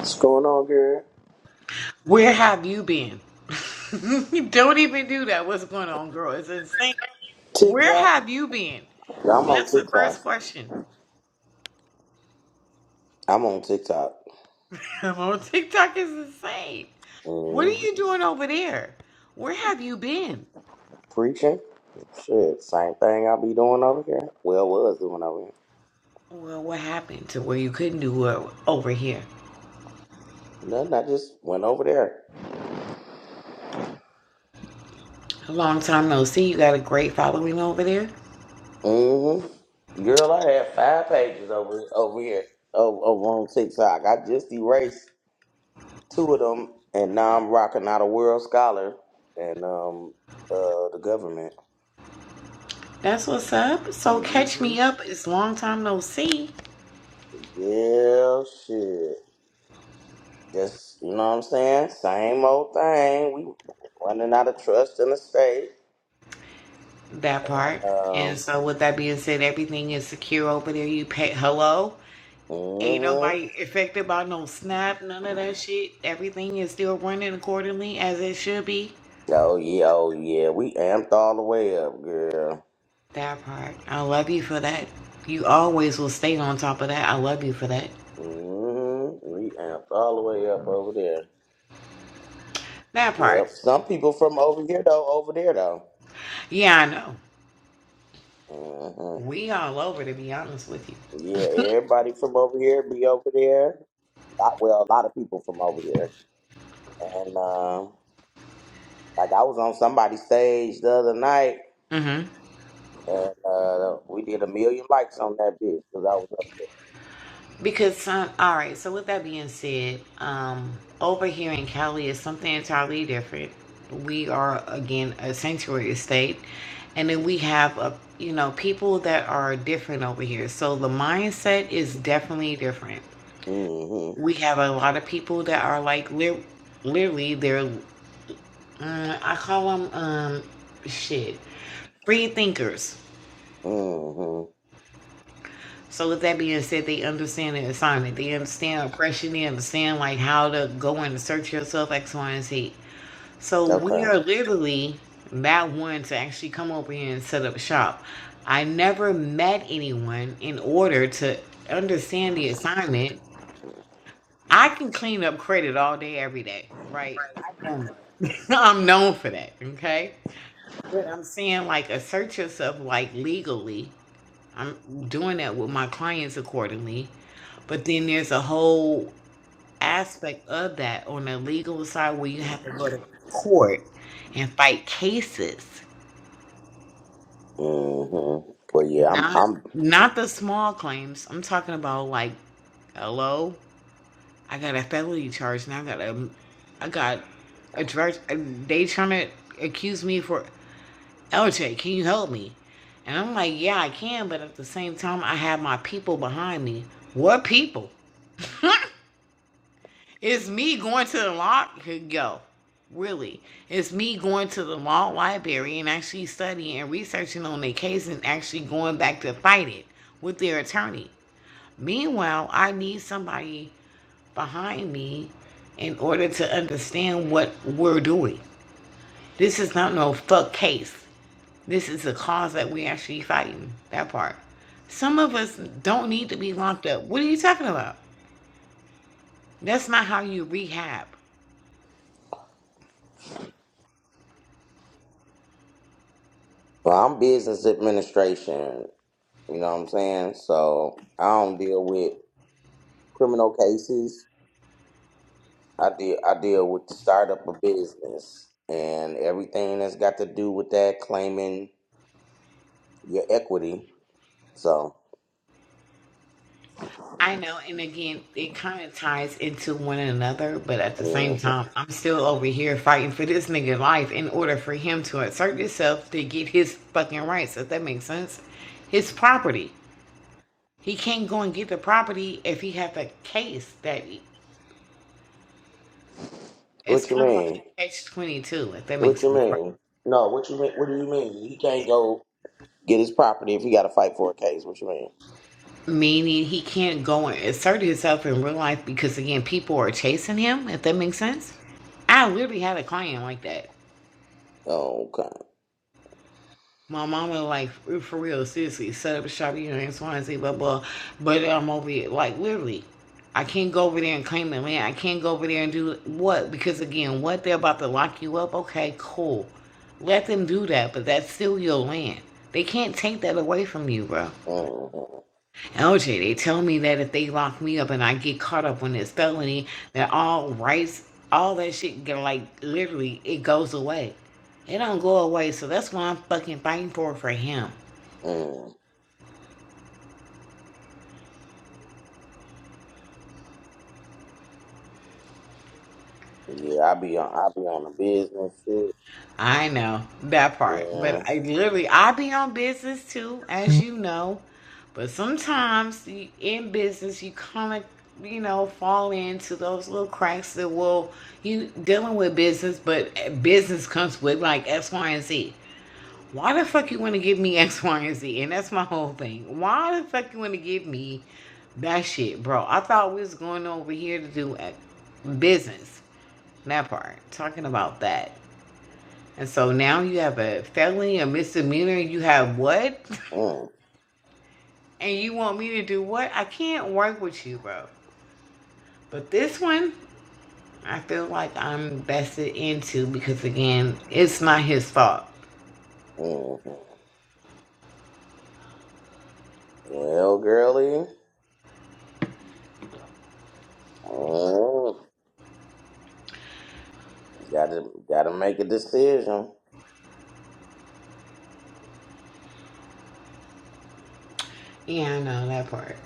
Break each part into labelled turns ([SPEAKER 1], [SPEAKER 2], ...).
[SPEAKER 1] What's going on, girl?
[SPEAKER 2] Where have you been? Don't even do that. What's going on, girl? It's insane. Where
[SPEAKER 1] TikTok.
[SPEAKER 2] have you been?
[SPEAKER 1] I'm on
[SPEAKER 2] That's the
[SPEAKER 1] TikTok.
[SPEAKER 2] first question.
[SPEAKER 1] I'm on TikTok.
[SPEAKER 2] I'm on TikTok is insane. What are
[SPEAKER 1] hmm
[SPEAKER 2] you doing over there? Where have you been?
[SPEAKER 1] Preaching. Shit, same thing I be doing over here. Well, was doing over here.
[SPEAKER 2] Well, what happened to where you couldn't do it over here?
[SPEAKER 1] Nothing. I just went over there.
[SPEAKER 2] A long time no see. You got a great following over there.
[SPEAKER 1] Mm-hmm. Girl, I had five pages over over here over, over on TikTok. I just erased two of them, and now I'm rocking out a world scholar and um uh the government.
[SPEAKER 2] That's what's up. So catch
[SPEAKER 1] Mm-hmm.
[SPEAKER 2] me up. It's long time no see.
[SPEAKER 1] Yeah, shit. Just you know what I'm saying? Same old thing. We running out of trust in the state.
[SPEAKER 2] That part. And
[SPEAKER 1] Um
[SPEAKER 2] so with that being said, everything is secure over there. You pay hello. Ain't
[SPEAKER 1] hmm
[SPEAKER 2] nobody affected by no snap, none of that shit. Everything is still running accordingly as it should be.
[SPEAKER 1] Oh yeah, oh yeah. We amped all the way up, girl.
[SPEAKER 2] That part. I love you for that. You always will stay on top of that. I love you for that.
[SPEAKER 1] Mm-hmm. We amped all the way up over there.
[SPEAKER 2] That
[SPEAKER 1] Yep.
[SPEAKER 2] part.
[SPEAKER 1] Some people from over here though, over there though.
[SPEAKER 2] Yeah, I know.
[SPEAKER 1] Mm-hmm.
[SPEAKER 2] We all over to be honest with you.
[SPEAKER 1] Yeah, everybody from over here be over there. Lot well, a lot of people from over here. And um, like I was on somebody's stage the other night
[SPEAKER 2] hmm
[SPEAKER 1] And uh, we did a million likes on that bitch because I was up
[SPEAKER 2] Because um, all right, so with that being said, um, over here in Cali is something entirely different. We are again a sanctuary state, and then we have a you know people that are different over here. So the mindset is definitely different.
[SPEAKER 1] there. Mm-hmm.
[SPEAKER 2] We have a lot of people that are like lit- literally they're uh, I call them um shit free thinkers.
[SPEAKER 1] Mm-hmm.
[SPEAKER 2] So with that being said, they understand the assignment. They understand oppression. They understand like how to go and search yourself, X, Y, and Z. So we
[SPEAKER 1] Okay.
[SPEAKER 2] are literally that one to actually come over here and set up shop. I never met anyone in order to understand the assignment. I can clean up credit all day, every day, right? I've done that. I'm known for that. Okay. But I'm saying like assert yourself like legally. I'm doing that with my clients accordingly. But then there's a whole aspect of that on the legal side where you have to go to court and fight cases.
[SPEAKER 1] Mm-hmm. Well, yeah, I'm
[SPEAKER 2] Not
[SPEAKER 1] I'm
[SPEAKER 2] not the small claims. I'm talking about like, hello, I got a felony charge and I got a I got a charge. They trying to accuse me for. LJ, can you help me? And I'm like, yeah, I can, but at the same time, I have my people behind me. What people? it's me going to the law. Yo, really. It's me going to the law library and actually studying and researching on their case and actually going back to fight it with their attorney. Meanwhile, I need somebody behind me in order to understand what we're doing. This is not no fuck case. This is the cause that we actually fighting. That part. Some of us don't need to be locked up. What are you talking about? That's not how you rehab.
[SPEAKER 1] well, I'm business administration. You know what I'm saying? So I don't deal with criminal cases. I deal I deal with the startup of business and everything that's got to do with that claiming your equity. So
[SPEAKER 2] I know, and again, it kind of ties into one another, but at the same
[SPEAKER 1] mhm.
[SPEAKER 2] time, I'm still over here fighting for this nigga's life in order for him to assert himself to get his fucking rights, if that makes sense. His property. He can't go and get the property if he has a case that he... it's
[SPEAKER 1] what you
[SPEAKER 2] kind of like
[SPEAKER 1] mean?
[SPEAKER 2] a catch 22, if that
[SPEAKER 1] What
[SPEAKER 2] makes
[SPEAKER 1] you
[SPEAKER 2] sense, right?
[SPEAKER 1] mean? No, what you mean? What do you mean? You can't go. Get his property if he got to fight for a case. What you mean?
[SPEAKER 2] Meaning he can't go and assert himself in real life because again, people are chasing him. If that makes sense. I literally had a client like that.
[SPEAKER 1] Okay.
[SPEAKER 2] My mom was like, for real, seriously, set up a shop, you know, X, Y, and Z, blah, blah. But I'm over here, like, literally, I can't go over there and claim the land. I can't go over there and do what? Because, again, what? They're about to lock you up? Okay, cool. Let them do that, but that's still your land. They can't take that away from you, bro.
[SPEAKER 1] mm
[SPEAKER 2] LJ, they tell me that if they lock me up and I get caught up on this felony, that all rights, all that shit, get like literally, it goes away. It don't go away, so that's what I'm fucking fighting for for him.
[SPEAKER 1] mm Yeah, I be on. I be on the business shit.
[SPEAKER 2] I know that part,
[SPEAKER 1] Yeah.
[SPEAKER 2] but I literally, I be on business too, as you know. But sometimes in business, you kind of, you know, fall into those little cracks that will you dealing with business, but eh, business comes with like X, Y, and Z. why the fuck you want to give me X, Y, and Z? And that's my whole thing. Why the fuck you want to give me that shit, bro? I thought we was going over here to do uh, business. That part. Talking about that. And so now you have a felony, a misdemeanor. You have what?
[SPEAKER 1] mm
[SPEAKER 2] And you want me to do what? I can't work with you, bro. But this one, I feel like I'm vested into because, again, it's not his fault.
[SPEAKER 1] mm Well, girlie, mm, gotta gotta make a decision.
[SPEAKER 2] Yeah, I know that part.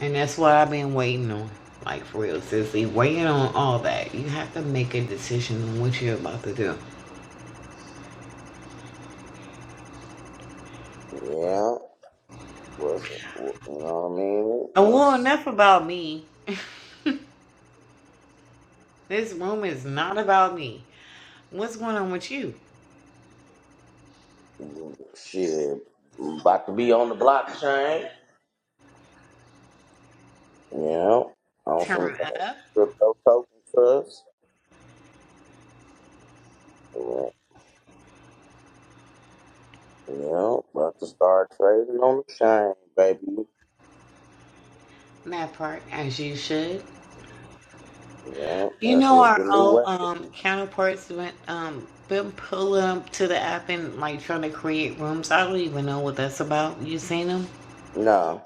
[SPEAKER 2] And that's what I've been waiting on. Like for real, sissy. Waiting on all that. You have to make a decision on what you're about to do.
[SPEAKER 1] Yeah. What's you know what I mean?
[SPEAKER 2] Oh well
[SPEAKER 1] What's
[SPEAKER 2] enough about me. This room is not about me. What's going on with you?
[SPEAKER 1] shit? About to be on the blockchain. Yeah. On some
[SPEAKER 2] Turn
[SPEAKER 1] kind
[SPEAKER 2] up
[SPEAKER 1] of crypto token trust. Yeah, about to start trading on the chain, baby.
[SPEAKER 2] that part as you should.
[SPEAKER 1] Yeah,
[SPEAKER 2] You
[SPEAKER 1] that's
[SPEAKER 2] know
[SPEAKER 1] what's
[SPEAKER 2] our
[SPEAKER 1] the new
[SPEAKER 2] old
[SPEAKER 1] way.
[SPEAKER 2] um counterparts went um been pulling up to the app and like trying to create rooms. I don't even know what that's about. You seen them?
[SPEAKER 1] No,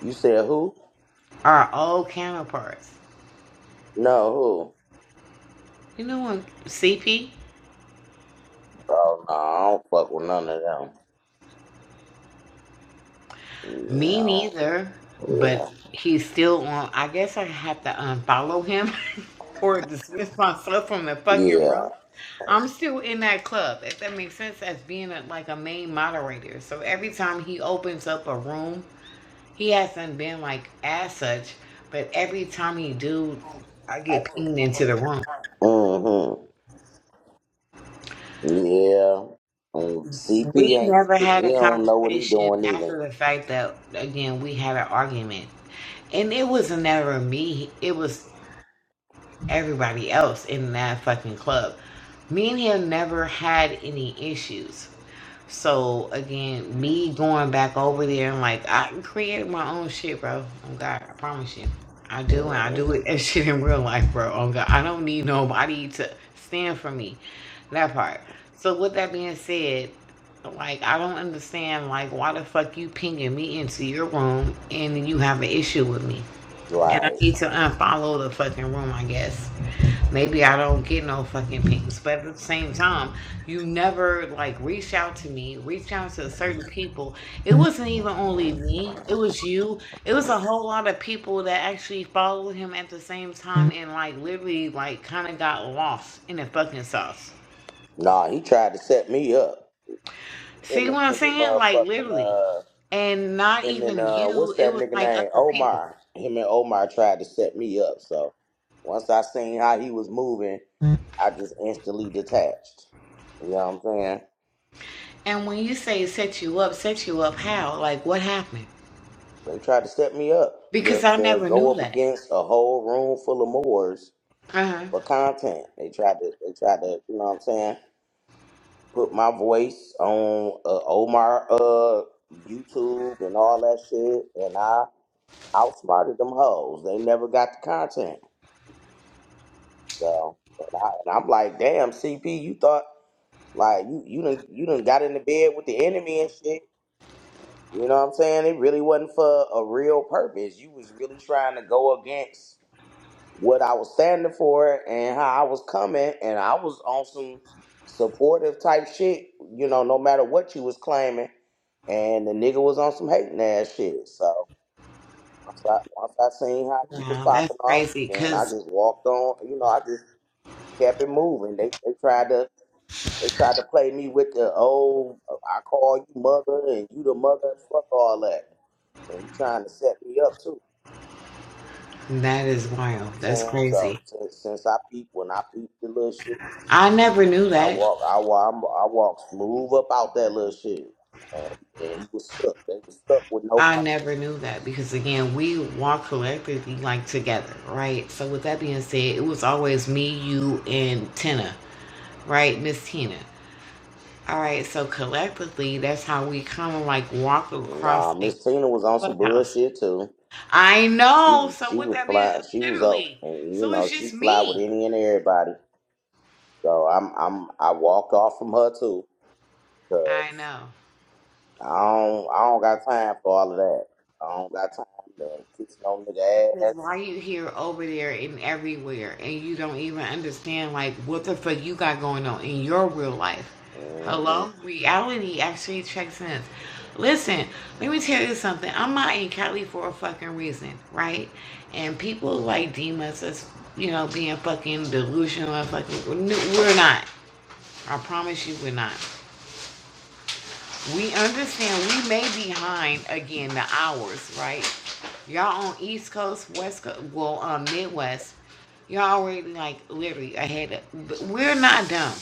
[SPEAKER 1] you said who?
[SPEAKER 2] Our old counterparts.
[SPEAKER 1] No,
[SPEAKER 2] You know what? CP.
[SPEAKER 1] who? Oh no, I don't fuck with none of them. Yeah,
[SPEAKER 2] Me neither, but he's still on. I guess I have to unfollow him or dismiss myself from the
[SPEAKER 1] yeah,
[SPEAKER 2] fucking
[SPEAKER 1] yeah.
[SPEAKER 2] room. I'm still in that club, if that makes sense, as being a, like a main moderator. So every time he opens up a room, he hasn't been like as such, but every time he do, I get pinged into the room.
[SPEAKER 1] Mm-hmm. Yeah. Mm, CP
[SPEAKER 2] We
[SPEAKER 1] ain't
[SPEAKER 2] never
[SPEAKER 1] he,
[SPEAKER 2] had a
[SPEAKER 1] he don't know what he
[SPEAKER 2] conversation
[SPEAKER 1] doing either.
[SPEAKER 2] after the fact that again we had an argument, and it was never me. It was everybody else in that fucking club. Me and him never had any issues. So again, me going back over there and like I created my own shit, bro. Oh God, I promise you, I do, and I do
[SPEAKER 1] Mhm.
[SPEAKER 2] it as shit in real life, bro. Oh God, I don't need nobody to stand for me. That part. So with that being said, like I don't understand like why the fuck you pinging me into your room and you have an issue with me. I
[SPEAKER 1] Right.
[SPEAKER 2] need to unfollow the fucking room, I guess maybe I don't get no fucking pings, but at the same time, you never like reached out to me, reached out to certain people. It wasn't even only me, it was you. It was a whole lot of people that actually followed him at the same time and like literally like kind of got lost in the fucking sauce.
[SPEAKER 1] Nah, he tried to set me up. Him
[SPEAKER 2] See
[SPEAKER 1] and
[SPEAKER 2] what I'm
[SPEAKER 1] him and
[SPEAKER 2] saying? Like
[SPEAKER 1] motherfucking
[SPEAKER 2] literally.
[SPEAKER 1] uh,
[SPEAKER 2] And not
[SPEAKER 1] Him and
[SPEAKER 2] even
[SPEAKER 1] uh, what's
[SPEAKER 2] you, it
[SPEAKER 1] that
[SPEAKER 2] was
[SPEAKER 1] nigga
[SPEAKER 2] like
[SPEAKER 1] name?
[SPEAKER 2] other people.
[SPEAKER 1] Omar. Him and Omar tried to set me up. So once I seen how he was moving, I just instantly detached. You know what I'm saying?
[SPEAKER 2] And when you say set you up, set you up how? Like what happened?
[SPEAKER 1] They tried to set me up.
[SPEAKER 2] Because
[SPEAKER 1] The
[SPEAKER 2] I
[SPEAKER 1] the
[SPEAKER 2] never knew
[SPEAKER 1] go up
[SPEAKER 2] that.
[SPEAKER 1] against a whole room full of Moors
[SPEAKER 2] Uh huh.
[SPEAKER 1] for content. They tried to they tried to you know what I'm saying put my voice on uh, Omar uh YouTube and all that shit, and I outsmarted them hoes. They never got the content. So, and, I, and I'm like, damn, CP, you thought like you you done you done got into bed with the enemy and shit. You know what I'm saying? It really wasn't for a real purpose. You was really trying to go against what I was standing for and how I was coming, and I was on some supportive type shit. You know, no matter what you was claiming, and the nigga was on some hating ass shit. So once I once I seen how he was
[SPEAKER 2] Wow, that's
[SPEAKER 1] popping off,
[SPEAKER 2] crazy
[SPEAKER 1] then I
[SPEAKER 2] because
[SPEAKER 1] just walked on. You know, I just kept it moving. They they tried to They tried to play me with the oh, I call you mother and you the mother. Fuck all that. When you trying to set me up too, you
[SPEAKER 2] that is
[SPEAKER 1] know
[SPEAKER 2] wild.
[SPEAKER 1] what I'm
[SPEAKER 2] That's
[SPEAKER 1] saying. So
[SPEAKER 2] crazy.
[SPEAKER 1] since since I peep when I peep the little shit,
[SPEAKER 2] I never knew
[SPEAKER 1] I
[SPEAKER 2] that.
[SPEAKER 1] walk I walk i I walk smooth up out that little shit. And, and he was stuck. They was stuck with no.
[SPEAKER 2] I
[SPEAKER 1] Con-
[SPEAKER 2] never knew that because, again, we walk collectively like together, right? So, with that being said, it was always me, you, and Tina, right? Miss Tina. All right, so collectively, that's how we kind of like walk across
[SPEAKER 1] nah,
[SPEAKER 2] like
[SPEAKER 1] Miss Tina was on some
[SPEAKER 2] clubhouse.
[SPEAKER 1] bullshit too.
[SPEAKER 2] I
[SPEAKER 1] She
[SPEAKER 2] know.
[SPEAKER 1] was
[SPEAKER 2] So,
[SPEAKER 1] she
[SPEAKER 2] with
[SPEAKER 1] was
[SPEAKER 2] that being
[SPEAKER 1] fly. She was up.
[SPEAKER 2] literally,
[SPEAKER 1] And, you
[SPEAKER 2] so
[SPEAKER 1] know
[SPEAKER 2] it's
[SPEAKER 1] she
[SPEAKER 2] just
[SPEAKER 1] fly with
[SPEAKER 2] me.
[SPEAKER 1] any and everybody. So I'm I'm I walked off from her too.
[SPEAKER 2] I know.
[SPEAKER 1] I don't, I don't got time for all of that. I don't got time to kiss no nigga
[SPEAKER 2] Because
[SPEAKER 1] ass.
[SPEAKER 2] why you here, over there, and everywhere, and you don't even understand like what the fuck you got going on in your real life?
[SPEAKER 1] hmm
[SPEAKER 2] Hello, reality actually checks in. Listen, let me tell you something. I'm out in Cali for a fucking reason, right? And people like deem us as you know being fucking delusional and fucking. We're not. I promise you, we're not. We understand we may be behind again the hours, right? Y'all on East Coast, West Coast, well, um, Midwest, y'all already like literally ahead of. But we're not dumb.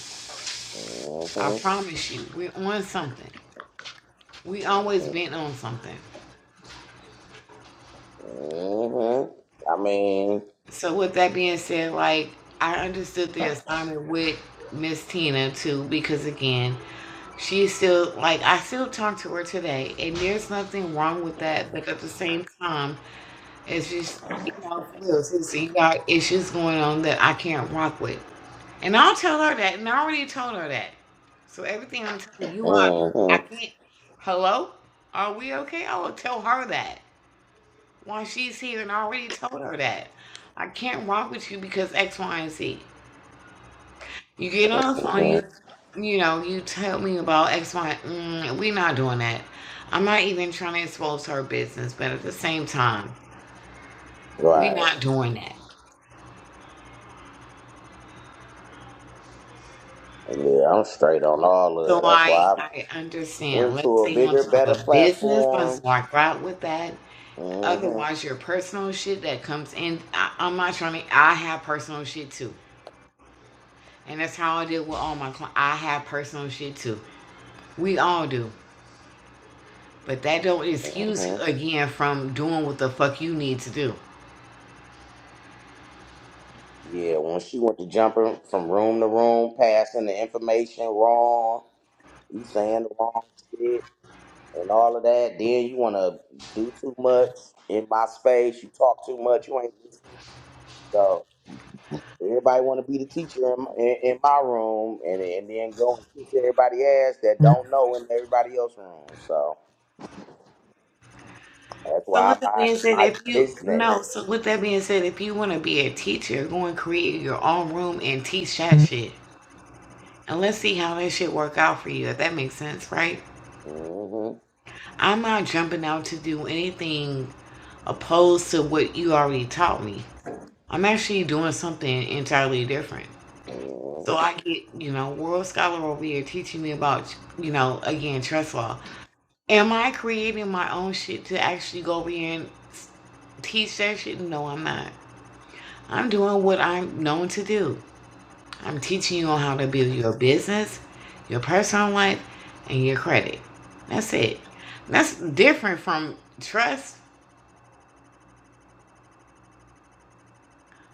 [SPEAKER 2] I
[SPEAKER 1] hmm
[SPEAKER 2] promise you, we're on something. We always been on something.
[SPEAKER 1] hmm I mean,
[SPEAKER 2] So with that being said, like I understood the assignment with Miss Tina too, because again, she's still like I still talk to her today, and there's nothing wrong with that. But at the same time It's just, you know, for real, sis, you got issues going on that I can't rock with. And I'll tell her that, and I already told her that. So everything I'm telling you, I, I
[SPEAKER 1] hmm
[SPEAKER 2] can't. Hello? Are we okay? I will tell her that while she's here, and I already told her that. I can't rock with you because X, Y, and Z. You get on the phone,
[SPEAKER 1] hmm
[SPEAKER 2] you, you know, you tell me about X, Y, mm, we not doing that. I'm not even trying to expose her business, but at the same time, we
[SPEAKER 1] Right.
[SPEAKER 2] not doing that.
[SPEAKER 1] Yeah, I'm straight on all of
[SPEAKER 2] So
[SPEAKER 1] it. That's why
[SPEAKER 2] I
[SPEAKER 1] I
[SPEAKER 2] I understand.
[SPEAKER 1] went
[SPEAKER 2] Let's
[SPEAKER 1] to a
[SPEAKER 2] stay on
[SPEAKER 1] bigger,
[SPEAKER 2] top
[SPEAKER 1] better
[SPEAKER 2] of business. Let's
[SPEAKER 1] platform.
[SPEAKER 2] walk right with that.
[SPEAKER 1] hmm
[SPEAKER 2] Otherwise, your personal shit that comes in. I, I'm not trying to. I have personal shit too, and that's how I deal with all my clients. I have personal shit too. We all do, but that don't excuse you
[SPEAKER 1] hmm
[SPEAKER 2] again from doing what the fuck you need to do.
[SPEAKER 1] Yeah, when she went to jumping from room to room, passing the information wrong, you saying the wrong shit. and all of that. Then you want to do too much in my space. You talk too much. You ain't listening. So everybody want to be the teacher in, in, in my room, and and then go and kiss everybody ass that don't know in everybody else's room. So that's
[SPEAKER 2] So
[SPEAKER 1] why
[SPEAKER 2] with
[SPEAKER 1] I
[SPEAKER 2] that
[SPEAKER 1] mind
[SPEAKER 2] being said,
[SPEAKER 1] my
[SPEAKER 2] if you no,
[SPEAKER 1] business.
[SPEAKER 2] so with that being said, if you want to be a teacher, go and create your own room and teach that shit. And let's see how that shit work out for you, if that makes sense, right?
[SPEAKER 1] hmm
[SPEAKER 2] I'm not jumping out to do anything opposed to what you already taught me. I'm actually doing something entirely different. So
[SPEAKER 1] hmm
[SPEAKER 2] I get, you know, world scholar over here teaching me about, you know, again, trust law. Am I creating my own shit to actually go over here and teach that shit? No, I'm not. I'm doing what I'm known to do. I'm teaching you on how to build your business, your personal life, and your credit. That's it. That's different from trust.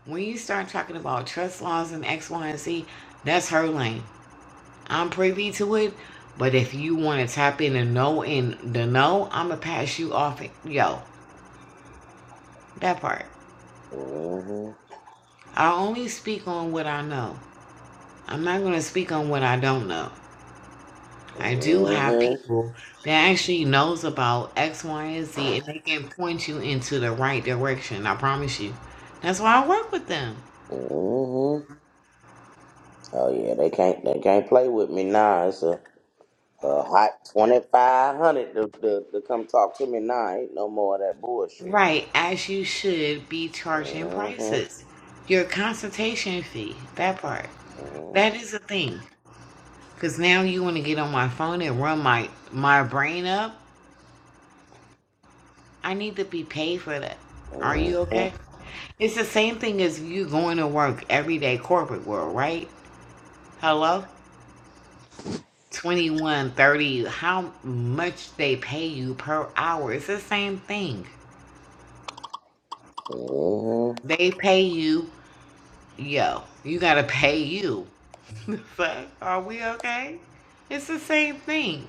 [SPEAKER 2] When you start talking about trust laws and X, Y, and Z, that's her lane. I'm privy to it, but if you want to tap in and know in the know, I'ma pass you off. Yo, that part. I only speak on what I know. I'm not gonna speak on what I don't know. I do
[SPEAKER 1] hmm
[SPEAKER 2] have
[SPEAKER 1] hmm
[SPEAKER 2] people that actually knows about X, Y, and Z, and they can point you into the right direction. I promise you. That's why I work with them.
[SPEAKER 1] Oh yeah, they can't they can't play with me now. A hot twenty five hundred to, to to come talk to me now. Ain't no more of that bullshit.
[SPEAKER 2] Right, as you should be charging
[SPEAKER 1] Mm-hmm.
[SPEAKER 2] prices. Your consultation fee, that part. That
[SPEAKER 1] Mm-hmm.
[SPEAKER 2] is a thing. Because now you want to get on my phone and run my, my brain up. I need to be paid for that. Are you okay?
[SPEAKER 1] Mm-hmm.
[SPEAKER 2] It's the same thing as you going to work every day corporate world, right? Hello? 21 30. how much they pay you per hour it's the same thing
[SPEAKER 1] Mm-hmm.
[SPEAKER 2] they pay you yo you gotta pay you The fuck? are we okay it's the same thing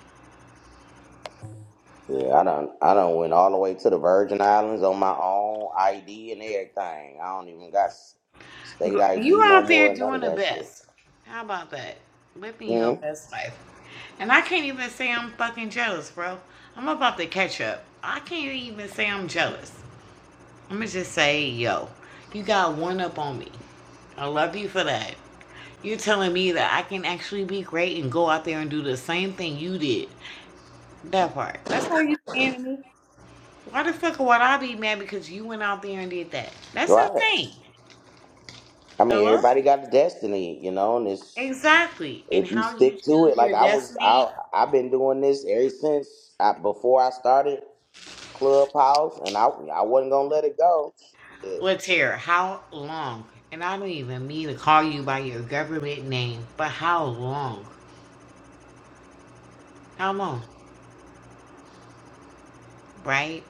[SPEAKER 1] Yeah, I don't. I don't went all the way to the Virgin Islands on my own ID and everything. I don't even got s- state
[SPEAKER 2] you
[SPEAKER 1] ID no
[SPEAKER 2] out there
[SPEAKER 1] more. and None
[SPEAKER 2] doing
[SPEAKER 1] of
[SPEAKER 2] the
[SPEAKER 1] that shit.
[SPEAKER 2] best how about that living your
[SPEAKER 1] Mm-hmm.
[SPEAKER 2] best life and i can't even say i'm fucking jealous bro i'm about to catch up i can't even say i'm jealous i'm gonna just say yo you got one up on me i love you for that You're telling me that I can actually be great and go out there and do the same thing you did. That part. That's how you saying to me. Why the fuck would I be mad because you went out there and did that? That's
[SPEAKER 1] Right.
[SPEAKER 2] insane.
[SPEAKER 1] I mean,
[SPEAKER 2] Hello?
[SPEAKER 1] everybody got a destiny, you know, and it's
[SPEAKER 2] Exactly. And
[SPEAKER 1] if you
[SPEAKER 2] how you
[SPEAKER 1] stick to it.
[SPEAKER 2] choose
[SPEAKER 1] Like
[SPEAKER 2] your
[SPEAKER 1] I was, I
[SPEAKER 2] destiny
[SPEAKER 1] I've been doing this ever since I, before I started. Clubhouse, and I I wasn't gonna let it go. Shit,
[SPEAKER 2] with terror. How long? And I don't even mean to call you by your government name, but how long? How long? Right?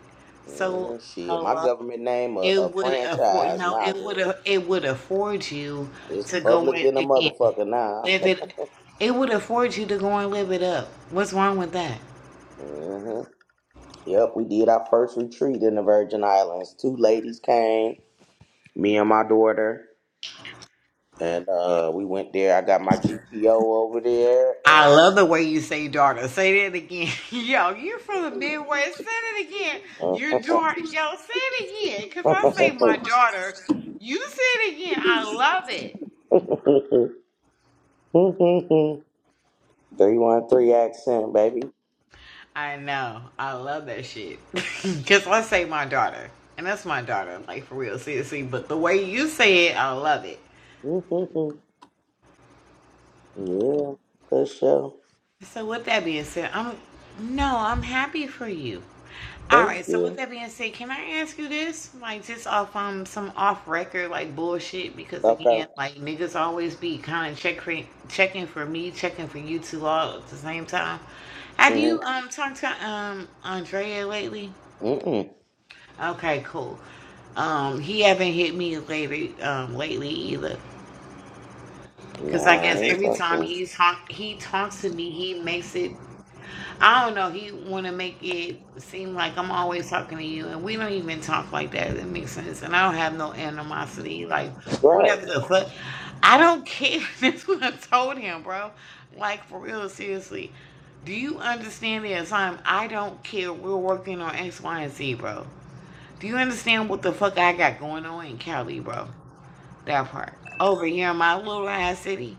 [SPEAKER 2] So,
[SPEAKER 1] mm, shit. My
[SPEAKER 2] hello?
[SPEAKER 1] government name a, a
[SPEAKER 2] It would afford
[SPEAKER 1] franchise
[SPEAKER 2] no,
[SPEAKER 1] now,
[SPEAKER 2] it would
[SPEAKER 1] girl.
[SPEAKER 2] a- it would afford you
[SPEAKER 1] It's
[SPEAKER 2] to go
[SPEAKER 1] public
[SPEAKER 2] in
[SPEAKER 1] in a
[SPEAKER 2] again,
[SPEAKER 1] motherfucker now.
[SPEAKER 2] live it. It would afford you to go and live it up. What's wrong with that?
[SPEAKER 1] hmm Yep, we did our first retreat in the Virgin Islands. Two ladies came, me and my daughter, and uh, we went there. I got my GPO over there,
[SPEAKER 2] I
[SPEAKER 1] and
[SPEAKER 2] love the way you say daughter. Say that again. Yo, you're from the Midwest. Say it again. Your daughter. Yo, say it again. Because I say my daughter. You say it again. I love it.
[SPEAKER 1] three one three accent, baby.
[SPEAKER 2] I know. I love that shit. Because I say my daughter. And that's my daughter. Like, for real. Seriously. But the way you say it, I love it.
[SPEAKER 1] Yeah, for sure.
[SPEAKER 2] So with that being said, I'm no, I'm happy for you. All
[SPEAKER 1] Thank
[SPEAKER 2] right. So with
[SPEAKER 1] you.
[SPEAKER 2] that being said, can I ask you this? Like just off um some off record like bullshit because again
[SPEAKER 1] Okay.
[SPEAKER 2] like niggas always be kind of check for, checking for me, checking for you two all at the same time. Have you
[SPEAKER 1] Mm-mm.
[SPEAKER 2] um talked to um Andrea lately?
[SPEAKER 1] Mm-mm.
[SPEAKER 2] Okay, cool. Um, he haven't hit me lately um lately either. Cause
[SPEAKER 1] No,
[SPEAKER 2] I
[SPEAKER 1] I
[SPEAKER 2] guess
[SPEAKER 1] ain't
[SPEAKER 2] every
[SPEAKER 1] talk
[SPEAKER 2] time
[SPEAKER 1] to him.
[SPEAKER 2] he's talk, he talks to me, he makes it. I don't know. He want to make it seem like I'm always talking to you, and we don't even talk like that. It makes sense, and I don't have no animosity. Like
[SPEAKER 1] Right.
[SPEAKER 2] whatever the fuck, I don't care. That's what I told him, bro. Like for real, seriously. Do you understand the time? I don't care. We're working on X, Y, and Z, bro. Do you understand what the fuck I got going on in Cali, bro? That part. Over here in my little ass city.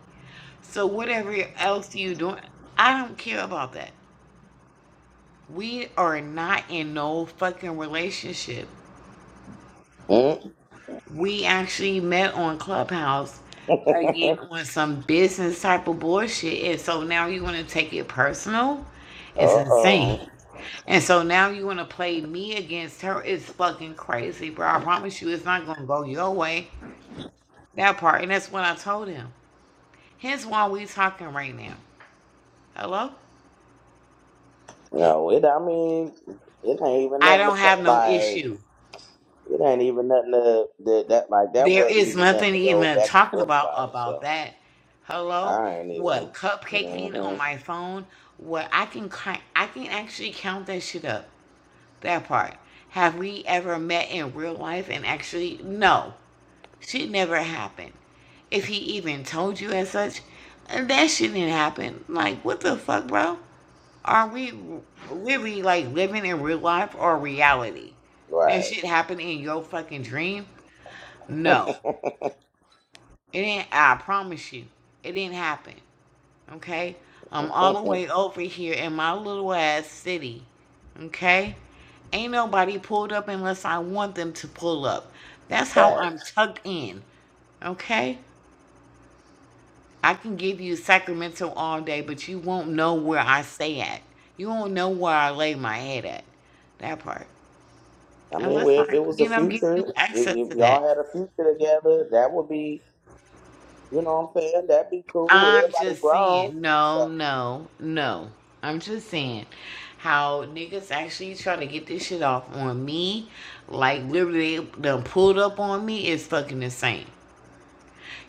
[SPEAKER 2] So whatever else you doing, I don't care about that. We are not in no fucking relationship.
[SPEAKER 1] Mm.
[SPEAKER 2] We actually met on Clubhouse again on some business type of bullshit. And so now you want to take it personal? It's insane.
[SPEAKER 1] Uh-oh.
[SPEAKER 2] And so now you want to play me against her? It's fucking crazy, bro. I promise you, it's not going to go your way. That part. And that's what I told him. Hence why we talking right now. Hello?
[SPEAKER 1] No, it, I mean, it ain't even
[SPEAKER 2] I
[SPEAKER 1] nothing to
[SPEAKER 2] don't
[SPEAKER 1] play.
[SPEAKER 2] have no
[SPEAKER 1] Like,
[SPEAKER 2] issue.
[SPEAKER 1] it ain't even nothing to, that, that, like, that
[SPEAKER 2] There
[SPEAKER 1] wasn't
[SPEAKER 2] is
[SPEAKER 1] even nothing
[SPEAKER 2] nothing
[SPEAKER 1] to go
[SPEAKER 2] even
[SPEAKER 1] back and
[SPEAKER 2] talking
[SPEAKER 1] forth
[SPEAKER 2] about
[SPEAKER 1] about.
[SPEAKER 2] about
[SPEAKER 1] So,
[SPEAKER 2] that. Hello,
[SPEAKER 1] I ain't even,
[SPEAKER 2] what cupcaking
[SPEAKER 1] hmm
[SPEAKER 2] on my phone? What I can ki- I can actually count that shit up. That part. Have we ever met in real life and actually no, shit never happened. If he even told you as such, that shit didn't happen. Like what the fuck, bro? Are we really like living in real life or reality? That
[SPEAKER 1] right.
[SPEAKER 2] shit happened in your fucking dream? No. It ain't. I promise you, it didn't happen. Okay, I'm all the way over here in my little ass city. Okay, ain't nobody pulled up unless I want them to pull up. That's how I'm
[SPEAKER 1] Facts.
[SPEAKER 2] tucked in. Okay, I can give you Sacramento all day, but you won't know where I stay at. You won't know where I lay my head at. That part,
[SPEAKER 1] I mean,
[SPEAKER 2] unless
[SPEAKER 1] well, if
[SPEAKER 2] I,
[SPEAKER 1] it was the
[SPEAKER 2] you know, give you
[SPEAKER 1] future, if,
[SPEAKER 2] access to
[SPEAKER 1] if
[SPEAKER 2] that.
[SPEAKER 1] y'all had a future together, that would be You know what I'm saying? That'd be cool.
[SPEAKER 2] I'm
[SPEAKER 1] Everybody
[SPEAKER 2] just
[SPEAKER 1] grown.
[SPEAKER 2] saying, no,
[SPEAKER 1] So,
[SPEAKER 2] no, no. I'm just saying how niggas actually try to get this shit off on me, like literally they done pulled up on me is fucking insane.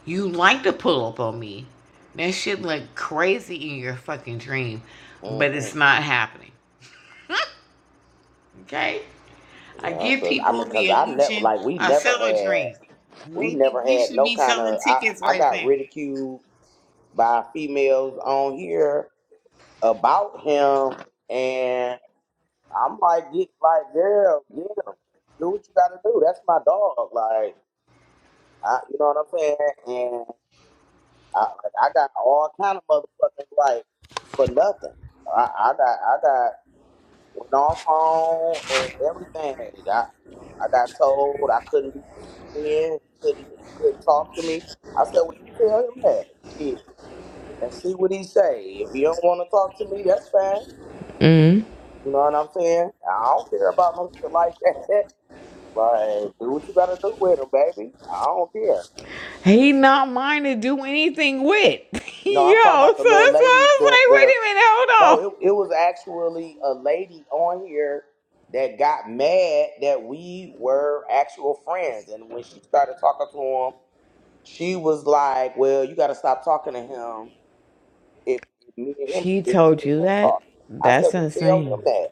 [SPEAKER 2] You like to pull up on me. That shit look crazy in your fucking dream, but
[SPEAKER 1] hmm
[SPEAKER 2] it's not happening. Okay? I
[SPEAKER 1] yeah,
[SPEAKER 2] give
[SPEAKER 1] cause I
[SPEAKER 2] people
[SPEAKER 1] mean,
[SPEAKER 2] the
[SPEAKER 1] cause I never
[SPEAKER 2] illusion
[SPEAKER 1] like we
[SPEAKER 2] I
[SPEAKER 1] never
[SPEAKER 2] sell a
[SPEAKER 1] had
[SPEAKER 2] dream.
[SPEAKER 1] we
[SPEAKER 2] Maybe
[SPEAKER 1] never
[SPEAKER 2] we
[SPEAKER 1] had
[SPEAKER 2] should
[SPEAKER 1] no
[SPEAKER 2] be
[SPEAKER 1] kind
[SPEAKER 2] selling
[SPEAKER 1] of I
[SPEAKER 2] tickets
[SPEAKER 1] I
[SPEAKER 2] right
[SPEAKER 1] got
[SPEAKER 2] now.
[SPEAKER 1] ridiculed by females on here about him, and I'm like, get like, girl, get him. Do what you gotta do. That's my dog. Like, I, you know what I'm saying? And I like I got all kind of motherfucking like for nothing. I, I got I got Went off on and everything. I I got told I couldn't be his friend. He couldn't he couldn't talk to me. I said, Well you tell him that shit and see what he say. If he don't wanna talk to me, that's fine.
[SPEAKER 2] Mm-hmm.
[SPEAKER 1] You know what I'm saying? I don't care about no shit like that. like, do what you gotta do with him, baby. I don't care.
[SPEAKER 2] He not mine to do anything with. Yo,
[SPEAKER 1] No, I'm talking
[SPEAKER 2] so
[SPEAKER 1] about the little
[SPEAKER 2] that's why
[SPEAKER 1] lady,
[SPEAKER 2] I was
[SPEAKER 1] the
[SPEAKER 2] like, wait
[SPEAKER 1] the
[SPEAKER 2] a minute,
[SPEAKER 1] No,
[SPEAKER 2] hold on.
[SPEAKER 1] it, it was actually a lady on here that got mad that we were actual friends. And when she started talking to him, she was like, Well, you got to stop talking to him if, if me and him
[SPEAKER 2] She
[SPEAKER 1] if me
[SPEAKER 2] told
[SPEAKER 1] and
[SPEAKER 2] you
[SPEAKER 1] him
[SPEAKER 2] that?
[SPEAKER 1] talk. I said,
[SPEAKER 2] That's
[SPEAKER 1] Well, tell him
[SPEAKER 2] insane.
[SPEAKER 1] that.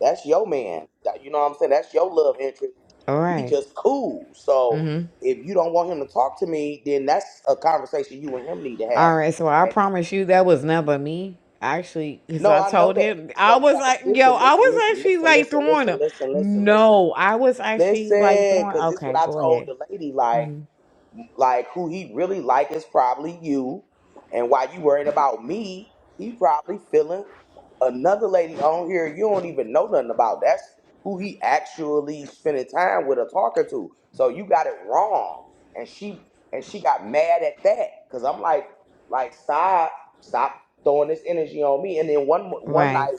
[SPEAKER 1] That's your man. That- You know what I'm saying? That's your love interest.
[SPEAKER 2] All
[SPEAKER 1] We
[SPEAKER 2] right.
[SPEAKER 1] just cool. So
[SPEAKER 2] Mm-hmm.
[SPEAKER 1] if you don't want him to talk to me, then that's a conversation you and him need to
[SPEAKER 2] All right, so I
[SPEAKER 1] have.
[SPEAKER 2] promise you that was never me. Actually, because
[SPEAKER 1] No,
[SPEAKER 2] I
[SPEAKER 1] I know
[SPEAKER 2] told
[SPEAKER 1] that.
[SPEAKER 2] him,
[SPEAKER 1] This is
[SPEAKER 2] I
[SPEAKER 1] what I'm
[SPEAKER 2] was
[SPEAKER 1] trying to
[SPEAKER 2] like, yo,
[SPEAKER 1] listen,
[SPEAKER 2] I
[SPEAKER 1] listen,
[SPEAKER 2] was
[SPEAKER 1] listen,
[SPEAKER 2] actually
[SPEAKER 1] listen,
[SPEAKER 2] like
[SPEAKER 1] listen,
[SPEAKER 2] throwing
[SPEAKER 1] listen,
[SPEAKER 2] him.
[SPEAKER 1] listen, listen, listen.
[SPEAKER 2] No, I was actually like
[SPEAKER 1] Listen,
[SPEAKER 2] throwing,
[SPEAKER 1] cause this is what
[SPEAKER 2] okay,
[SPEAKER 1] I
[SPEAKER 2] go
[SPEAKER 1] told
[SPEAKER 2] ahead.
[SPEAKER 1] the lady, like,
[SPEAKER 2] hmm
[SPEAKER 1] like who he really like is probably you. And while you worried about me, he probably feeling another lady on here you don't even know nothing about. That's who he actually spending time with or talking to. So you got it wrong. And she and she got mad at that. Cause I'm like, like stop, stop throwing this energy on me. And then one one
[SPEAKER 2] Right.
[SPEAKER 1] night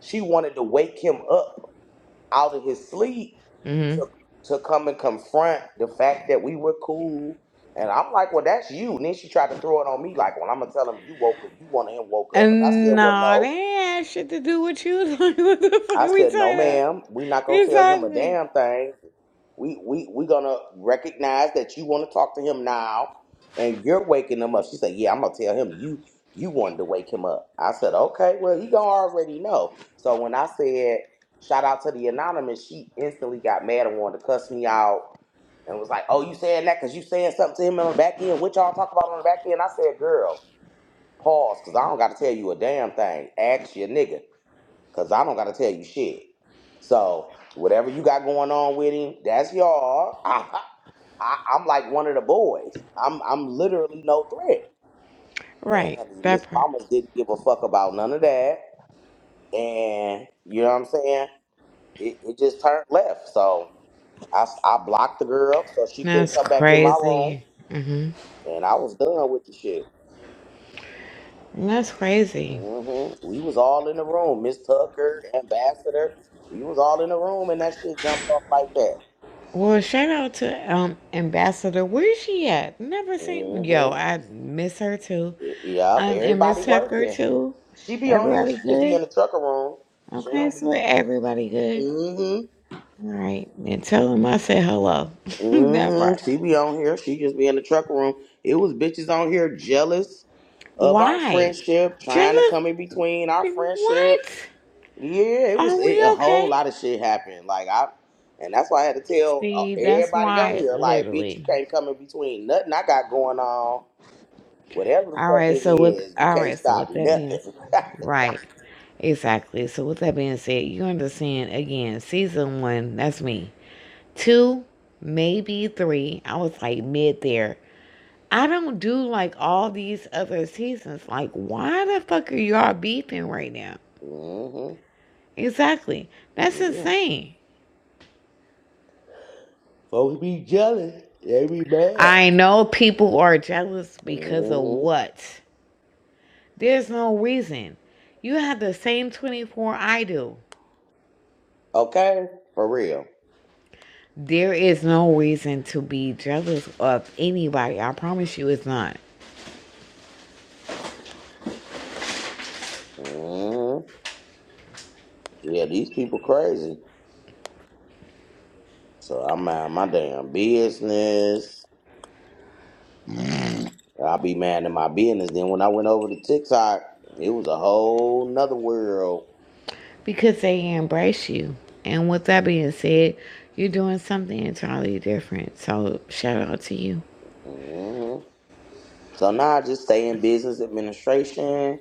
[SPEAKER 1] she wanted to wake him up out of his sleep
[SPEAKER 2] Mm-hmm.
[SPEAKER 1] to to come and confront the fact that we were cool. And I'm like, well, that's you. And then she tried to throw it on me, like, well, I'm gonna tell him you woke up, you wanted him woke up. And I said,
[SPEAKER 2] And
[SPEAKER 1] well,
[SPEAKER 2] nah, they
[SPEAKER 1] no.
[SPEAKER 2] ain't had shit to do with you. what the fuck
[SPEAKER 1] I
[SPEAKER 2] are we
[SPEAKER 1] said, no,
[SPEAKER 2] talking about?
[SPEAKER 1] ma'am, we not gonna tell him a
[SPEAKER 2] Exactly.
[SPEAKER 1] damn thing We we we gonna recognize that you want to talk to him now, and you're waking him up. She said, "Yeah, I'm gonna tell him you you wanted to wake him up." I said, "Okay, well he gonna already know." So when I said shout out to the anonymous, she instantly got mad and wanted to cuss me out and was like, "Oh, you saying that because you saying something to him on the back end? What y'all talk about on the back end?" I said, "Girl, pause, cause I don't got to tell you a damn thing. Ask your nigga." Cause I don't gotta tell you shit. So whatever you got going on with him, that's y'all. I, I, I'm like one of the boys. I'm I'm literally no threat. And
[SPEAKER 2] Right,
[SPEAKER 1] honey, Miss
[SPEAKER 2] that part.
[SPEAKER 1] Mamas didn't give a fuck about none of that. And you know what I'm saying? It, it just turned left. So I, s- I blocked the girl so she couldn't
[SPEAKER 2] That's
[SPEAKER 1] come back in my room.
[SPEAKER 2] crazy. hmm
[SPEAKER 1] And I was done with the shit.
[SPEAKER 2] That's crazy.
[SPEAKER 1] hmm We was all in the room. Miss Tucker, Ambassador. We was all in the room, and that shit jumped off like that.
[SPEAKER 2] Well, shout out to um Ambassador. Where is she at? Never seen.
[SPEAKER 1] hmm
[SPEAKER 2] Yo, I miss her too.
[SPEAKER 1] Yep.
[SPEAKER 2] Um, and
[SPEAKER 1] Everybody
[SPEAKER 2] Miss Tucker
[SPEAKER 1] working.
[SPEAKER 2] too.
[SPEAKER 1] She be on here.
[SPEAKER 2] Everybody
[SPEAKER 1] She just be
[SPEAKER 2] good?
[SPEAKER 1] in the trucker room. She
[SPEAKER 2] Okay,
[SPEAKER 1] don't
[SPEAKER 2] so
[SPEAKER 1] be.
[SPEAKER 2] everybody good.
[SPEAKER 1] hmm
[SPEAKER 2] All right, and tell them I said hello. that
[SPEAKER 1] hmm
[SPEAKER 2] part.
[SPEAKER 1] She be on here. She just be in the trucker room. It was bitches on here jealous of our
[SPEAKER 2] Why?
[SPEAKER 1] friendship, trying to
[SPEAKER 2] Jealous?
[SPEAKER 1] come in between our friendship.
[SPEAKER 2] What?
[SPEAKER 1] Yeah, it
[SPEAKER 2] Are
[SPEAKER 1] was it, a
[SPEAKER 2] we
[SPEAKER 1] whole
[SPEAKER 2] okay?
[SPEAKER 1] lot of shit happened. Like I, and that's why I had to tell uh,
[SPEAKER 2] See, that's
[SPEAKER 1] everybody on
[SPEAKER 2] why,
[SPEAKER 1] here, like, bitch, you
[SPEAKER 2] literally.
[SPEAKER 1] can't come in between nothing I got going on. Whatever the
[SPEAKER 2] All
[SPEAKER 1] fuck
[SPEAKER 2] right,
[SPEAKER 1] it
[SPEAKER 2] so with
[SPEAKER 1] is, you
[SPEAKER 2] all
[SPEAKER 1] can't
[SPEAKER 2] right, so
[SPEAKER 1] stop
[SPEAKER 2] with that being s-
[SPEAKER 1] nothing.
[SPEAKER 2] right, exactly. So with that being said, you understand again, season one, that's me. Two, maybe three. I was like mid there. I don't do like all these other seasons. Like, why the fuck are y'all beefing right now?
[SPEAKER 1] hmm
[SPEAKER 2] Exactly. That's
[SPEAKER 1] Yeah.
[SPEAKER 2] insane.
[SPEAKER 1] Folks be jealous. They be mad.
[SPEAKER 2] I know people are jealous because of
[SPEAKER 1] hmm
[SPEAKER 2] what? There's no reason. You have the same 24 I do.
[SPEAKER 1] Okay. For real.
[SPEAKER 2] There is no reason to be jealous of anybody. I promise you it's not.
[SPEAKER 1] hmm Yeah, these people crazy. So I'm out my damn business. i be mad at my business. Then when I went over to TikTok, it was a whole nother world.
[SPEAKER 2] Because they embrace you. And with that being said, you're doing something entirely different. So shout out to you.
[SPEAKER 1] hmm So now I just stay in business administration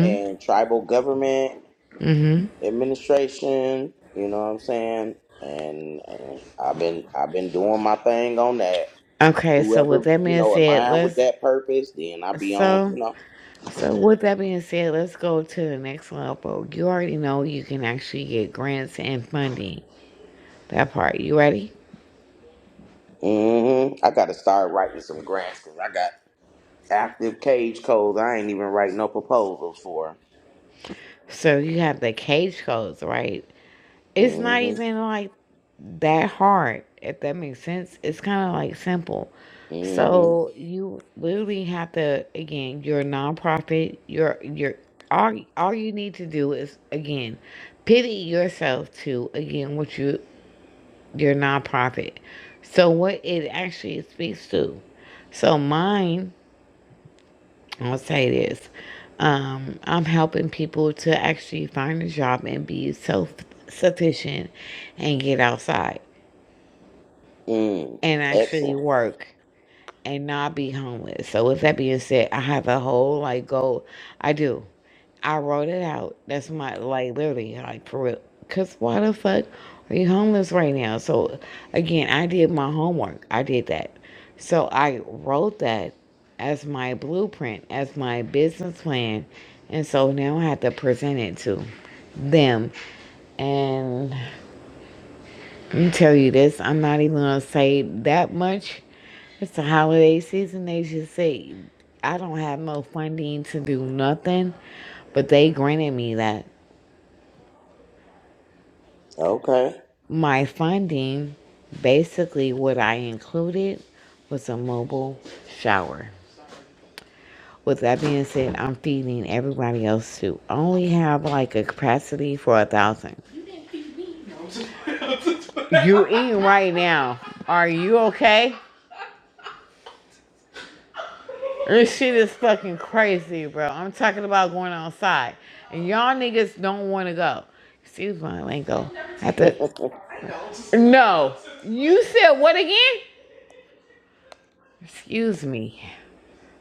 [SPEAKER 1] and tribal government
[SPEAKER 2] hmm
[SPEAKER 1] administration. You know what I'm saying? And, and I've been I've been doing my thing on that.
[SPEAKER 2] Okay, so with
[SPEAKER 1] Whoever
[SPEAKER 2] that
[SPEAKER 1] you
[SPEAKER 2] being
[SPEAKER 1] know
[SPEAKER 2] said,
[SPEAKER 1] align with
[SPEAKER 2] let's
[SPEAKER 1] that purpose, then I be on. You
[SPEAKER 2] so
[SPEAKER 1] know,
[SPEAKER 2] so with that being said, let's go to the next level. You already know you can actually get grants and funding. That part. You ready?
[SPEAKER 1] hmm I got to start writing some grants because I got active cage codes. I ain't even writing no proposals for.
[SPEAKER 2] So you have the cage codes, right? It's not
[SPEAKER 1] hmm
[SPEAKER 2] even like that hard, if that makes sense. It's kind of like simple.
[SPEAKER 1] hmm
[SPEAKER 2] So you literally have to again, you're a nonprofit, you're you're all all you need to do is again pity yourself to again what you your nonprofit. So what it actually speaks to. So mine, I'll say this. Um, I'm helping people to actually find a job and be self sufficient and get outside
[SPEAKER 1] Mm.
[SPEAKER 2] and actually
[SPEAKER 1] Excellent.
[SPEAKER 2] work and not be homeless. So with that being said, I have a whole like goal. I do. I wrote it out. That's my like literally like for real. Cause why the fuck are you homeless right now? So again, I did my homework. I did that. So I wrote that as my blueprint, as my business plan. And so now I have to present it to them. And let me tell you this. I'm not even gonna say that much. It's the holiday season. They just say I don't have no funding to do nothing, but they granted me that.
[SPEAKER 1] Okay.
[SPEAKER 2] My funding, basically, what I included was a mobile shower. With that being said, I'm feeding everybody else too. I Only have like a capacity for a thousand. You didn't feed me. No. You eating right now? Are you okay? This shit is fucking crazy, bro. I'm talking about going outside. And y'all niggas don't want to go. Excuse my lingo. I have to. No. You said what again? Excuse me.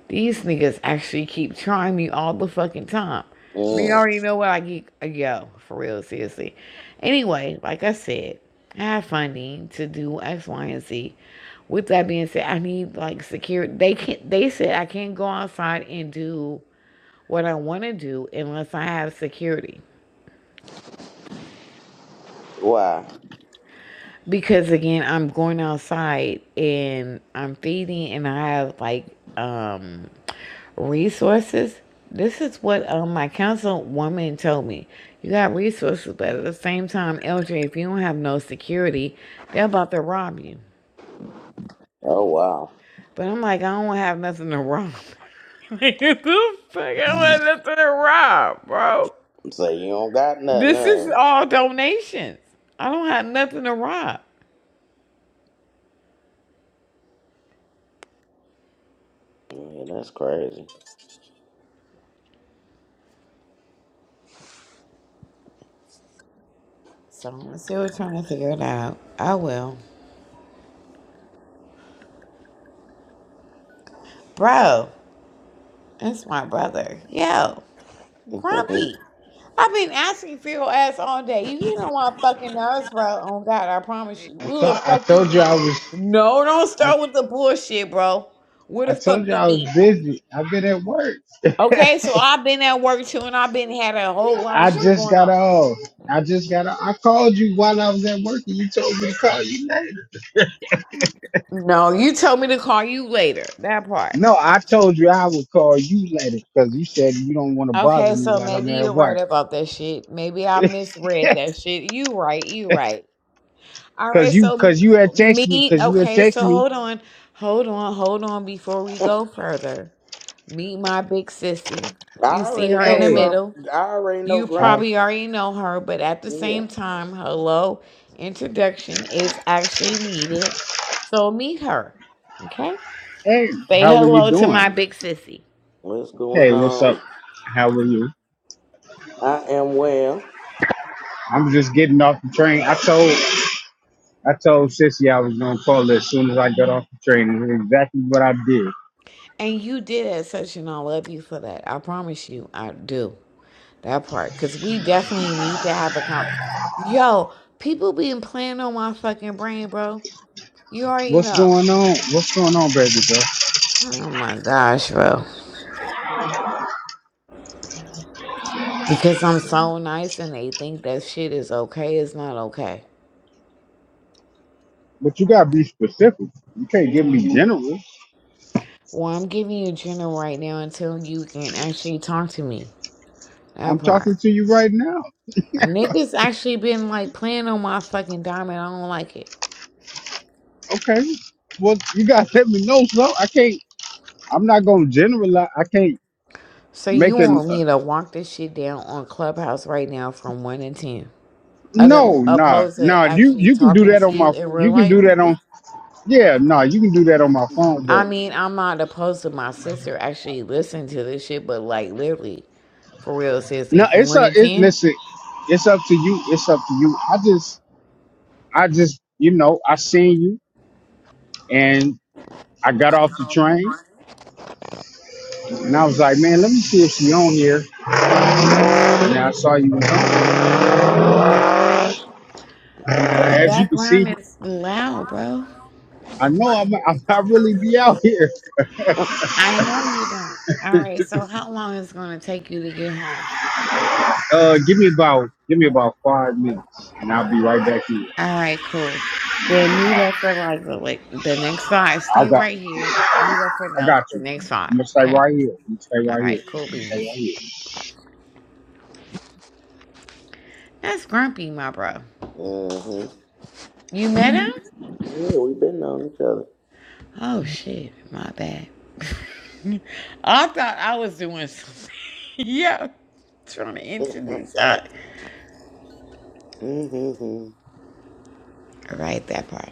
[SPEAKER 2] These niggas actually keep trying me all the fucking time. They
[SPEAKER 1] Mm.
[SPEAKER 2] already know what I get. Yo, for real, seriously. Anyway, like I said, I have funding to do X, Y, and Z. With that being said, I need like security. They can't. They said I can't go outside and do what I want to do unless I have security.
[SPEAKER 1] Wow.
[SPEAKER 2] Because again, I'm going outside and I'm feeding and I have like um resources. This is what um, my councilwoman told me. You got resources, but at the same time, LJ, if you don't have no security, they're about to rob you.
[SPEAKER 1] Oh wow.
[SPEAKER 2] But I'm like, I don't have nothing to rob. like, who the fuck I want nothing to rob, bro?
[SPEAKER 1] So you don't got nothing,
[SPEAKER 2] This
[SPEAKER 1] huh?
[SPEAKER 2] is all donations. I don't have nothing to rob.
[SPEAKER 1] Yeah, that's crazy.
[SPEAKER 2] So I'm still trying to figure it out. I will. Bro, That's my brother. Yo, Grumpy. I've been asking for your ass all day. You get on my fucking nerves, bro. Oh God, I promise you.
[SPEAKER 3] I
[SPEAKER 2] Where
[SPEAKER 3] thought
[SPEAKER 2] the
[SPEAKER 3] I
[SPEAKER 2] fuck you
[SPEAKER 3] told you I
[SPEAKER 2] been?
[SPEAKER 3] was
[SPEAKER 2] No, don't
[SPEAKER 3] I,
[SPEAKER 2] start with the bullshit, bro. Where
[SPEAKER 3] I
[SPEAKER 2] the fuck
[SPEAKER 3] told you
[SPEAKER 2] you
[SPEAKER 3] I was
[SPEAKER 2] been?
[SPEAKER 3] busy. I've been at work.
[SPEAKER 2] Okay, so I've been at work too, and I've been had a whole lot of
[SPEAKER 3] I
[SPEAKER 2] shit
[SPEAKER 3] just
[SPEAKER 2] going
[SPEAKER 3] got
[SPEAKER 2] on.
[SPEAKER 3] off. I just got off. I called you while I was at work and you told me to call you later.
[SPEAKER 2] No, you told me to call you later. That part.
[SPEAKER 3] No, I told you I would call you later because you said you don't want to bother
[SPEAKER 2] Okay, so
[SPEAKER 3] me while I'm
[SPEAKER 2] maybe you're
[SPEAKER 3] at
[SPEAKER 2] right
[SPEAKER 3] work.
[SPEAKER 2] about that shit. Maybe I misread that shit. You right, you right. All
[SPEAKER 3] Cause
[SPEAKER 2] right,
[SPEAKER 3] you
[SPEAKER 2] so
[SPEAKER 3] cause you had texted me,
[SPEAKER 2] meet.
[SPEAKER 3] cause you had
[SPEAKER 2] Okay, so
[SPEAKER 3] texted me,
[SPEAKER 2] hold on, hold on, hold on. Before we go further, meet my big sissy.
[SPEAKER 1] I
[SPEAKER 2] You see
[SPEAKER 1] already
[SPEAKER 2] her
[SPEAKER 1] know
[SPEAKER 2] in the
[SPEAKER 3] hey,
[SPEAKER 1] Grump.
[SPEAKER 2] middle.
[SPEAKER 1] I already know
[SPEAKER 2] You
[SPEAKER 3] how
[SPEAKER 1] Grumpy.
[SPEAKER 2] probably already know her, but at the
[SPEAKER 1] Yeah.
[SPEAKER 2] same time, hello, introduction is actually needed. So meet her. Okay.
[SPEAKER 3] hey,
[SPEAKER 2] Say
[SPEAKER 3] how are you
[SPEAKER 2] hello to my
[SPEAKER 3] doing?
[SPEAKER 2] big sissy.
[SPEAKER 1] What's going
[SPEAKER 3] Hey, what's up?
[SPEAKER 1] on?
[SPEAKER 3] How are you?
[SPEAKER 1] I am well.
[SPEAKER 3] I'm just getting off the train. I told I told Sissy I was gonna call her as soon as I got off the train. and It's exactly what I did.
[SPEAKER 2] And you did that session. I love you for that. I promise you, I do that part because we definitely need to have a conversation. Yo, people been playing on my fucking brain, bro. You already
[SPEAKER 3] What's
[SPEAKER 2] know.
[SPEAKER 3] going on? What's going on, baby girl?
[SPEAKER 2] Oh my gosh, bro. Because I'm so nice and they think that shit is okay. It's not okay.
[SPEAKER 3] But you gotta be specific. You can't give me general.
[SPEAKER 2] Well, I'm giving you general right now until you can actually talk to me. That
[SPEAKER 3] I'm
[SPEAKER 2] part.
[SPEAKER 3] talking to you right now.
[SPEAKER 2] Niggas actually been like playing on my fucking diamond. I don't like it.
[SPEAKER 3] Okay. Well, you gotta let me know, so I can't. I'm not gonna generalize. I can't
[SPEAKER 2] So
[SPEAKER 3] make
[SPEAKER 2] you
[SPEAKER 3] an.
[SPEAKER 2] want me to walk this shit down on Clubhouse right now from one to ten, other
[SPEAKER 3] No, nah,
[SPEAKER 2] opposed to
[SPEAKER 3] nah. You
[SPEAKER 2] actually
[SPEAKER 3] you can do
[SPEAKER 2] talking
[SPEAKER 3] that
[SPEAKER 2] to
[SPEAKER 3] on
[SPEAKER 2] you
[SPEAKER 3] my.
[SPEAKER 2] in real
[SPEAKER 3] You can
[SPEAKER 2] life?
[SPEAKER 3] do that on. Yeah, nah. You can do that on my phone,
[SPEAKER 2] I
[SPEAKER 3] but
[SPEAKER 2] mean, I'm not opposed to my sister actually listening to this shit, but like literally, for real,
[SPEAKER 3] no.
[SPEAKER 2] sissy,
[SPEAKER 3] It's
[SPEAKER 2] one
[SPEAKER 3] a.
[SPEAKER 2] to
[SPEAKER 3] It,
[SPEAKER 2] ten.
[SPEAKER 3] listen. It's up to you. It's up to you. I just. I just, you know, I seen you and I got off the train and I was like, man, let me see if she on here. And I saw you was on. there.
[SPEAKER 2] Your
[SPEAKER 3] As you can see,
[SPEAKER 2] background is loud, bro.
[SPEAKER 3] I know I'm, I'm I really be out here.
[SPEAKER 2] I know you don't. All right, so how long is it gonna take you to get home?
[SPEAKER 3] Uh, give me about, give me about five minutes and I'll be right
[SPEAKER 2] A-
[SPEAKER 3] back here.
[SPEAKER 2] All right, cool. Then mute up for like the like the next five.
[SPEAKER 3] I
[SPEAKER 2] Stay
[SPEAKER 3] got,
[SPEAKER 2] right here. Mute up for
[SPEAKER 3] I
[SPEAKER 2] like
[SPEAKER 3] got
[SPEAKER 2] the
[SPEAKER 3] you.
[SPEAKER 2] next five.
[SPEAKER 3] I'm gonna stay
[SPEAKER 2] Okay.
[SPEAKER 3] right here. I'm gonna stay
[SPEAKER 2] All
[SPEAKER 3] right here.
[SPEAKER 2] right, cool beans.
[SPEAKER 3] Stay right here.
[SPEAKER 2] That's Grumpy, my bro.
[SPEAKER 1] hmm
[SPEAKER 2] You met him?
[SPEAKER 1] Yeah, we've been knowing each other.
[SPEAKER 2] Oh shit, my bad. I thought I was doing something. yeah, trying to introduce. Uh,
[SPEAKER 1] hmm
[SPEAKER 2] all right, that part.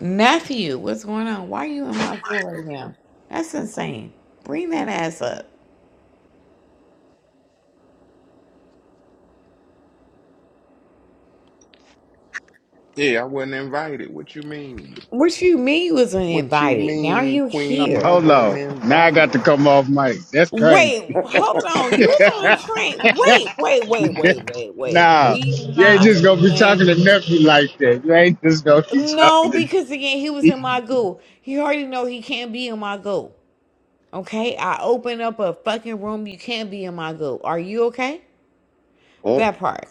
[SPEAKER 2] Nephew, what's going on? Why are you in my door right now? That's insane. Bring that ass up.
[SPEAKER 4] Yeah, I wasn't invited. What you mean?
[SPEAKER 2] What you mean you was
[SPEAKER 4] What you
[SPEAKER 2] invited? Now
[SPEAKER 4] mean,
[SPEAKER 2] you
[SPEAKER 4] Queen?
[SPEAKER 2] here.
[SPEAKER 4] I
[SPEAKER 3] Hold
[SPEAKER 4] wasn't
[SPEAKER 3] on. Now I got to
[SPEAKER 4] invited.
[SPEAKER 3] come off mic. That's crazy.
[SPEAKER 2] Wait, hold on. You was
[SPEAKER 4] I
[SPEAKER 2] on a train. Wait, wait, wait, wait, wait, wait.
[SPEAKER 3] nah,
[SPEAKER 2] We
[SPEAKER 3] you ain't just
[SPEAKER 2] not
[SPEAKER 3] gonna be talking
[SPEAKER 2] doing
[SPEAKER 3] to nephew like that. You ain't just gonna be talking
[SPEAKER 2] no
[SPEAKER 3] to
[SPEAKER 2] because again he was in my goo. He already know he can't be in my goo. Okay, I open up a fucking room. You can't be in my goo. Are you okay? That part.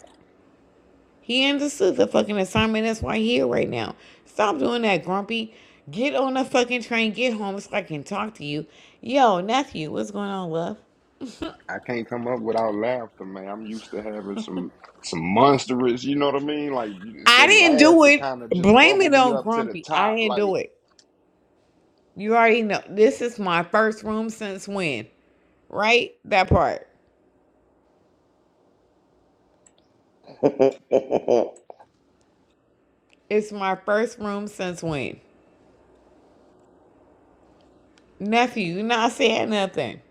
[SPEAKER 2] He understood the fucking assignment. That's why he here right now. Stop doing that, Grumpy. Get on the fucking train. Get home so I can talk to you. Yo, nephew, what's going on, love?
[SPEAKER 4] can't come up without laughter, man. I'm used to having some some monstrous, you know what I mean? Like you- it's
[SPEAKER 2] I
[SPEAKER 4] that
[SPEAKER 2] didn't
[SPEAKER 4] laugh
[SPEAKER 2] do
[SPEAKER 4] that
[SPEAKER 2] it.
[SPEAKER 4] kind of just
[SPEAKER 2] Blame
[SPEAKER 4] bubble
[SPEAKER 2] it
[SPEAKER 4] me
[SPEAKER 2] on
[SPEAKER 4] up to the
[SPEAKER 2] Grumpy. I
[SPEAKER 4] top.
[SPEAKER 2] didn't
[SPEAKER 4] Like,
[SPEAKER 2] do it. You already know. This is my first room since when? Right? That part. It's my first room since when? Nephew, you not saying nothing.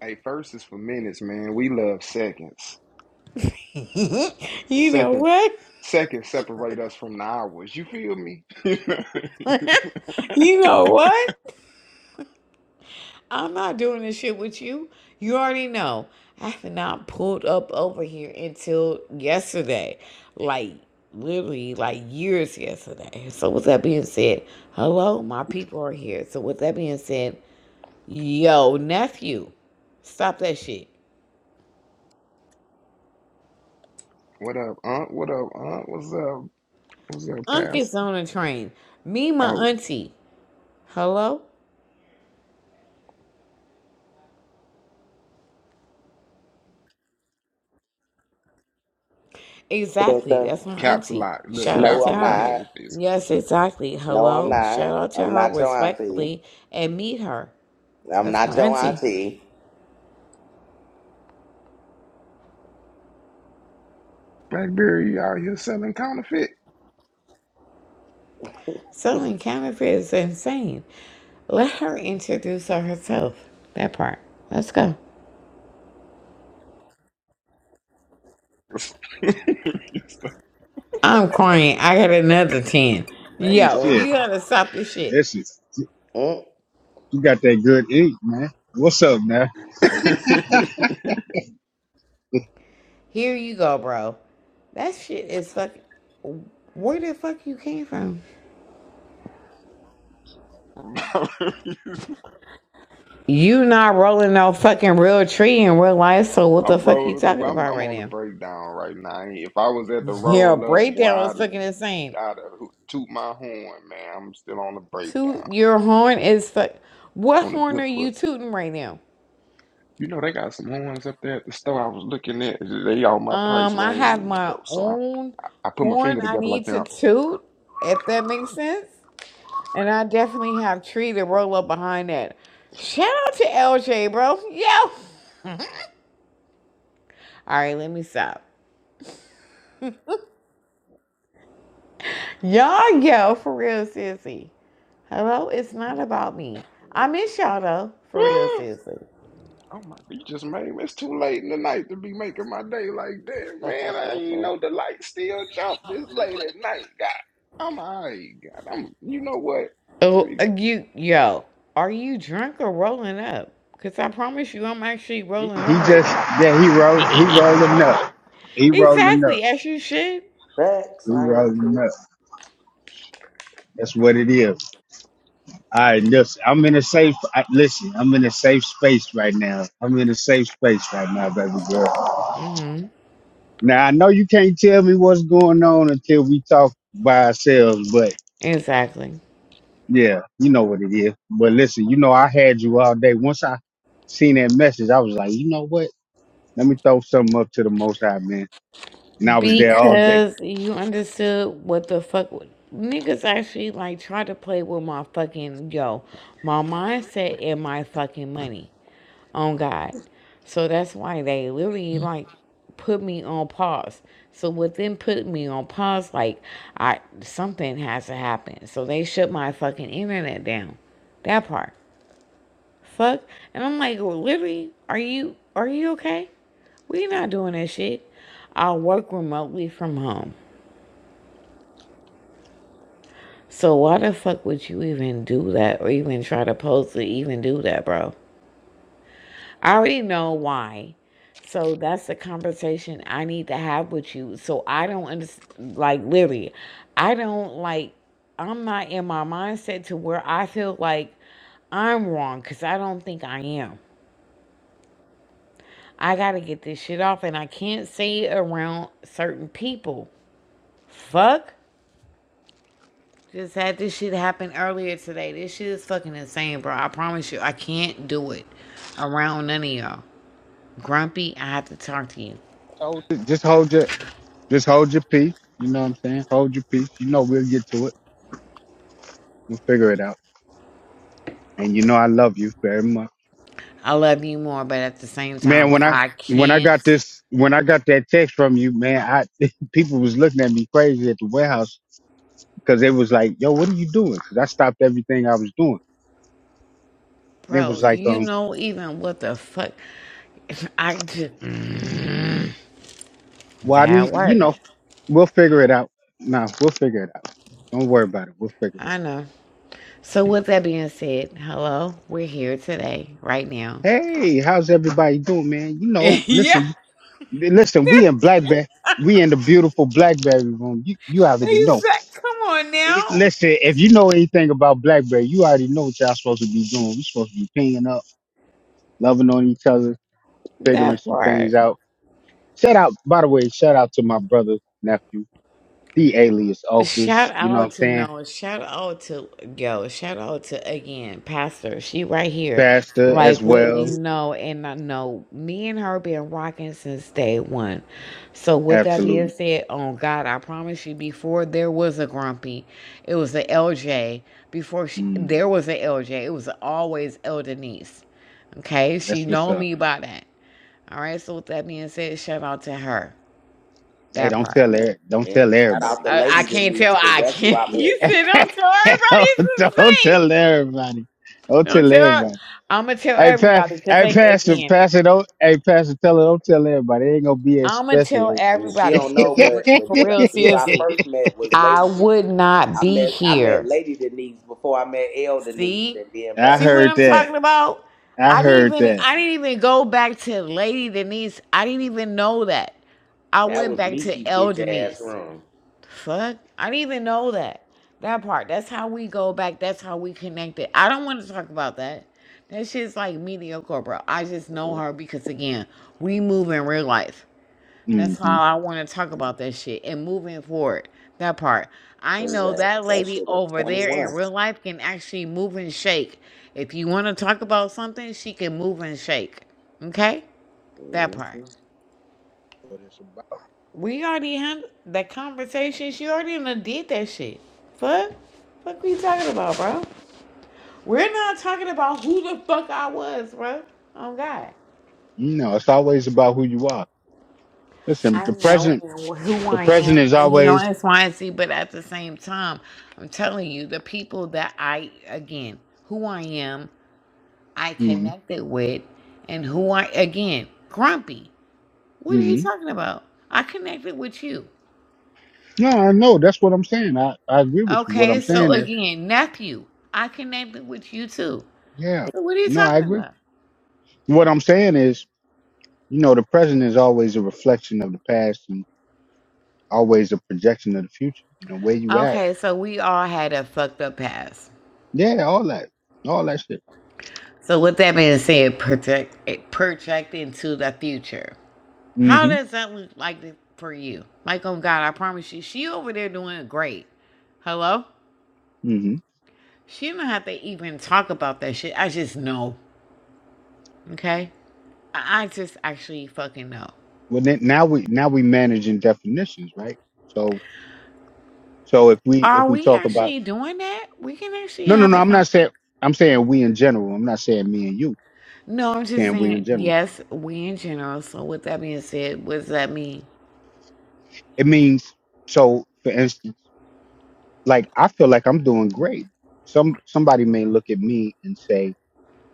[SPEAKER 4] hey, first is for minutes, man. We love seconds.
[SPEAKER 2] you know
[SPEAKER 4] Seconds,
[SPEAKER 2] what?
[SPEAKER 4] seconds separate us from the hours. You feel me?
[SPEAKER 2] You know what? I'm not doing this shit with you. You already know. I have not pulled up over here until yesterday. Like, literally, like years yesterday. So, with that being said, hello, my people are here. So, with that being said, yo, nephew, stop that shit.
[SPEAKER 4] what up, Aunt? What up, Aunt? What's up? What's up,
[SPEAKER 2] Unc is
[SPEAKER 4] Pastor?
[SPEAKER 2] on a train. Me, my
[SPEAKER 4] Oh,
[SPEAKER 2] auntie. Hello?
[SPEAKER 1] so,
[SPEAKER 2] Exactly.
[SPEAKER 1] so,
[SPEAKER 2] That's my
[SPEAKER 4] caps
[SPEAKER 2] auntie.
[SPEAKER 4] lock. Look,
[SPEAKER 2] Shout out
[SPEAKER 1] no,
[SPEAKER 2] to
[SPEAKER 1] I'm
[SPEAKER 4] capital.
[SPEAKER 2] her.
[SPEAKER 4] Look
[SPEAKER 1] not.
[SPEAKER 4] at this.
[SPEAKER 2] Yes, exactly.
[SPEAKER 1] No, I'm
[SPEAKER 2] Hello?
[SPEAKER 1] not.
[SPEAKER 2] Shout out to
[SPEAKER 1] I'm
[SPEAKER 2] her
[SPEAKER 1] not your auntie.
[SPEAKER 2] respectfully and meet her.
[SPEAKER 1] I'm
[SPEAKER 2] That's
[SPEAKER 1] not
[SPEAKER 2] my
[SPEAKER 1] your
[SPEAKER 2] auntie.
[SPEAKER 1] auntie.
[SPEAKER 4] BlackBerry you out here selling counterfeit.
[SPEAKER 2] Selling counterfeit is insane. Let her introduce herself. That part. Let's go. I'm crying. I got another 10.
[SPEAKER 3] hey
[SPEAKER 2] Yo,
[SPEAKER 3] shit.
[SPEAKER 2] you gotta stop this shit.
[SPEAKER 3] Listen,
[SPEAKER 1] Mm-mm.
[SPEAKER 3] you got that good ink, man. What's up, man?
[SPEAKER 2] Here you go, bro. That shit is fucking. Where the fuck you came from? You not rolling no fucking real tree in real life, so what the
[SPEAKER 4] I'm
[SPEAKER 2] fuck you
[SPEAKER 4] rolling.
[SPEAKER 2] talking
[SPEAKER 4] Well, I'm,
[SPEAKER 2] about
[SPEAKER 4] I'm
[SPEAKER 2] right
[SPEAKER 4] on the
[SPEAKER 2] now?
[SPEAKER 4] breakdown right now. I ain't- If I was at the
[SPEAKER 2] Your
[SPEAKER 4] roll up, boy,
[SPEAKER 2] breakdown is
[SPEAKER 4] I'd have,
[SPEAKER 2] fucking insane.
[SPEAKER 4] I'd have toot my horn, man. I'm still on the
[SPEAKER 2] Toot
[SPEAKER 4] breakdown,
[SPEAKER 2] your horn is fuck. What
[SPEAKER 4] on the
[SPEAKER 2] horn
[SPEAKER 4] good
[SPEAKER 2] are you
[SPEAKER 4] foot.
[SPEAKER 2] tooting right now?
[SPEAKER 4] You know they got some horns up there at the store. I was looking at. They all my price
[SPEAKER 2] Um, I have
[SPEAKER 4] range
[SPEAKER 2] my
[SPEAKER 4] though, so I,
[SPEAKER 2] own
[SPEAKER 4] I put my
[SPEAKER 2] horn
[SPEAKER 4] finger
[SPEAKER 2] I
[SPEAKER 4] together
[SPEAKER 2] need
[SPEAKER 4] like
[SPEAKER 2] to
[SPEAKER 4] now.
[SPEAKER 2] toot, if that makes sense. And I definitely have Tree to roll up behind that. Shout out to LJ, bro. Yo. All right, let me stop. Y'all, yo, for real, seriously. Hello, it's not about me. I miss y'all though, for real, seriously.
[SPEAKER 4] Oh my, you just made me. It's too late in the night to be making my day like that, man. I ain't even know the light still jump this late at night. God, I'm alright. God, I'm. You know what? I
[SPEAKER 2] Oh, uh,
[SPEAKER 4] mean,
[SPEAKER 2] you, yo, are you drunk or rolling up? Cause I promise you, I'm actually
[SPEAKER 3] He, he
[SPEAKER 2] rolling up right
[SPEAKER 3] just
[SPEAKER 2] now.
[SPEAKER 3] yeah, he roll he rolling up. He rolling up.
[SPEAKER 2] Exactly, as you should.
[SPEAKER 3] He
[SPEAKER 1] Facts, I am
[SPEAKER 3] rolling
[SPEAKER 1] too.
[SPEAKER 3] up. That's what it is. All right, listen. I'm in a safe. I, listen, I'm in a safe space right now. I'm in a safe space right now, baby girl.
[SPEAKER 2] Mm-hmm.
[SPEAKER 3] Now I know you can't tell me what's going on until we talk by ourselves,
[SPEAKER 2] Exactly.
[SPEAKER 3] Yeah, you know what it is. But listen, you know, I had you all day. Once I seen that message, I was like, you know what? Let me throw something up to the most high, man. And I was there all day.
[SPEAKER 2] Because you understood what the fuck niggas actually like try to play with my fucking yo, my mindset and my fucking money on God. So that's why they literally like put me on pause. So with them putting me on pause, like I something has to happen. So they shut my fucking internet down. That part. Fuck. And I'm like, literally, are you are you okay? We not doing that shit. I work remotely from home. So why the fuck would you even do that or even try to post to even do that, bro? I already know why. So that's the conversation I need to have with you. So I don't understand, like, literally, I don't like, I'm not in my mindset to where I feel like I'm wrong because I don't think I am. I got to get this shit off and I can't say it around certain people. Fuck. Just had this shit happen earlier today. This shit is fucking insane, bro. I promise you, I can't do it around none of y'all. Grumpy, I have to talk to you.
[SPEAKER 3] So just hold your just hold your peace. You know what I'm saying? Hold your peace. You know we'll get to it. We'll figure it out. And you know I love you very much.
[SPEAKER 2] I love you more, but at the same
[SPEAKER 3] Man,
[SPEAKER 2] time,
[SPEAKER 3] when I
[SPEAKER 2] I
[SPEAKER 3] when I
[SPEAKER 2] can't.
[SPEAKER 3] got this when I got that text from you, man, I people was looking at me crazy at the warehouse because they was like, yo, what are you doing? Because I stopped everything I was doing. And it was
[SPEAKER 2] Bro, do
[SPEAKER 3] like,
[SPEAKER 2] you
[SPEAKER 3] um,
[SPEAKER 2] know even what the fuck? I just. Mm,
[SPEAKER 3] Well, I
[SPEAKER 2] Bad
[SPEAKER 3] need, you
[SPEAKER 2] work.
[SPEAKER 3] know, we'll figure it out. Nah, we'll figure it out. Don't worry about it. We'll figure it
[SPEAKER 2] I
[SPEAKER 3] out.
[SPEAKER 2] know. So, with that being said, hello, we're here today, right now.
[SPEAKER 3] Hey, how's everybody doing, man? You know,
[SPEAKER 2] yeah,
[SPEAKER 3] listen, listen, we in Blackberry. We in the beautiful Blackberry room. You, you already know.
[SPEAKER 2] exactly. Come on
[SPEAKER 3] We-
[SPEAKER 2] now.
[SPEAKER 3] Listen, if you know anything about Blackberry, you already know what y'all supposed to be doing. we supposed to be pinging up, loving on each other, figuring
[SPEAKER 2] That
[SPEAKER 3] some
[SPEAKER 2] part.
[SPEAKER 3] things out. Shout out, by the way, shout out to my brother, nephew, the alias
[SPEAKER 2] Shout
[SPEAKER 3] office, you know what
[SPEAKER 2] out
[SPEAKER 3] I'm
[SPEAKER 2] to
[SPEAKER 3] saying?
[SPEAKER 2] Noah. Shout out to yo. Shout out to again, Pastor. She right here,
[SPEAKER 3] Pastor as
[SPEAKER 2] like with me.
[SPEAKER 3] well.
[SPEAKER 2] No, and I know me and her been rocking since day one. So with that
[SPEAKER 3] Absolutely.
[SPEAKER 2] being said, oh God, I promise you, before there was a grumpy, it was a LJ. Before she,
[SPEAKER 3] Mm,
[SPEAKER 2] there was a LJ, it was always El Denise. Okay, she
[SPEAKER 3] that's what's
[SPEAKER 2] know
[SPEAKER 3] up.
[SPEAKER 2] me by that. All right. So with that being said, shout out to her.
[SPEAKER 3] Hey,
[SPEAKER 2] That
[SPEAKER 3] don't
[SPEAKER 2] part.
[SPEAKER 3] tell er- don't
[SPEAKER 1] And
[SPEAKER 3] tell
[SPEAKER 1] shout out
[SPEAKER 3] everybody,
[SPEAKER 1] the
[SPEAKER 3] man.
[SPEAKER 2] I,
[SPEAKER 1] lady
[SPEAKER 2] I can't
[SPEAKER 1] Denise,
[SPEAKER 2] tell.
[SPEAKER 1] because
[SPEAKER 2] I
[SPEAKER 1] that's who
[SPEAKER 2] can't.
[SPEAKER 1] I met.
[SPEAKER 2] You said don't tell everybody
[SPEAKER 3] don't,
[SPEAKER 2] it's the
[SPEAKER 3] don't
[SPEAKER 2] same.
[SPEAKER 3] tell everybody. Don't
[SPEAKER 2] Don't
[SPEAKER 3] tell
[SPEAKER 2] tell.
[SPEAKER 3] everybody.
[SPEAKER 2] I'm gonna tell
[SPEAKER 3] Hey, pass,
[SPEAKER 2] everybody because
[SPEAKER 3] hey,
[SPEAKER 2] they
[SPEAKER 3] pastor,
[SPEAKER 2] again.
[SPEAKER 3] pastor, don't, hey, pastor, tell her, don't tell everybody. It ain't gonna be as
[SPEAKER 2] I'm gonna
[SPEAKER 3] special.
[SPEAKER 2] tell
[SPEAKER 1] And she
[SPEAKER 3] as-
[SPEAKER 2] everybody
[SPEAKER 1] don't
[SPEAKER 2] because
[SPEAKER 1] know, but
[SPEAKER 2] for
[SPEAKER 1] but when I,
[SPEAKER 2] real,
[SPEAKER 1] who I
[SPEAKER 2] seriously,
[SPEAKER 1] first met was Lady.
[SPEAKER 2] I
[SPEAKER 1] De-
[SPEAKER 2] would not
[SPEAKER 1] I
[SPEAKER 2] be
[SPEAKER 1] met I met
[SPEAKER 2] here.
[SPEAKER 1] Lady Denise before I met El Denise
[SPEAKER 2] See,
[SPEAKER 1] and then
[SPEAKER 3] I
[SPEAKER 2] see
[SPEAKER 1] black. Girl.
[SPEAKER 2] what
[SPEAKER 3] heard
[SPEAKER 2] I'm talking
[SPEAKER 3] that.
[SPEAKER 2] about.
[SPEAKER 3] I
[SPEAKER 2] I didn't
[SPEAKER 3] heard
[SPEAKER 2] even.
[SPEAKER 3] that.
[SPEAKER 2] I didn't even go back to Lady Denise. I didn't even know that. I
[SPEAKER 1] That
[SPEAKER 2] went
[SPEAKER 1] was
[SPEAKER 2] back to
[SPEAKER 1] Mickey
[SPEAKER 2] El
[SPEAKER 1] bitch ass
[SPEAKER 2] Denise.
[SPEAKER 1] room.
[SPEAKER 2] Fuck. I didn't even know that. That part. That's how we go back. That's how we connected. I don't want to talk about that. That shit's like mediocre, bro. I just know
[SPEAKER 1] Mhm.
[SPEAKER 2] her because again, we move in real life. That's
[SPEAKER 3] Mm-hmm.
[SPEAKER 2] how I want to talk
[SPEAKER 1] What
[SPEAKER 2] about that shit and moving forward. That part. I
[SPEAKER 1] was
[SPEAKER 2] know
[SPEAKER 1] that?
[SPEAKER 2] that
[SPEAKER 1] That
[SPEAKER 2] lady
[SPEAKER 1] shit was
[SPEAKER 2] over
[SPEAKER 1] twenty
[SPEAKER 2] there in
[SPEAKER 1] one.
[SPEAKER 2] real life can actually move and shake. If you want to talk about something, she can move and shake. Okay? That part.
[SPEAKER 1] Mm-hmm.
[SPEAKER 3] What it's about.
[SPEAKER 2] We already had that conversation. She already done did that shit. Fuck. Fuck we talking about, bro? We're not talking about who the fuck I was, bro. Oh God.
[SPEAKER 3] You know, it's always about who you are. Listen,
[SPEAKER 2] I
[SPEAKER 3] the
[SPEAKER 2] know
[SPEAKER 3] present,
[SPEAKER 2] who
[SPEAKER 3] the
[SPEAKER 2] I
[SPEAKER 3] present
[SPEAKER 2] am,
[SPEAKER 3] is
[SPEAKER 2] and you know,
[SPEAKER 3] always.
[SPEAKER 2] X, Y, and Z, but at the same time, I'm telling you, the people that I again, who I am, I
[SPEAKER 3] Mm-hmm.
[SPEAKER 2] connected with, and who I again, grumpy. What are you
[SPEAKER 3] mm-hmm.
[SPEAKER 2] talking about? I connected with you.
[SPEAKER 3] No, I know. That's what I'm saying. I, I agree with you. What
[SPEAKER 2] Okay,
[SPEAKER 3] I'm
[SPEAKER 2] so
[SPEAKER 3] saying is
[SPEAKER 2] again, nephew, I connected with you too.
[SPEAKER 3] Yeah.
[SPEAKER 2] So what are you
[SPEAKER 3] No, I
[SPEAKER 2] talking
[SPEAKER 3] agree.
[SPEAKER 2] about?
[SPEAKER 3] What I'm saying is, you know, the present is always a reflection of the past and always a projection of the future. You know, where you at?
[SPEAKER 2] Okay, so we all had a fucked up past.
[SPEAKER 3] Yeah, all that, all that shit.
[SPEAKER 2] So with that being said, project it project into the future. How
[SPEAKER 3] hmm
[SPEAKER 2] does that look like for you? Like on God, I promise you, she over there doing great. Hello?
[SPEAKER 3] hmm
[SPEAKER 2] She don't have to even talk about that shit. I just know. Okay? I I just actually fucking know.
[SPEAKER 3] Well, then, now we now we managing definitions, right? So so if we if
[SPEAKER 2] Are
[SPEAKER 3] we
[SPEAKER 2] we
[SPEAKER 3] talk about
[SPEAKER 2] actually doing that? We can actually
[SPEAKER 3] no no
[SPEAKER 2] have
[SPEAKER 3] no,
[SPEAKER 2] a
[SPEAKER 3] I'm not
[SPEAKER 2] conversation.
[SPEAKER 3] saying I'm saying we in general. I'm not saying me and you. I'm
[SPEAKER 2] No, I'm just
[SPEAKER 3] saying we in
[SPEAKER 2] saying,
[SPEAKER 3] general.
[SPEAKER 2] yes, we in general. So with that being said, what does that mean?
[SPEAKER 3] It means so. For instance, like I feel like I'm doing great. Some somebody may look at me and say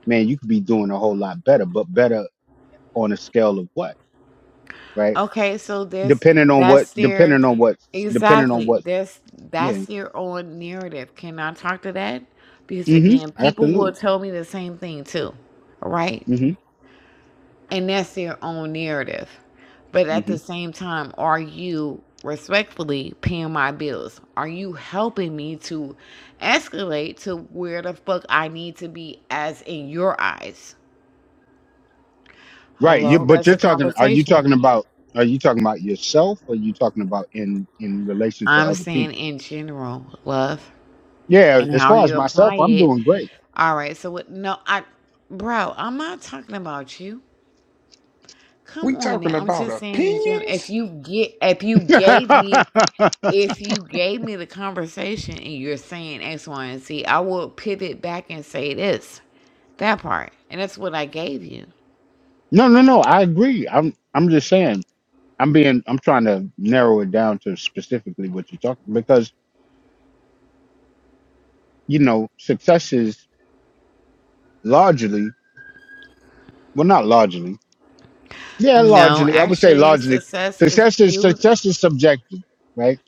[SPEAKER 3] man, you could be doing a whole lot better, but better on a scale of what, right?
[SPEAKER 2] Okay, so that's
[SPEAKER 3] Depending on what,
[SPEAKER 2] that's their
[SPEAKER 3] depending on what, depending on
[SPEAKER 2] exactly.
[SPEAKER 3] what,
[SPEAKER 2] That's
[SPEAKER 3] yeah.
[SPEAKER 2] that's their own narrative. Can I talk to that? Because
[SPEAKER 3] Mm-hmm.
[SPEAKER 2] again, people will
[SPEAKER 3] Absolutely.
[SPEAKER 2] tell me the same thing too. Right?
[SPEAKER 3] Mm-hmm.
[SPEAKER 2] And that's their own narrative. But at
[SPEAKER 3] Mm-hmm.
[SPEAKER 2] the same time, are you respectfully paying my bills? Are you helping me to escalate to where the fuck I need to be as in your eyes?
[SPEAKER 3] Right. You,
[SPEAKER 2] Hello,
[SPEAKER 3] but
[SPEAKER 2] that's
[SPEAKER 3] you're
[SPEAKER 2] a
[SPEAKER 3] talking. Are you
[SPEAKER 2] conversation.
[SPEAKER 3] talking about? Are you talking about yourself? Or are you talking about in in relation to
[SPEAKER 2] I'm
[SPEAKER 3] other
[SPEAKER 2] saying
[SPEAKER 3] people?
[SPEAKER 2] in general, love,
[SPEAKER 3] Yeah.
[SPEAKER 2] and
[SPEAKER 3] As
[SPEAKER 2] how
[SPEAKER 3] far as
[SPEAKER 2] you apply
[SPEAKER 3] myself, I'm
[SPEAKER 2] it.
[SPEAKER 3] doing great.
[SPEAKER 2] All right, so what? No, I, bro, I'm not talking about you. Come
[SPEAKER 4] we
[SPEAKER 2] on now.
[SPEAKER 4] talking
[SPEAKER 2] I'm
[SPEAKER 4] about
[SPEAKER 2] just saying in general. If
[SPEAKER 4] opinions.
[SPEAKER 2] you get, if you gave me,
[SPEAKER 3] no,
[SPEAKER 2] if you gave me the conversation and you're saying X, Y, and Z, I will pivot back and say this, that part, and that's what I gave you.
[SPEAKER 3] no, no. I agree. I'm. I'm just saying. I'm being. I'm trying to narrow it down to specifically what you're talking because you know success is largely, well, not largely. Yeah,
[SPEAKER 2] No,
[SPEAKER 3] largely. I would say
[SPEAKER 2] actually,
[SPEAKER 3] largely.
[SPEAKER 2] success is
[SPEAKER 3] Success is
[SPEAKER 2] viewed.
[SPEAKER 3] success is subjective, right?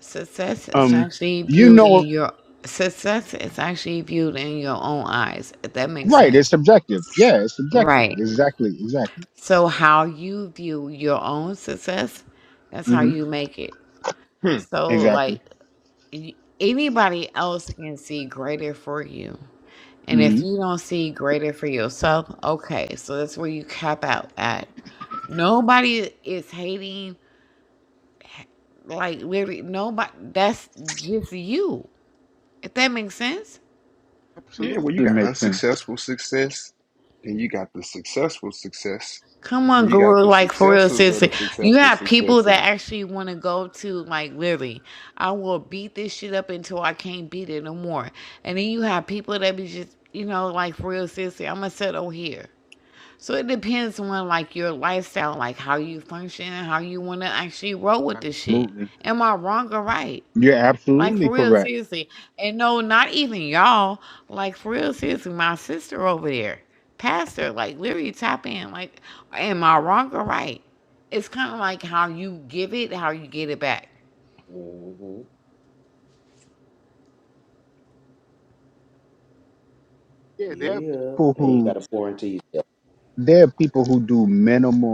[SPEAKER 2] Success is
[SPEAKER 3] Um,
[SPEAKER 2] actually
[SPEAKER 3] you
[SPEAKER 2] viewed
[SPEAKER 3] know,
[SPEAKER 2] in your success is actually viewed in your own eyes, if that makes
[SPEAKER 3] right?
[SPEAKER 2] sense.
[SPEAKER 3] It's subjective. Yeah, it's subjective.
[SPEAKER 2] Right.
[SPEAKER 3] Exactly. Exactly.
[SPEAKER 2] So how you view your own success, that's how
[SPEAKER 3] hmm
[SPEAKER 2] you make it.
[SPEAKER 4] Hmm.
[SPEAKER 2] So like
[SPEAKER 3] Exactly.
[SPEAKER 2] y- anybody else can see greater for you. And
[SPEAKER 3] hmm
[SPEAKER 2] if you don't see greater for yourself, okay, so that's where you cap out at. Nobody is hating like literally nobody that's just you. If that makes sense.
[SPEAKER 4] Yeah.
[SPEAKER 3] Absolutely,
[SPEAKER 4] Well, you
[SPEAKER 3] it
[SPEAKER 4] got
[SPEAKER 3] makes sense.
[SPEAKER 4] unsuccessful success, then you got the successful success,
[SPEAKER 2] Come on,
[SPEAKER 4] and you got
[SPEAKER 2] Guru,
[SPEAKER 4] the
[SPEAKER 2] like for real,
[SPEAKER 4] successors of
[SPEAKER 2] seriously.
[SPEAKER 4] the
[SPEAKER 2] You
[SPEAKER 4] successful
[SPEAKER 2] have people
[SPEAKER 4] success, and
[SPEAKER 2] that actually want to go to, like, literally, I will beat this shit up until I can't beat it no more. And then you have people that be just, you know, like for real, seriously, I'm going to settle here. So it depends on, like, your lifestyle, like how you function and how you want to actually roll with this shit.
[SPEAKER 3] Absolutely,
[SPEAKER 2] Am I wrong or right?
[SPEAKER 3] you're
[SPEAKER 2] Like
[SPEAKER 3] absolutely
[SPEAKER 2] for real,
[SPEAKER 3] correct.
[SPEAKER 2] seriously. And no, not even y'all. Like for real, seriously, my sister over there, pastor, like literally tap in. Like, am I wrong or right? It's kind of like how you give it, how you get it back.
[SPEAKER 1] Mm-hmm.
[SPEAKER 3] Yeah, there are
[SPEAKER 1] Yeah,
[SPEAKER 3] people
[SPEAKER 1] and you got
[SPEAKER 3] who
[SPEAKER 1] to pour into yourself,
[SPEAKER 3] there are people who do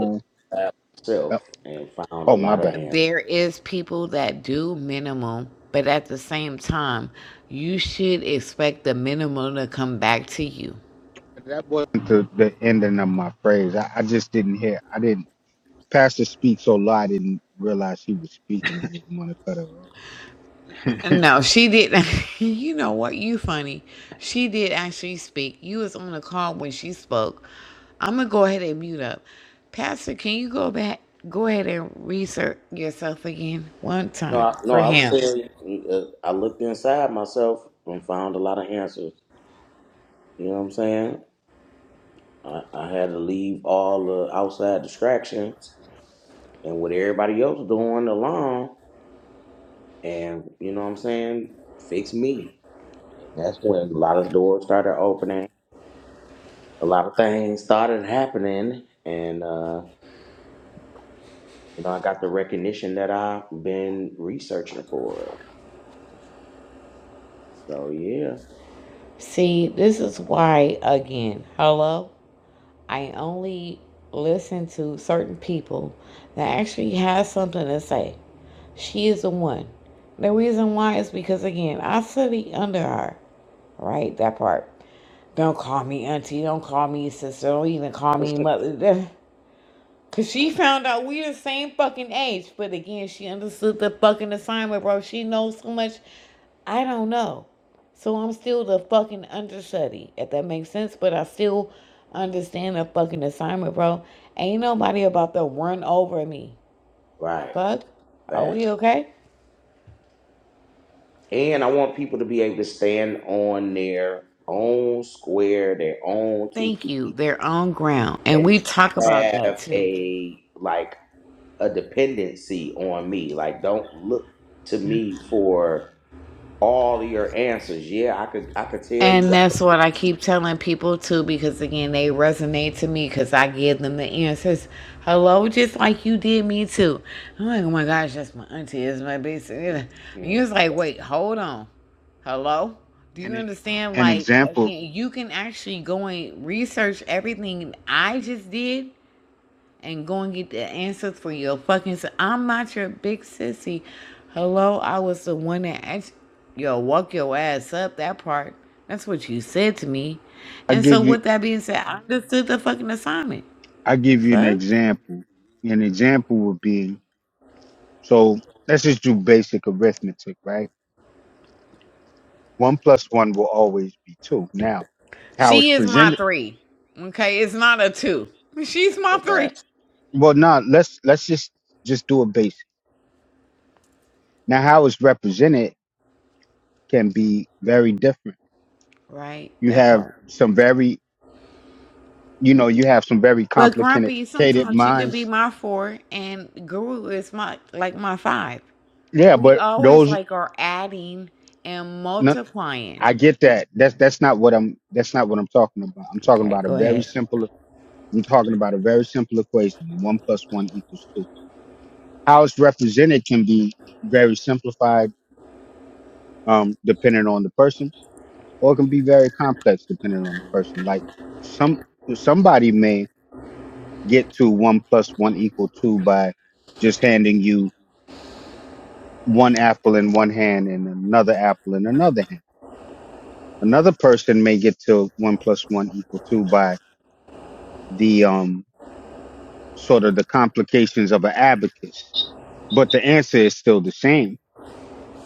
[SPEAKER 1] look at yourself,
[SPEAKER 3] Uh,
[SPEAKER 1] and found a
[SPEAKER 3] oh my
[SPEAKER 1] lot of
[SPEAKER 3] bad.
[SPEAKER 1] answers.
[SPEAKER 2] There is people that do minimum, but at the same time, you should expect the minimum to come back to you.
[SPEAKER 3] That wasn't the, the ending of my phrase. I, I just didn't hear. I didn't. Pastor speaks so loud. I didn't realize he was speaking. I didn't want to cut her off.
[SPEAKER 2] No, she didn't. you know what? You funny. She did actually speak. You was on the call when she spoke. I'm gonna go ahead and mute up. Pastor, can you go back? Go ahead and research yourself again one
[SPEAKER 1] No,
[SPEAKER 2] time
[SPEAKER 1] I, no,
[SPEAKER 2] for
[SPEAKER 1] I was
[SPEAKER 2] him.
[SPEAKER 1] saying uh, I looked inside myself and found a lot of answers. You know what I'm saying? I, I had to leave all the outside distractions and what everybody else doing alone, and you know what I'm saying, fix me. And that's when a lot of doors started opening, a lot of things started happening, and uh, you know I got the recognition that I've been researching for. So yeah,
[SPEAKER 2] See, this is why again. Hello. I only listen to certain people that actually has something to say. She is the one. The reason why is because again, I study under her, right? That part. Don't call me auntie. Don't call me sister. Don't even call me mother. Cause she found out we the same fucking age, but again, she understood the fucking assignment, bro. She knows so much. I don't know. So I'm still the fucking understudy, if that makes sense, but I still understand the fucking assignment, bro. Ain't nobody about to run over me.
[SPEAKER 1] right,
[SPEAKER 2] Fuck. Are we
[SPEAKER 1] fact,
[SPEAKER 2] okay?
[SPEAKER 1] And I want people to be able to stand on their own square, their own two
[SPEAKER 2] Thank
[SPEAKER 1] feet,
[SPEAKER 2] you. They're on ground. And
[SPEAKER 1] and
[SPEAKER 2] we talk about that
[SPEAKER 1] have
[SPEAKER 2] too.
[SPEAKER 1] a like a dependency on me. Like don't look to me for all of your answers. Yeah, I could I could tell
[SPEAKER 2] And
[SPEAKER 1] you I
[SPEAKER 2] that's what I keep telling people too, because again, they resonate to me because I give them the answers. Hello, just like you did me too. I'm like, oh my gosh, that's my auntie, that's my basic.
[SPEAKER 1] can
[SPEAKER 2] And
[SPEAKER 1] yeah,
[SPEAKER 2] you was like, wait, hold on. Hello? Do you
[SPEAKER 3] And it,
[SPEAKER 2] understand?
[SPEAKER 3] an
[SPEAKER 2] Like,
[SPEAKER 3] example,
[SPEAKER 2] again, you can actually go and research everything I just did and go and get the answers for your fucking. i I'm not your big sissy. Hello, I was the one that asked. Yo, walk your ass up that part. That's what you said to me.
[SPEAKER 3] I
[SPEAKER 2] And so,
[SPEAKER 3] give you,
[SPEAKER 2] with that being said, I understood the fucking assignment.
[SPEAKER 3] I give you an
[SPEAKER 2] Fuck.
[SPEAKER 3] example. An example would be so. Let's just do basic arithmetic, right? One plus one will always be two. Now, how it's
[SPEAKER 2] She is my
[SPEAKER 3] presented?
[SPEAKER 2] three. Okay, it's not a two. She's my three.
[SPEAKER 1] that.
[SPEAKER 3] Well, no, let's let's just just do a basic. Now, how it's represented can be very different.
[SPEAKER 2] Right,
[SPEAKER 3] You
[SPEAKER 2] that
[SPEAKER 3] have
[SPEAKER 2] part.
[SPEAKER 3] some very, you know, you have some very
[SPEAKER 2] But Grumpy,
[SPEAKER 3] complicated
[SPEAKER 2] sometimes she could be
[SPEAKER 3] minds.
[SPEAKER 2] my four, and Guru is my like my five.
[SPEAKER 3] Yeah,
[SPEAKER 2] We
[SPEAKER 3] but
[SPEAKER 2] always
[SPEAKER 3] those.
[SPEAKER 2] like are adding and
[SPEAKER 3] no,
[SPEAKER 2] multiplying.
[SPEAKER 3] I get that. That's that's not what I'm that's not what I'm talking about. I'm talking
[SPEAKER 2] Okay,
[SPEAKER 3] about a
[SPEAKER 2] go
[SPEAKER 3] very
[SPEAKER 2] ahead.
[SPEAKER 3] simple I'm talking about a very simple equation. One plus one equals two. How it's represented can be very simplified, um, depending on the person, or it can be very complex depending on the person. Like some somebody may get to one plus one equal two by just handing you one apple in one hand and another apple in another hand. Another person may get to one plus one equal two by the um sort of the complications of an abacus. But the answer is still the same.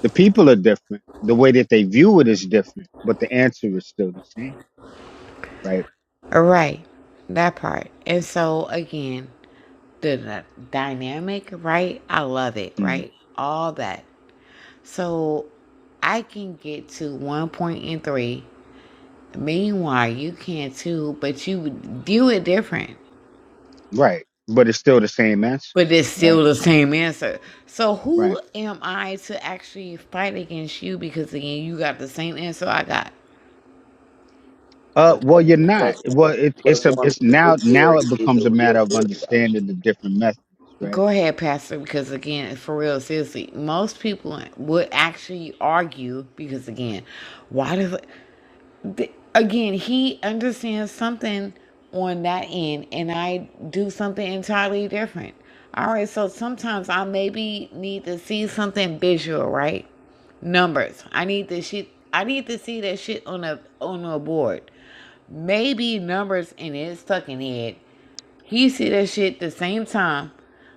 [SPEAKER 3] The people are different. The way that they view it is different, but the answer is still the same, right?
[SPEAKER 2] All right, that part. And so again, the, the dynamic, right? I love it,
[SPEAKER 3] Mm.
[SPEAKER 2] right? All that. So I can get to one point in three. Meanwhile, you can too, but you view it different.
[SPEAKER 3] Right. But it's still the same answer,
[SPEAKER 2] But it's
[SPEAKER 3] right?
[SPEAKER 2] still the same answer. So
[SPEAKER 3] Right.
[SPEAKER 2] who am I to actually fight against you? Because again, you got the same answer I got.
[SPEAKER 3] Uh,
[SPEAKER 1] But
[SPEAKER 3] well,
[SPEAKER 1] that
[SPEAKER 3] you're
[SPEAKER 1] one
[SPEAKER 3] not.
[SPEAKER 1] plus
[SPEAKER 3] Well, it,
[SPEAKER 1] one
[SPEAKER 3] it's
[SPEAKER 1] plus
[SPEAKER 3] a,
[SPEAKER 1] one
[SPEAKER 3] it's
[SPEAKER 1] equals three
[SPEAKER 3] now, now
[SPEAKER 1] theory
[SPEAKER 3] it
[SPEAKER 1] is a
[SPEAKER 3] becomes a
[SPEAKER 1] real
[SPEAKER 3] matter of
[SPEAKER 1] theory though.
[SPEAKER 3] understanding the different methods, right?
[SPEAKER 2] Go ahead, Pastor, because again, for real, seriously, most people would actually argue because again, why does again he understands something on that end, and I do something entirely different. All right, so sometimes I maybe need to see something visual, right? Numbers. I need to shit. I need to see that shit on a on a board. Maybe numbers in his fucking head he see that shit the same time,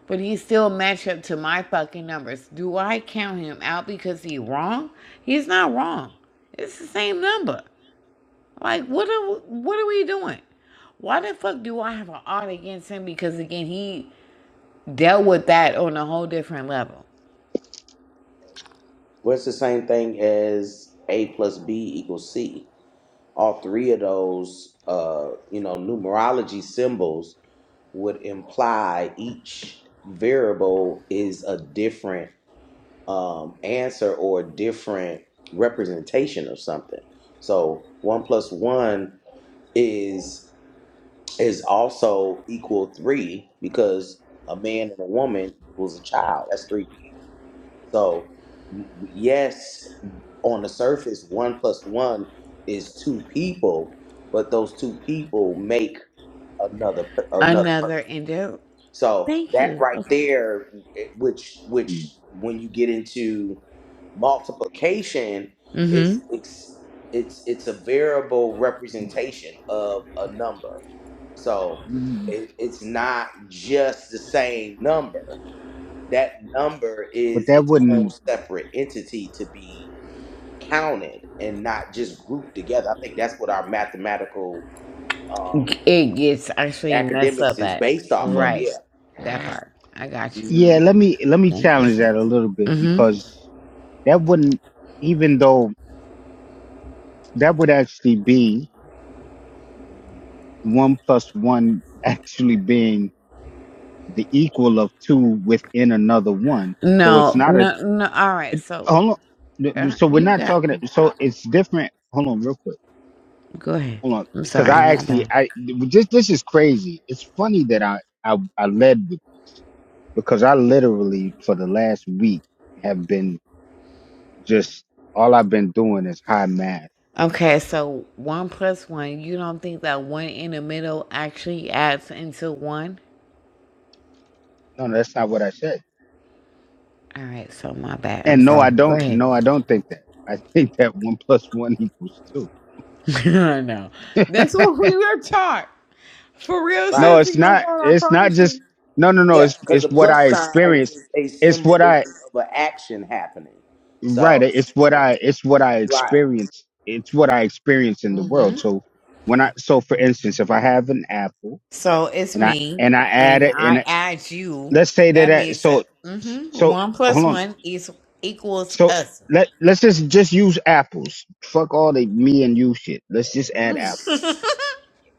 [SPEAKER 2] but he still match up to my fucking numbers. Do I count him out because he wrong? He's not wrong. It's the same number. Like what are what are we doing? Why the fuck do I have an odd against him? Because again, he dealt with that on a whole different level.
[SPEAKER 1] Well it's the same thing as A plus B equals C. All three of those uh, you know, numerology symbols would imply each variable is a different um, answer or a different representation of something. So one plus one is is also equal three because a man and a woman equals a child. That's three people. So m- yes, on the surface, one plus one is two people, but those two people make another per- another person.
[SPEAKER 2] Another endo.
[SPEAKER 1] So
[SPEAKER 2] Thank
[SPEAKER 1] that
[SPEAKER 2] you.
[SPEAKER 1] right
[SPEAKER 2] Okay.
[SPEAKER 1] there, it- which
[SPEAKER 3] Mm.
[SPEAKER 1] which when you get into multiplication, is
[SPEAKER 2] Mm-hmm.
[SPEAKER 1] it's it's it's a variable representation of a number. So
[SPEAKER 3] Mm.
[SPEAKER 1] it, it's not just the same number. That number
[SPEAKER 3] But
[SPEAKER 1] is
[SPEAKER 3] that
[SPEAKER 1] its own
[SPEAKER 3] wouldn't.
[SPEAKER 1] separate entity to be counted and not just grouped together. I think that's what our mathematical um,
[SPEAKER 2] It gets actually messed
[SPEAKER 1] academics
[SPEAKER 2] up
[SPEAKER 1] is
[SPEAKER 2] at.
[SPEAKER 1] based off of.
[SPEAKER 3] Mm.
[SPEAKER 1] Yeah.
[SPEAKER 2] Right. That part. I got you.
[SPEAKER 1] Mhm.
[SPEAKER 3] Yeah, let me let me
[SPEAKER 2] Thank you.
[SPEAKER 3] challenge that a little bit because that wouldn't, even though that would actually be one plus one actually being the equal of two within another one. So it's
[SPEAKER 2] No,
[SPEAKER 3] not a.
[SPEAKER 2] no, no. All right.
[SPEAKER 3] It,
[SPEAKER 2] So
[SPEAKER 3] hold on.
[SPEAKER 2] uh,
[SPEAKER 3] So we're
[SPEAKER 2] you
[SPEAKER 3] not
[SPEAKER 2] got.
[SPEAKER 3] talking. So it's different. Hold on, real quick.
[SPEAKER 2] Go ahead.
[SPEAKER 3] Hold on,
[SPEAKER 2] I'm
[SPEAKER 3] because
[SPEAKER 2] sorry.
[SPEAKER 3] I
[SPEAKER 2] My
[SPEAKER 3] actually
[SPEAKER 2] bad.
[SPEAKER 3] I just this is crazy. It's funny that I I, I led with this because I literally for the last week have been just all I've been doing is high math.
[SPEAKER 2] Okay. So one plus one. You don't think that one in the middle actually adds into one?
[SPEAKER 3] No, no, that's not what I said.
[SPEAKER 2] All right. So my bad. I'm
[SPEAKER 3] And no,
[SPEAKER 2] sorry.
[SPEAKER 3] I
[SPEAKER 2] Go
[SPEAKER 3] don't.
[SPEAKER 2] ahead.
[SPEAKER 3] No, I don't think that. I think that one plus one equals two.
[SPEAKER 2] I know. That's what we were taught. For real,
[SPEAKER 3] No,
[SPEAKER 1] Right.
[SPEAKER 3] it's
[SPEAKER 2] sissy. Oh
[SPEAKER 3] not.
[SPEAKER 2] God, I
[SPEAKER 3] It's not
[SPEAKER 2] promise you.
[SPEAKER 3] just no, no, no.
[SPEAKER 1] Yeah,
[SPEAKER 3] It's
[SPEAKER 1] because the
[SPEAKER 3] it's what I
[SPEAKER 1] plus sign
[SPEAKER 3] experience.
[SPEAKER 1] is a
[SPEAKER 3] It's what
[SPEAKER 1] symbolism
[SPEAKER 3] I
[SPEAKER 1] of an action happening.
[SPEAKER 3] right.
[SPEAKER 1] So
[SPEAKER 3] It's what I it's what I
[SPEAKER 1] right,
[SPEAKER 3] experience. It's what I experience in the world.
[SPEAKER 2] Mm-hmm.
[SPEAKER 3] So when I so for instance, if I have an apple
[SPEAKER 2] So it's
[SPEAKER 3] and I
[SPEAKER 2] me,
[SPEAKER 3] and I add
[SPEAKER 2] and
[SPEAKER 3] it and
[SPEAKER 2] I
[SPEAKER 3] I-
[SPEAKER 2] add you.
[SPEAKER 3] let's say that
[SPEAKER 2] That
[SPEAKER 3] I,
[SPEAKER 2] means
[SPEAKER 3] so
[SPEAKER 2] that mm-hmm,
[SPEAKER 3] so
[SPEAKER 2] one plus
[SPEAKER 3] hold on.
[SPEAKER 2] one is equals
[SPEAKER 3] So
[SPEAKER 2] us.
[SPEAKER 3] let let's just just use apples. Fuck all the me and you shit. Let's just add apple.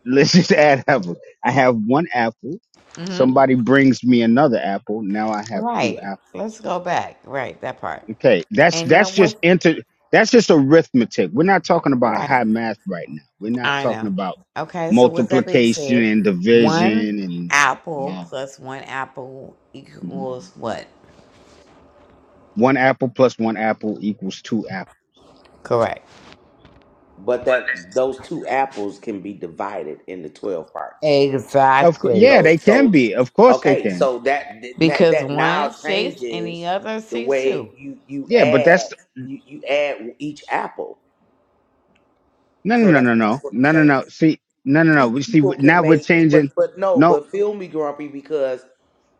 [SPEAKER 3] Let's just add apples. I have one apple
[SPEAKER 2] hmm
[SPEAKER 3] somebody brings me another apple. Now I have two
[SPEAKER 2] Right.
[SPEAKER 3] apples.
[SPEAKER 2] Let's go back. Right, that part.
[SPEAKER 3] Okay, that's
[SPEAKER 2] And
[SPEAKER 3] that's
[SPEAKER 2] that was
[SPEAKER 3] just inter that's just arithmetic. We're not talking about
[SPEAKER 2] right.
[SPEAKER 3] high math right now. We're not
[SPEAKER 2] I
[SPEAKER 3] talking
[SPEAKER 2] know.
[SPEAKER 3] about
[SPEAKER 2] Okay, so with that being
[SPEAKER 3] multiplication
[SPEAKER 2] said,
[SPEAKER 3] and
[SPEAKER 2] one
[SPEAKER 3] division and and
[SPEAKER 2] apple
[SPEAKER 3] all
[SPEAKER 2] plus one apple
[SPEAKER 3] that. Mhm.
[SPEAKER 2] equals what?
[SPEAKER 3] One apple plus one apple equals two apples.
[SPEAKER 2] Correct.
[SPEAKER 1] but that those two apples can be divided into twelve parts.
[SPEAKER 3] Of course,
[SPEAKER 2] Exactly.
[SPEAKER 3] yeah,
[SPEAKER 1] So
[SPEAKER 3] they can
[SPEAKER 1] so
[SPEAKER 3] be. Of course, they
[SPEAKER 1] okay,
[SPEAKER 3] can.
[SPEAKER 1] so that that
[SPEAKER 2] Because
[SPEAKER 1] that
[SPEAKER 2] one
[SPEAKER 1] now
[SPEAKER 2] six and the
[SPEAKER 1] changes
[SPEAKER 2] other
[SPEAKER 1] the
[SPEAKER 2] six
[SPEAKER 1] way
[SPEAKER 2] two.
[SPEAKER 1] you you
[SPEAKER 3] Yeah, but
[SPEAKER 1] add
[SPEAKER 3] that's
[SPEAKER 1] you you add each apple.
[SPEAKER 3] no, no,
[SPEAKER 1] So
[SPEAKER 3] no,
[SPEAKER 1] that
[SPEAKER 3] no,
[SPEAKER 1] that's
[SPEAKER 3] no,
[SPEAKER 1] what I'm
[SPEAKER 3] no, no,
[SPEAKER 1] saying.
[SPEAKER 3] no. See, no, no, no.
[SPEAKER 1] two
[SPEAKER 3] We see
[SPEAKER 1] people can
[SPEAKER 3] now we're
[SPEAKER 1] make but
[SPEAKER 3] changing.
[SPEAKER 1] but no
[SPEAKER 3] No,
[SPEAKER 1] but feel me grumpy because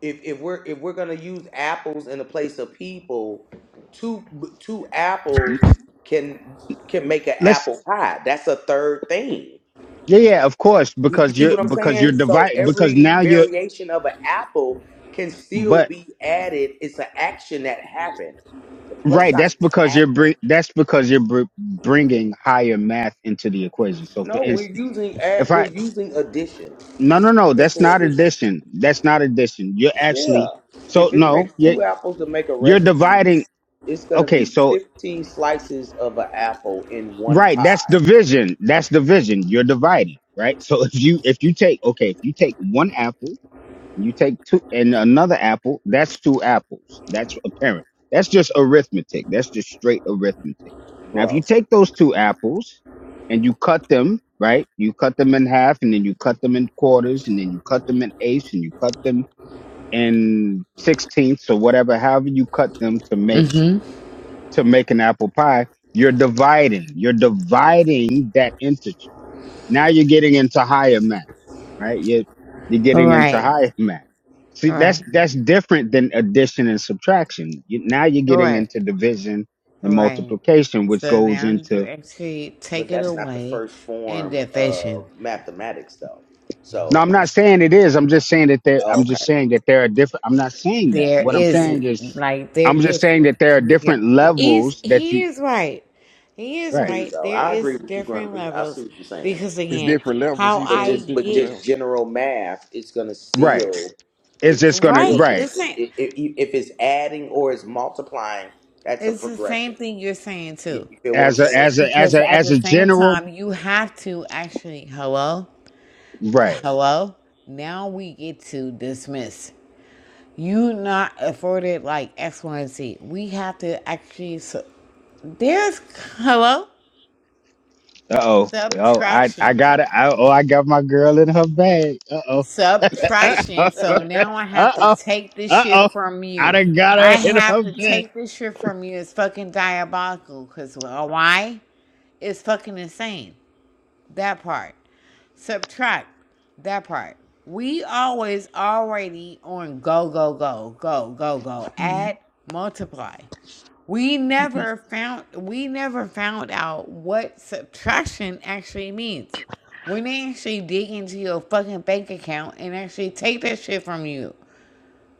[SPEAKER 1] if if we're if we're gonna use apples in the place of people two two apples can can make an
[SPEAKER 3] let's.
[SPEAKER 1] apple pie that's a third thing
[SPEAKER 3] Yeah, yeah, of course,
[SPEAKER 1] you, you
[SPEAKER 3] because
[SPEAKER 1] see
[SPEAKER 3] you're
[SPEAKER 1] what i'm
[SPEAKER 3] because
[SPEAKER 1] saying
[SPEAKER 3] you're
[SPEAKER 1] so
[SPEAKER 3] divide because
[SPEAKER 1] every
[SPEAKER 3] now you're
[SPEAKER 1] variation of an apple can still
[SPEAKER 3] but
[SPEAKER 1] be added it's an action that happened the plus
[SPEAKER 3] Right,
[SPEAKER 1] sign
[SPEAKER 3] that's
[SPEAKER 1] is an
[SPEAKER 3] because you're
[SPEAKER 1] action
[SPEAKER 3] bring that's because you're br- bringing higher math into the equation. So, for
[SPEAKER 1] no we're
[SPEAKER 3] instance,
[SPEAKER 1] using ad,
[SPEAKER 3] if
[SPEAKER 1] we're
[SPEAKER 3] I
[SPEAKER 1] using addition
[SPEAKER 3] no no
[SPEAKER 1] it's
[SPEAKER 3] no, that's
[SPEAKER 1] simple
[SPEAKER 3] not
[SPEAKER 1] addition
[SPEAKER 3] addition. That's not addition. You're
[SPEAKER 1] Yeah.
[SPEAKER 3] actually so
[SPEAKER 1] If it
[SPEAKER 3] no,
[SPEAKER 1] takes
[SPEAKER 3] you're,
[SPEAKER 1] two apples to make a
[SPEAKER 3] you're
[SPEAKER 1] recipe,
[SPEAKER 3] dividing.
[SPEAKER 1] it's gonna
[SPEAKER 3] Okay,
[SPEAKER 1] be
[SPEAKER 3] so
[SPEAKER 1] fifteen slices of an apple in one
[SPEAKER 3] right, that's
[SPEAKER 1] pie,
[SPEAKER 3] division. That's division. You're dividing, right? So if you if you take okay, if you take one apple You take two and another apple, that's two apples. That's apparent. That's just arithmetic. That's just straight arithmetic. Now, if
[SPEAKER 1] bro.
[SPEAKER 3] you take those two apples and you cut them, right? You cut them in half and then you cut them in quarters and then you cut them in eighths and you cut them in sixteenths or whatever, however you cut them to make
[SPEAKER 2] Mm-hmm.
[SPEAKER 3] to make an apple pie, you're dividing. You're dividing that integer. Now you're getting into higher math right? You're, you're
[SPEAKER 2] All
[SPEAKER 3] getting into
[SPEAKER 2] right.
[SPEAKER 3] higher math. See,
[SPEAKER 2] All right.
[SPEAKER 3] that's that's different than addition and subtraction. You, now you're
[SPEAKER 2] All
[SPEAKER 3] getting
[SPEAKER 2] right.
[SPEAKER 3] into division
[SPEAKER 2] All
[SPEAKER 3] and
[SPEAKER 2] right.
[SPEAKER 3] multiplication, which
[SPEAKER 2] So
[SPEAKER 3] goes
[SPEAKER 2] now you
[SPEAKER 3] into.
[SPEAKER 2] actually take
[SPEAKER 1] But
[SPEAKER 2] it
[SPEAKER 1] that's not the
[SPEAKER 2] away
[SPEAKER 1] first
[SPEAKER 2] in
[SPEAKER 1] form
[SPEAKER 2] division.
[SPEAKER 1] of mathematics, though.
[SPEAKER 3] No,
[SPEAKER 1] So,
[SPEAKER 3] I'm not saying it is. I'm just saying that there.
[SPEAKER 1] oh,
[SPEAKER 3] I'm just
[SPEAKER 1] okay,
[SPEAKER 3] saying that there are different. I'm not saying that.
[SPEAKER 2] There
[SPEAKER 3] What I'm
[SPEAKER 2] is
[SPEAKER 3] saying is,
[SPEAKER 2] like there
[SPEAKER 3] I'm just
[SPEAKER 2] is
[SPEAKER 3] saying that there are
[SPEAKER 2] yeah.
[SPEAKER 3] different
[SPEAKER 2] He's
[SPEAKER 3] levels that
[SPEAKER 2] he
[SPEAKER 3] you.
[SPEAKER 2] is right. He is
[SPEAKER 3] Right.
[SPEAKER 1] agreed.
[SPEAKER 2] right.
[SPEAKER 1] Though
[SPEAKER 2] There
[SPEAKER 1] I
[SPEAKER 2] is
[SPEAKER 1] agree with you,
[SPEAKER 2] different
[SPEAKER 1] Grumpy. I see
[SPEAKER 2] levels
[SPEAKER 1] what you're saying,
[SPEAKER 2] because
[SPEAKER 4] it's
[SPEAKER 2] again,
[SPEAKER 4] different levels.
[SPEAKER 2] how
[SPEAKER 4] He's
[SPEAKER 1] but
[SPEAKER 4] saying
[SPEAKER 2] I
[SPEAKER 4] it's
[SPEAKER 1] just but
[SPEAKER 4] different
[SPEAKER 2] get
[SPEAKER 1] just
[SPEAKER 4] levels.
[SPEAKER 1] general math, it's gonna
[SPEAKER 3] Right.
[SPEAKER 1] still,
[SPEAKER 3] It's
[SPEAKER 1] it's
[SPEAKER 3] just gonna.
[SPEAKER 1] still
[SPEAKER 2] right the
[SPEAKER 3] Right.
[SPEAKER 1] it's,
[SPEAKER 2] same
[SPEAKER 1] it, it, if it's adding or it's multiplying, that's a
[SPEAKER 2] it's the
[SPEAKER 1] progression.
[SPEAKER 2] same thing you're saying
[SPEAKER 1] You,
[SPEAKER 2] too.
[SPEAKER 1] you feel what I'm
[SPEAKER 3] As a
[SPEAKER 1] saying?
[SPEAKER 3] as a as
[SPEAKER 2] Because
[SPEAKER 3] a
[SPEAKER 2] at
[SPEAKER 3] as
[SPEAKER 2] the
[SPEAKER 3] a
[SPEAKER 2] same
[SPEAKER 3] general.
[SPEAKER 2] time you have to actually hello,
[SPEAKER 3] Right.
[SPEAKER 2] hello. Now we get to dismiss. You not afforded like X, Y, and Z. We have to actually. So, there's hello
[SPEAKER 3] Uh oh. Oh, I I
[SPEAKER 2] subtraction.
[SPEAKER 3] got it. I, oh, I got my girl in her bag. Uh oh. Uh
[SPEAKER 2] subtraction.
[SPEAKER 3] oh.
[SPEAKER 2] So now I
[SPEAKER 3] Uh
[SPEAKER 2] have to
[SPEAKER 3] oh.
[SPEAKER 2] take this
[SPEAKER 3] Uh
[SPEAKER 2] shit
[SPEAKER 3] oh.
[SPEAKER 2] from
[SPEAKER 3] I
[SPEAKER 2] you.
[SPEAKER 3] done got
[SPEAKER 2] I
[SPEAKER 3] her in
[SPEAKER 2] have
[SPEAKER 3] her
[SPEAKER 2] to
[SPEAKER 3] bed.
[SPEAKER 2] take this shit from you. It's fucking diabolical. Cause well, why? It's fucking insane. That part. Subtract. That part. We always already on go go go go go go. Add multiply we never found we never found out what subtraction actually means. When they actually dig into your fucking bank account and actually take that shit from you.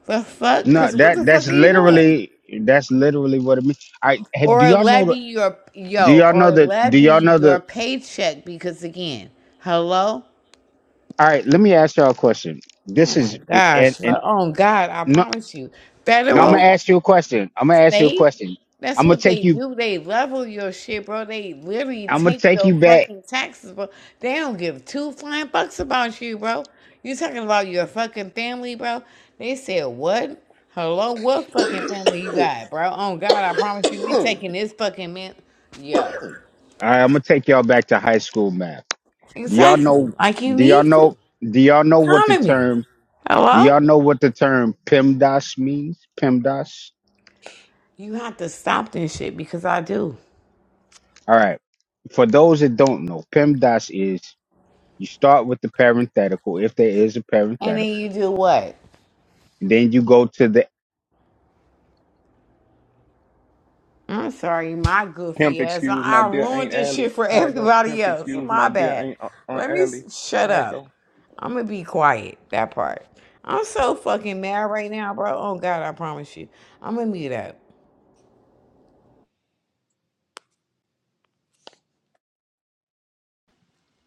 [SPEAKER 2] The fuck?
[SPEAKER 3] No,
[SPEAKER 2] Cause what
[SPEAKER 3] that
[SPEAKER 2] the
[SPEAKER 3] that's
[SPEAKER 2] fuck are you doing?
[SPEAKER 3] literally that's literally what it means. All right, have, do
[SPEAKER 2] Or
[SPEAKER 3] y'all know
[SPEAKER 2] levy
[SPEAKER 3] the
[SPEAKER 2] your
[SPEAKER 3] do
[SPEAKER 2] yo,
[SPEAKER 3] y'all know
[SPEAKER 2] or
[SPEAKER 3] the do y'all
[SPEAKER 2] levy
[SPEAKER 3] know the
[SPEAKER 2] your paycheck because again, hello?
[SPEAKER 3] all right, let me ask y'all a question.
[SPEAKER 2] Oh
[SPEAKER 3] This
[SPEAKER 2] my
[SPEAKER 3] is and
[SPEAKER 2] gosh. bro.
[SPEAKER 3] and
[SPEAKER 2] Oh God, I
[SPEAKER 3] no
[SPEAKER 2] promise you.
[SPEAKER 3] no I'm gonna
[SPEAKER 2] Federal?
[SPEAKER 3] ask you a question. I'm gonna ask you a
[SPEAKER 2] They,
[SPEAKER 3] question.
[SPEAKER 2] that's
[SPEAKER 3] I'm gonna
[SPEAKER 2] what
[SPEAKER 3] take
[SPEAKER 2] they
[SPEAKER 3] you
[SPEAKER 2] do. They level your shit, bro. They literally
[SPEAKER 3] I'm gonna
[SPEAKER 2] take
[SPEAKER 3] take
[SPEAKER 2] your
[SPEAKER 3] you back.
[SPEAKER 2] fucking taxes, bro. They don't give two flying bucks about you, bro. You talking about your fucking family, bro? They said what? Hello, what fucking family you got, bro? Oh God, I promise you, we taking this fucking man. Yo,
[SPEAKER 3] All right, I'm gonna take y'all back to high school math. Do y'all
[SPEAKER 2] exactly.
[SPEAKER 3] know
[SPEAKER 2] Like you
[SPEAKER 3] do y'all
[SPEAKER 2] need
[SPEAKER 3] know
[SPEAKER 2] to
[SPEAKER 3] do y'all know what the
[SPEAKER 2] economy.
[SPEAKER 3] term Do
[SPEAKER 2] Hello,
[SPEAKER 3] y'all know what the term PEMDAS means? PEMDAS?
[SPEAKER 2] you have to stop this shit because I do.
[SPEAKER 3] All right. For those that don't know, PEMDAS is you start with the parenthetical, if there is a
[SPEAKER 2] And then you
[SPEAKER 3] parenthetical,
[SPEAKER 2] do what?
[SPEAKER 3] and then you go to the
[SPEAKER 2] I'm sorry, my
[SPEAKER 4] Pimp,
[SPEAKER 2] goofy ass. I
[SPEAKER 4] excuse my dear
[SPEAKER 2] ruined
[SPEAKER 4] Aunt
[SPEAKER 2] this shit
[SPEAKER 4] Allie.
[SPEAKER 2] for
[SPEAKER 4] How I go?
[SPEAKER 2] everybody
[SPEAKER 4] Pimp,
[SPEAKER 2] else.
[SPEAKER 4] excuse
[SPEAKER 2] My
[SPEAKER 4] my dear
[SPEAKER 2] bad.
[SPEAKER 4] Aunt Aunt
[SPEAKER 2] Let me
[SPEAKER 4] Allie.
[SPEAKER 2] s- shut
[SPEAKER 4] How I
[SPEAKER 2] up.
[SPEAKER 4] go?
[SPEAKER 2] I'm gonna be quiet. That part. I'm so fucking mad right now, bro. Oh God, I promise you. I'm gonna mute up.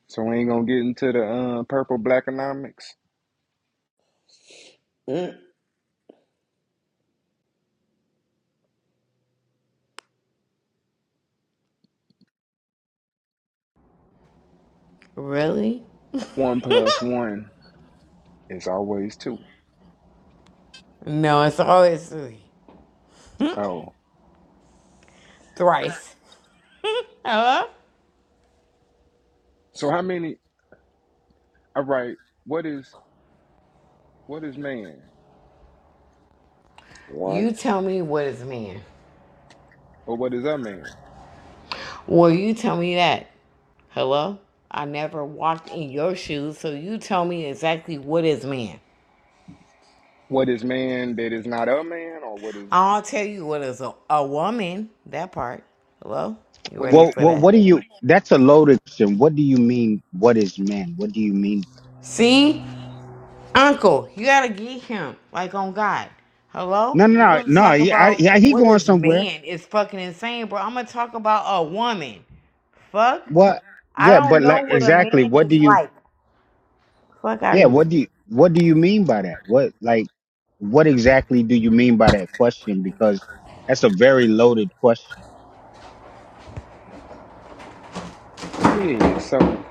[SPEAKER 4] So we ain't gonna get into the uh, purple black economics.
[SPEAKER 1] Mm.
[SPEAKER 2] Really?
[SPEAKER 4] One plus one is always two.
[SPEAKER 2] No, it's always
[SPEAKER 4] Oh,
[SPEAKER 2] thrice. Hello?
[SPEAKER 4] so how many? All right. What is what is man
[SPEAKER 1] One.
[SPEAKER 2] You tell me what is man.
[SPEAKER 4] or what is a man?
[SPEAKER 2] Well, you tell me that. Hello? I never walked in your shoes, so you tell me exactly what is man.
[SPEAKER 4] What is man that is not a man or what is
[SPEAKER 2] I'll tell you what is a, a woman. That part. Hello? You
[SPEAKER 4] what
[SPEAKER 2] ready
[SPEAKER 4] is?
[SPEAKER 3] well,
[SPEAKER 2] for
[SPEAKER 3] well
[SPEAKER 2] that?
[SPEAKER 3] what do you that's a loaded question. What do you mean what is man? What do you mean?
[SPEAKER 2] See? Uncle, you gotta get him. Like on God. Hello?
[SPEAKER 3] No, no,
[SPEAKER 2] You
[SPEAKER 3] no,
[SPEAKER 2] wanna
[SPEAKER 3] no.
[SPEAKER 2] talk
[SPEAKER 3] He, I,
[SPEAKER 2] about
[SPEAKER 3] yeah, he
[SPEAKER 2] what
[SPEAKER 3] going
[SPEAKER 2] is
[SPEAKER 3] somewhere.
[SPEAKER 2] man is fucking insane, bro. I'm gonna talk about a woman. Fuck?
[SPEAKER 3] What?
[SPEAKER 2] I
[SPEAKER 3] Yeah,
[SPEAKER 2] don't
[SPEAKER 3] but
[SPEAKER 2] know
[SPEAKER 3] like
[SPEAKER 2] what a
[SPEAKER 3] exactly.
[SPEAKER 2] man
[SPEAKER 3] What do
[SPEAKER 2] is
[SPEAKER 3] you?
[SPEAKER 2] like. Fuck out
[SPEAKER 3] Yeah,
[SPEAKER 2] of here.
[SPEAKER 3] what do you what do you mean by that? What like what exactly do you mean by that question? Because that's a very loaded question.
[SPEAKER 4] Yeah. So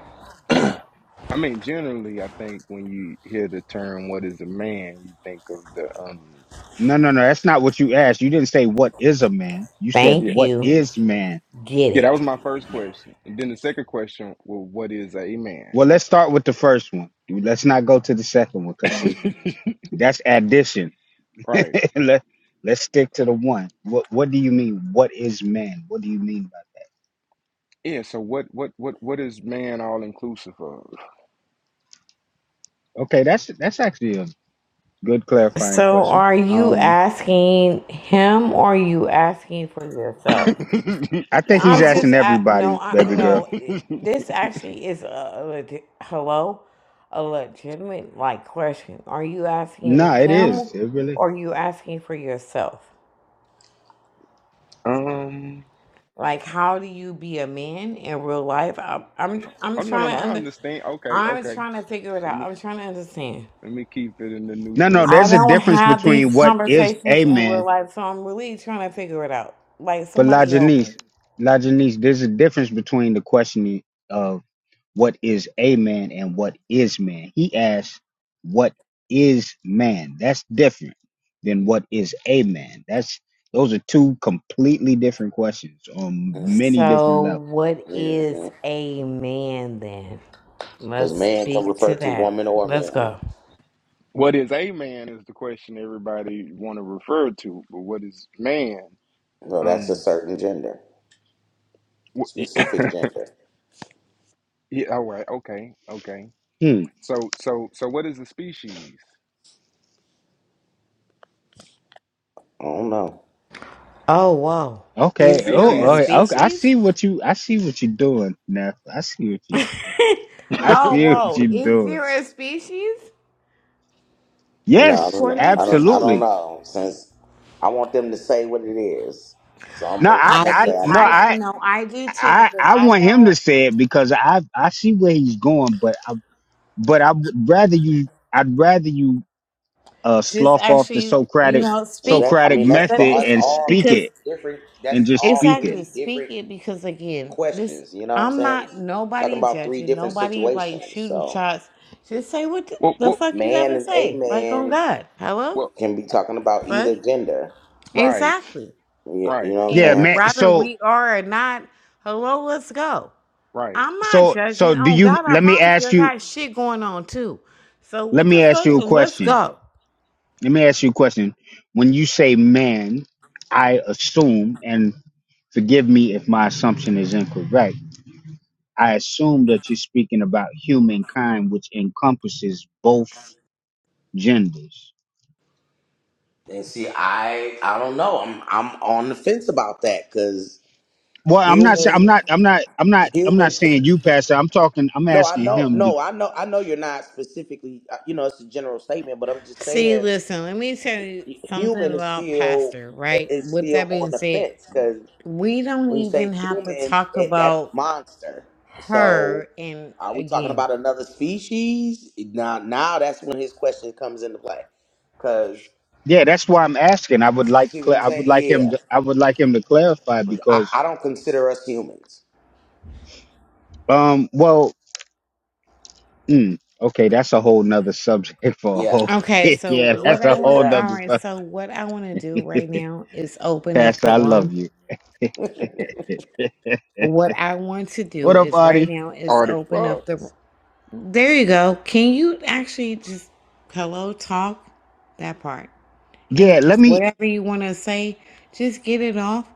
[SPEAKER 4] I mean, generally, I think when you hear the term "what is a man," you think of the um.
[SPEAKER 3] No, no, no, that's not what you asked. You didn't say what is a man. You said
[SPEAKER 4] yeah.
[SPEAKER 2] Thank
[SPEAKER 3] what
[SPEAKER 2] you.
[SPEAKER 3] is man.
[SPEAKER 2] Get
[SPEAKER 4] Yeah, that
[SPEAKER 2] it.
[SPEAKER 4] was my first question. And then the second question, well, what is a man?
[SPEAKER 3] Well, let's start with the first one. Let's not go to the second one cuz see, that's addition.
[SPEAKER 4] right.
[SPEAKER 3] Let, let's stick to the one. What what do you mean what is man? What do you mean by
[SPEAKER 4] Yeah, so what what what what is man all inclusive of?
[SPEAKER 3] that? Okay, that's that's actually a good clarifying
[SPEAKER 2] So
[SPEAKER 3] question.
[SPEAKER 2] are you
[SPEAKER 3] Um
[SPEAKER 2] asking him or are you asking for yourself?
[SPEAKER 3] I think he's
[SPEAKER 2] I'm
[SPEAKER 4] Oh,
[SPEAKER 2] just
[SPEAKER 3] asking
[SPEAKER 2] I, no,
[SPEAKER 3] everybody,
[SPEAKER 2] I,
[SPEAKER 3] baby
[SPEAKER 4] um
[SPEAKER 3] girl.
[SPEAKER 2] no. it- This actually is a, a legit, hello, a legitimate like question. Are you asking
[SPEAKER 3] No, it
[SPEAKER 2] him,
[SPEAKER 3] is. It really.
[SPEAKER 2] or are you asking for yourself? Like, how do you be a man in real life? I'm I'm, I'm
[SPEAKER 4] Oh no no
[SPEAKER 2] trying
[SPEAKER 4] no,
[SPEAKER 2] to
[SPEAKER 4] I
[SPEAKER 2] under,
[SPEAKER 4] understand. Okay,
[SPEAKER 2] I'm
[SPEAKER 4] okay.
[SPEAKER 2] trying to figure it
[SPEAKER 4] Let
[SPEAKER 2] out.
[SPEAKER 4] me
[SPEAKER 2] I'm trying to understand.
[SPEAKER 4] let me keep it in the
[SPEAKER 3] No, no.
[SPEAKER 2] I
[SPEAKER 3] There's a
[SPEAKER 4] neutrality.
[SPEAKER 2] don't
[SPEAKER 3] difference
[SPEAKER 2] have
[SPEAKER 3] between
[SPEAKER 2] these
[SPEAKER 3] what is
[SPEAKER 2] conversations
[SPEAKER 3] a
[SPEAKER 2] in real
[SPEAKER 3] man,
[SPEAKER 2] life, so I'm really trying to figure it out. Like,
[SPEAKER 3] but La
[SPEAKER 2] somebody help me.
[SPEAKER 3] Janice, there's a difference between the questioning of what is a man and what is man. He asked, "What is man?" That's different than what is a man. That's those are two completely different questions on
[SPEAKER 1] Because
[SPEAKER 3] many different levels.
[SPEAKER 2] So, what is a man then? Let's
[SPEAKER 1] man can
[SPEAKER 2] speak to
[SPEAKER 1] refer to
[SPEAKER 2] that.
[SPEAKER 1] woman or
[SPEAKER 2] Let's
[SPEAKER 1] man.
[SPEAKER 2] go.
[SPEAKER 4] What is a man is the question everybody want to refer to, but what is man?
[SPEAKER 1] No, that's a
[SPEAKER 4] Um
[SPEAKER 1] certain gender,
[SPEAKER 4] wh-
[SPEAKER 1] specific gender.
[SPEAKER 4] yeah, all right. Okay. Okay.
[SPEAKER 3] Hmm.
[SPEAKER 4] So so so what is a species?
[SPEAKER 1] I don't know.
[SPEAKER 2] Oh, whoa.
[SPEAKER 3] Okay.
[SPEAKER 2] Is there
[SPEAKER 3] Oh, all
[SPEAKER 2] a
[SPEAKER 4] Species is
[SPEAKER 3] right. okay. I
[SPEAKER 2] species?
[SPEAKER 3] see what you. I see what you're doing now. I see what you. I
[SPEAKER 2] oh,
[SPEAKER 3] see what
[SPEAKER 2] whoa.
[SPEAKER 3] you're
[SPEAKER 2] Is
[SPEAKER 3] doing.
[SPEAKER 2] there a species?
[SPEAKER 1] No, I
[SPEAKER 3] Yes,
[SPEAKER 1] don't know.
[SPEAKER 2] According
[SPEAKER 1] I
[SPEAKER 2] to.
[SPEAKER 1] don't. I don't
[SPEAKER 3] absolutely.
[SPEAKER 1] know. Since I want them to say what it is, so I'm.
[SPEAKER 3] No,
[SPEAKER 1] gonna-
[SPEAKER 3] I,
[SPEAKER 1] I'm
[SPEAKER 2] I
[SPEAKER 1] gonna
[SPEAKER 3] I,
[SPEAKER 2] do.
[SPEAKER 1] say I
[SPEAKER 3] no,
[SPEAKER 1] don't
[SPEAKER 2] I
[SPEAKER 1] know.
[SPEAKER 3] I,
[SPEAKER 2] no. I do too
[SPEAKER 3] I,
[SPEAKER 2] because
[SPEAKER 3] I
[SPEAKER 2] I
[SPEAKER 3] want him to
[SPEAKER 2] know.
[SPEAKER 3] say it because I, I see where he's going, but, I, but I would rather you, I'd rather you, uh,
[SPEAKER 2] Just
[SPEAKER 3] slough off the
[SPEAKER 2] actually, you
[SPEAKER 3] Socratic,
[SPEAKER 2] know,
[SPEAKER 1] Is that? I
[SPEAKER 2] speaking.
[SPEAKER 3] Socratic
[SPEAKER 1] mean,
[SPEAKER 2] If
[SPEAKER 1] that's
[SPEAKER 2] that
[SPEAKER 1] but
[SPEAKER 3] method
[SPEAKER 2] makes
[SPEAKER 1] that's
[SPEAKER 3] and
[SPEAKER 2] sense,
[SPEAKER 1] all
[SPEAKER 3] speak
[SPEAKER 2] because.
[SPEAKER 1] three
[SPEAKER 3] it
[SPEAKER 1] different. That's
[SPEAKER 3] and just
[SPEAKER 1] all
[SPEAKER 3] speak it.
[SPEAKER 1] three
[SPEAKER 2] Exactly. Speak
[SPEAKER 1] different
[SPEAKER 2] it because again, this
[SPEAKER 1] questions. You know what I'm
[SPEAKER 2] I'm
[SPEAKER 1] saying?
[SPEAKER 2] not
[SPEAKER 1] Talking
[SPEAKER 2] nobody
[SPEAKER 1] about three
[SPEAKER 2] judging,
[SPEAKER 1] different
[SPEAKER 2] nobody like
[SPEAKER 1] situations.
[SPEAKER 2] shooting
[SPEAKER 1] So
[SPEAKER 2] shots. Just say what the,
[SPEAKER 4] what,
[SPEAKER 2] the
[SPEAKER 4] what,
[SPEAKER 2] fuck you
[SPEAKER 1] man
[SPEAKER 2] gotta
[SPEAKER 1] and a
[SPEAKER 2] say. Like on
[SPEAKER 1] man
[SPEAKER 2] God. Hello?
[SPEAKER 4] what?
[SPEAKER 1] can be talking about
[SPEAKER 2] Fuck?
[SPEAKER 1] either gender.
[SPEAKER 4] Right,
[SPEAKER 2] Exactly.
[SPEAKER 1] You, you
[SPEAKER 4] right,
[SPEAKER 1] know what I'm
[SPEAKER 2] And
[SPEAKER 3] Yeah,
[SPEAKER 1] saying?
[SPEAKER 3] man.
[SPEAKER 2] whether
[SPEAKER 3] So,
[SPEAKER 2] we are or not, hello, let's go.
[SPEAKER 4] right.
[SPEAKER 2] I'm not
[SPEAKER 3] so,
[SPEAKER 2] judging.
[SPEAKER 3] so do
[SPEAKER 2] On
[SPEAKER 3] you,
[SPEAKER 2] God, I
[SPEAKER 3] let me
[SPEAKER 2] promise you
[SPEAKER 3] ask
[SPEAKER 2] I
[SPEAKER 3] you,
[SPEAKER 2] got shit going on too. So
[SPEAKER 3] let
[SPEAKER 2] what the
[SPEAKER 3] me ask
[SPEAKER 2] fuck?
[SPEAKER 3] you a
[SPEAKER 2] Let's
[SPEAKER 3] question.
[SPEAKER 2] go.
[SPEAKER 3] Let me ask you a question. When you say man, I assume, and forgive me if my assumption is incorrect I assume that you're speaking about humankind, which encompasses both genders.
[SPEAKER 1] And see, I I don't know. I'm I'm on the fence about that because
[SPEAKER 3] Well, I'm not. sa- I'm
[SPEAKER 1] human
[SPEAKER 3] not. I'm not. I'm not. I'm not
[SPEAKER 1] human.
[SPEAKER 3] saying you, Pastor. I'm talking. I'm
[SPEAKER 1] No, I
[SPEAKER 3] asking
[SPEAKER 1] know.
[SPEAKER 3] him. be-
[SPEAKER 1] No, I know. I know you're not specifically. uh, You know, it's a general statement, but I'm just
[SPEAKER 2] See,
[SPEAKER 1] saying,
[SPEAKER 2] listen, let me tell you
[SPEAKER 1] hu-
[SPEAKER 2] something
[SPEAKER 1] human is
[SPEAKER 2] about
[SPEAKER 1] still
[SPEAKER 2] pastor, right?
[SPEAKER 1] is
[SPEAKER 2] With
[SPEAKER 1] still
[SPEAKER 2] that
[SPEAKER 1] on
[SPEAKER 2] being
[SPEAKER 1] the
[SPEAKER 2] said,
[SPEAKER 1] fence because
[SPEAKER 2] We don't
[SPEAKER 1] when you
[SPEAKER 2] even
[SPEAKER 1] say
[SPEAKER 2] have to
[SPEAKER 1] human,
[SPEAKER 2] talk
[SPEAKER 1] it, that's
[SPEAKER 2] about
[SPEAKER 1] monster. So,
[SPEAKER 2] her and
[SPEAKER 1] are we talking
[SPEAKER 2] again.
[SPEAKER 1] about another species? Now, now that's when his question comes into play. Because
[SPEAKER 3] Yeah, that's why I'm asking. I would
[SPEAKER 1] you
[SPEAKER 3] like.
[SPEAKER 1] see what
[SPEAKER 3] cla-
[SPEAKER 1] I'm
[SPEAKER 3] I
[SPEAKER 1] saying?
[SPEAKER 3] would like
[SPEAKER 1] Yeah,
[SPEAKER 3] him. To, I would like him to clarify
[SPEAKER 1] I,
[SPEAKER 3] because.
[SPEAKER 1] I don't consider us humans.
[SPEAKER 3] Um. Well. Mm, okay. That's a whole nother subject for a
[SPEAKER 1] Yeah.
[SPEAKER 3] whole.
[SPEAKER 2] Okay, so
[SPEAKER 3] yeah,
[SPEAKER 2] what
[SPEAKER 3] that's
[SPEAKER 1] Correct.
[SPEAKER 2] I
[SPEAKER 3] a
[SPEAKER 2] want to,
[SPEAKER 3] whole
[SPEAKER 2] all
[SPEAKER 3] nother
[SPEAKER 1] Exactly.
[SPEAKER 2] right,
[SPEAKER 3] subject.
[SPEAKER 2] so what I want to do right now is open up
[SPEAKER 3] Pastor,
[SPEAKER 2] the
[SPEAKER 3] I love
[SPEAKER 2] room.
[SPEAKER 3] you.
[SPEAKER 2] What I want to do
[SPEAKER 3] What up,
[SPEAKER 2] is right
[SPEAKER 3] Artie?
[SPEAKER 2] now is open up the,
[SPEAKER 4] Artifacts,
[SPEAKER 2] there you go. Can you actually just, hello, talk that part? And
[SPEAKER 3] Yeah. Let me.
[SPEAKER 2] whatever you want to say, just get it off,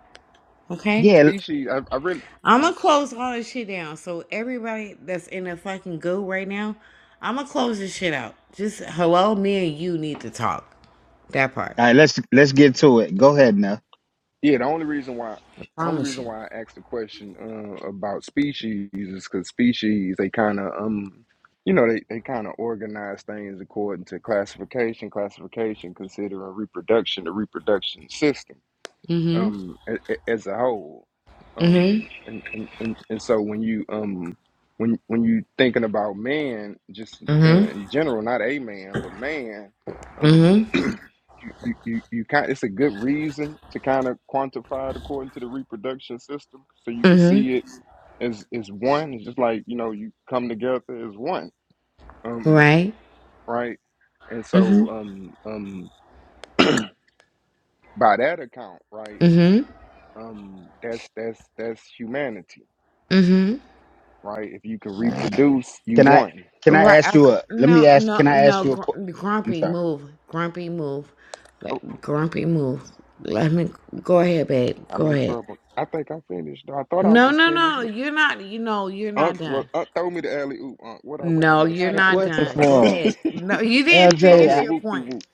[SPEAKER 2] okay?
[SPEAKER 3] Yeah. All
[SPEAKER 4] species. I, I really,
[SPEAKER 2] I'm
[SPEAKER 4] uh,
[SPEAKER 2] gonna close all this shit down. So everybody that's in the fucking goo right now, I'm gonna close this shit out. Just hello, me and you need to talk. That part.
[SPEAKER 3] right. Let's let's get to it. Go ahead now.
[SPEAKER 4] yeah. The only reason why,
[SPEAKER 2] I
[SPEAKER 4] the only
[SPEAKER 2] Promise
[SPEAKER 4] reason
[SPEAKER 2] you.
[SPEAKER 4] why I asked the question uh, about species is because species they kind of um, you know, they they kind of organize things according to classification, classification, considering reproduction, the reproduction system.
[SPEAKER 2] Mm-hmm.
[SPEAKER 4] um a- a- as a whole um
[SPEAKER 2] Mm-hmm.
[SPEAKER 4] and and and, and so when you um when when you thinking about man just uh,
[SPEAKER 2] Mm-hmm.
[SPEAKER 4] in general not a man but man um
[SPEAKER 2] Mm-hmm.
[SPEAKER 4] you you you, you kind it's a good reason to kind of quantify it according to the reproduction system so you can see
[SPEAKER 2] Mm-hmm.
[SPEAKER 4] it as as one it's just like you know you come together as one um
[SPEAKER 2] Right.
[SPEAKER 4] right and
[SPEAKER 2] Mm-hmm.
[SPEAKER 4] so um um by that account right
[SPEAKER 2] Mm-hmm.
[SPEAKER 4] Um, that's that's that's humanity,
[SPEAKER 2] Mm-hmm.
[SPEAKER 4] right? If you can reproduce, you
[SPEAKER 3] Can I
[SPEAKER 4] won.
[SPEAKER 3] can I ask
[SPEAKER 2] Right.
[SPEAKER 3] you
[SPEAKER 2] Okay.
[SPEAKER 3] a let me
[SPEAKER 2] No.
[SPEAKER 3] ask
[SPEAKER 2] No.
[SPEAKER 3] can I
[SPEAKER 2] No.
[SPEAKER 3] ask you a qu-
[SPEAKER 2] Gr-
[SPEAKER 3] I'm
[SPEAKER 2] grumpy
[SPEAKER 3] sorry.
[SPEAKER 2] move. Grumpy move.
[SPEAKER 4] Oh,
[SPEAKER 2] Let- Grumpy move. Let me go ahead, babe.
[SPEAKER 4] I'm
[SPEAKER 2] Go
[SPEAKER 4] in
[SPEAKER 2] ahead.
[SPEAKER 4] trouble. I think I'm finished. I thought I
[SPEAKER 2] No.
[SPEAKER 4] was
[SPEAKER 2] No.
[SPEAKER 4] finished.
[SPEAKER 2] No. You're not. You know. You're not
[SPEAKER 4] Unc, well,
[SPEAKER 2] done.
[SPEAKER 4] Unc throw me the alley oop. Unc, what I where I
[SPEAKER 2] No,
[SPEAKER 3] I
[SPEAKER 4] missed?
[SPEAKER 2] you're
[SPEAKER 3] had a
[SPEAKER 4] Not
[SPEAKER 2] not
[SPEAKER 4] really.
[SPEAKER 3] question
[SPEAKER 4] Start.
[SPEAKER 2] done. Go
[SPEAKER 3] for him.
[SPEAKER 2] ahead. No, you
[SPEAKER 4] you
[SPEAKER 2] didn't
[SPEAKER 4] throw
[SPEAKER 3] LJ,
[SPEAKER 4] me
[SPEAKER 2] finish
[SPEAKER 3] I,
[SPEAKER 4] a
[SPEAKER 2] your
[SPEAKER 4] whoop de
[SPEAKER 2] point.
[SPEAKER 4] whoop.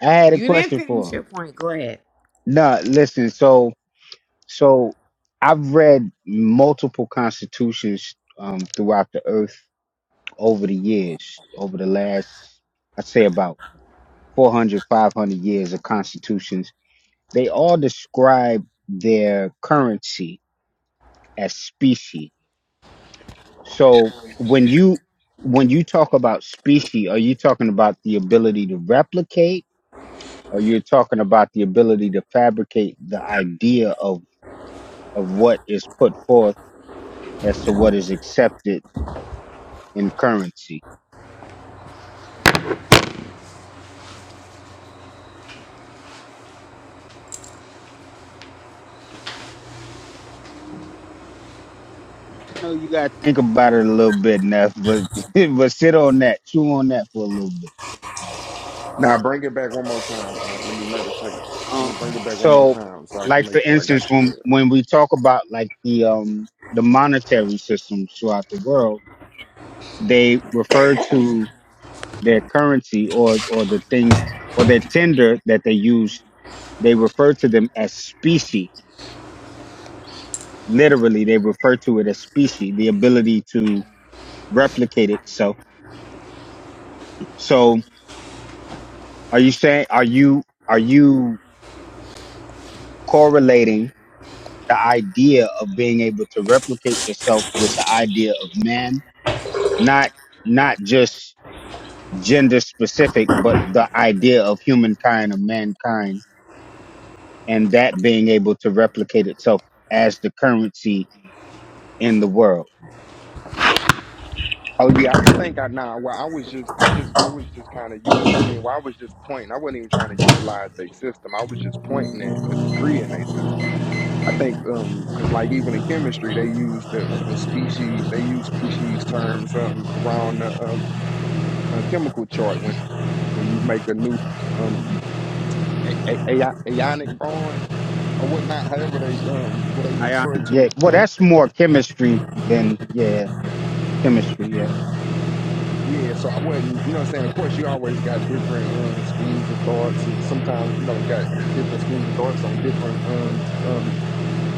[SPEAKER 3] I had a
[SPEAKER 2] You didn't
[SPEAKER 3] question for
[SPEAKER 2] finish
[SPEAKER 3] him.
[SPEAKER 2] your point. Go ahead.
[SPEAKER 3] No, listen, so so I've read multiple constitutions um throughout the earth over the years, over the last I'd say about 400 500 years of constitutions. They all describe their currency as specie So when you when you talk about species, are you talking about the ability to replicate, or you're talking about the ability to fabricate the idea of of what is put forth as to what is accepted in currency? I know you got to think about it a little bit, Neff, but but sit on that, chew on that for a little bit.
[SPEAKER 4] Now bring it back one more time. Unc. let me meditate. Let
[SPEAKER 3] Um,
[SPEAKER 4] me bring it back one more
[SPEAKER 3] so,
[SPEAKER 4] time so I can
[SPEAKER 3] like for
[SPEAKER 4] make sure I
[SPEAKER 3] instance,
[SPEAKER 4] got you
[SPEAKER 3] when
[SPEAKER 4] well.
[SPEAKER 3] when we talk about like the um the monetary systems throughout the world, they refer to their currency or or the things or their tender that they use they refer to them as specie literally they refer to it as specie the ability to replicate itself so so are you saying are you are you correlating the idea of being able to replicate yourself with the idea of man not not just gender specific but the idea of humankind or mankind and that being able to replicate itself as the currency in the world.
[SPEAKER 4] Oh yeah, I think I nah. Well, I was just, I just, I was just kind of util. I mean, well, I was just pointing. I wasn't even trying to utilize their system. I was just pointing at a degree in their system I think um because like even in chemistry they use the uh, species they use species terms um around the um uh, chemical chart when uh, when you make a new um a- a- ai- ionic bond or whatnot however they um what they
[SPEAKER 3] Ionic,
[SPEAKER 4] refer to
[SPEAKER 3] yeah. Well,
[SPEAKER 4] Uh,
[SPEAKER 3] that's more chemistry than yeah, chemistry. Yeah.
[SPEAKER 4] yeah so I wasn't you know what I'm saying of course you always got different uh, schools of thoughts and sometimes you know you got different schools of thoughts on different um um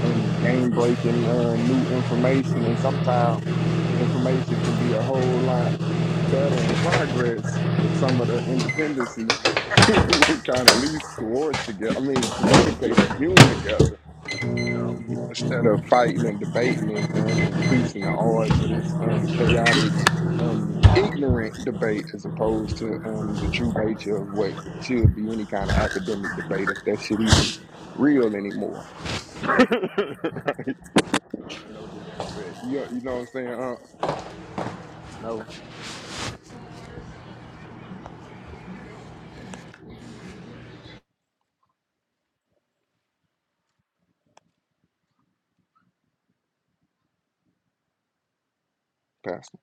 [SPEAKER 4] um, game breaking uh, new information, and sometimes the information can be a whole lot better in progress if some of the independency would kind of at least coerce together. I mean, communicate, commune together um, instead of fighting and debating and um, increasing the odds of this um, chaotic, um, ignorant debate as opposed to um, the true nature of what should be any kind of academic debate if that shit even real anymore. Uh, no disrespect. You you know what I'm saying? Uh, no, Pastor.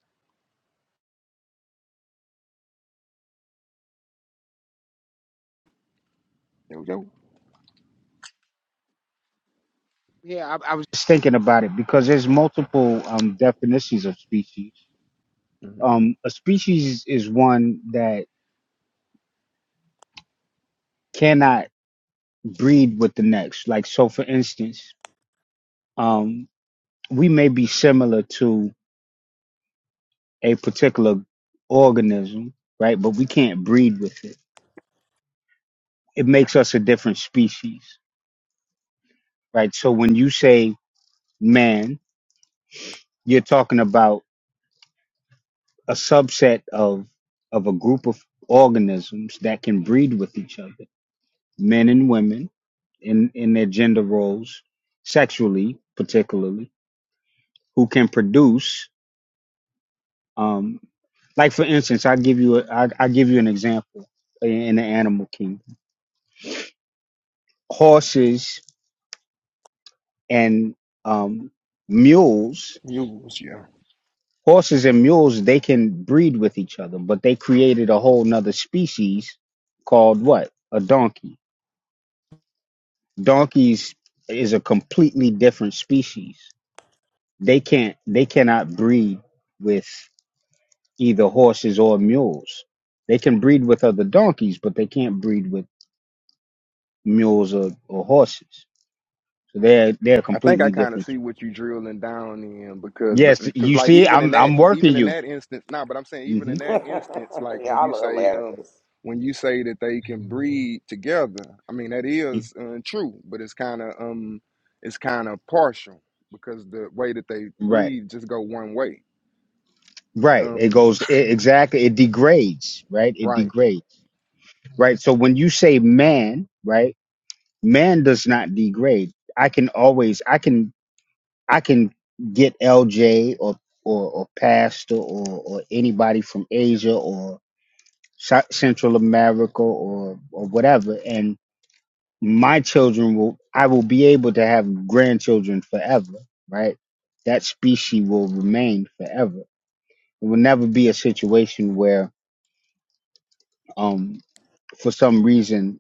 [SPEAKER 4] Yo yo.
[SPEAKER 3] Yeah, I, I was just thinking about it because there's multiple um, definitions of species.
[SPEAKER 4] hmm
[SPEAKER 3] Um, a species is one that cannot breed with the next. Like so, for instance, um, we may be similar to a particular organism, right? But we can't breed with it. It makes us a different species, right? So when you say man, you're talking about a subset of of a group of organisms that can breed with each other, men and women in in their gender roles, sexually particularly, who can produce. Um, like for instance, I give you a, I, I give you an example in, in the animal kingdom: horses and um, mules.
[SPEAKER 4] Use yeah.
[SPEAKER 3] Horses and mules they can breed with each other, but they created a whole nother species called what? A donkey Donkeys is a completely different species. They can't they cannot breed with either horses or mules. They can breed with other donkeys, but they can't breed with mules or, or horses. So they're they're
[SPEAKER 4] I think I
[SPEAKER 3] completely
[SPEAKER 4] kind of
[SPEAKER 3] different.
[SPEAKER 4] see what you drilling down in because, but
[SPEAKER 3] Yes,
[SPEAKER 4] because
[SPEAKER 3] you
[SPEAKER 4] like
[SPEAKER 3] see,
[SPEAKER 4] even in
[SPEAKER 3] I'm
[SPEAKER 4] that
[SPEAKER 3] I'm working
[SPEAKER 4] even in
[SPEAKER 3] you.
[SPEAKER 4] that instance, nah. But I'm saying even
[SPEAKER 3] hmm
[SPEAKER 4] in that instance, like when you
[SPEAKER 1] Y'all are
[SPEAKER 4] say um
[SPEAKER 1] hilarious.
[SPEAKER 4] when you say that they can breed together, I mean that is uh, true, but it's kind of um it's kind of partial because the way that they
[SPEAKER 3] Right,
[SPEAKER 4] breed just go one way.
[SPEAKER 3] right. It
[SPEAKER 4] Um,
[SPEAKER 3] goes it, exactly. It degrades, right? It
[SPEAKER 4] right.
[SPEAKER 3] degrades, right? So when you say man, right, man does not degrade. I can always, I can I can get LJ or or, or Pastor or, or anybody from Asia or Sou- Central America or or whatever, and my children will I will be able to have grandchildren forever, right? That species will remain forever. It will never be a situation where, um, for some reason,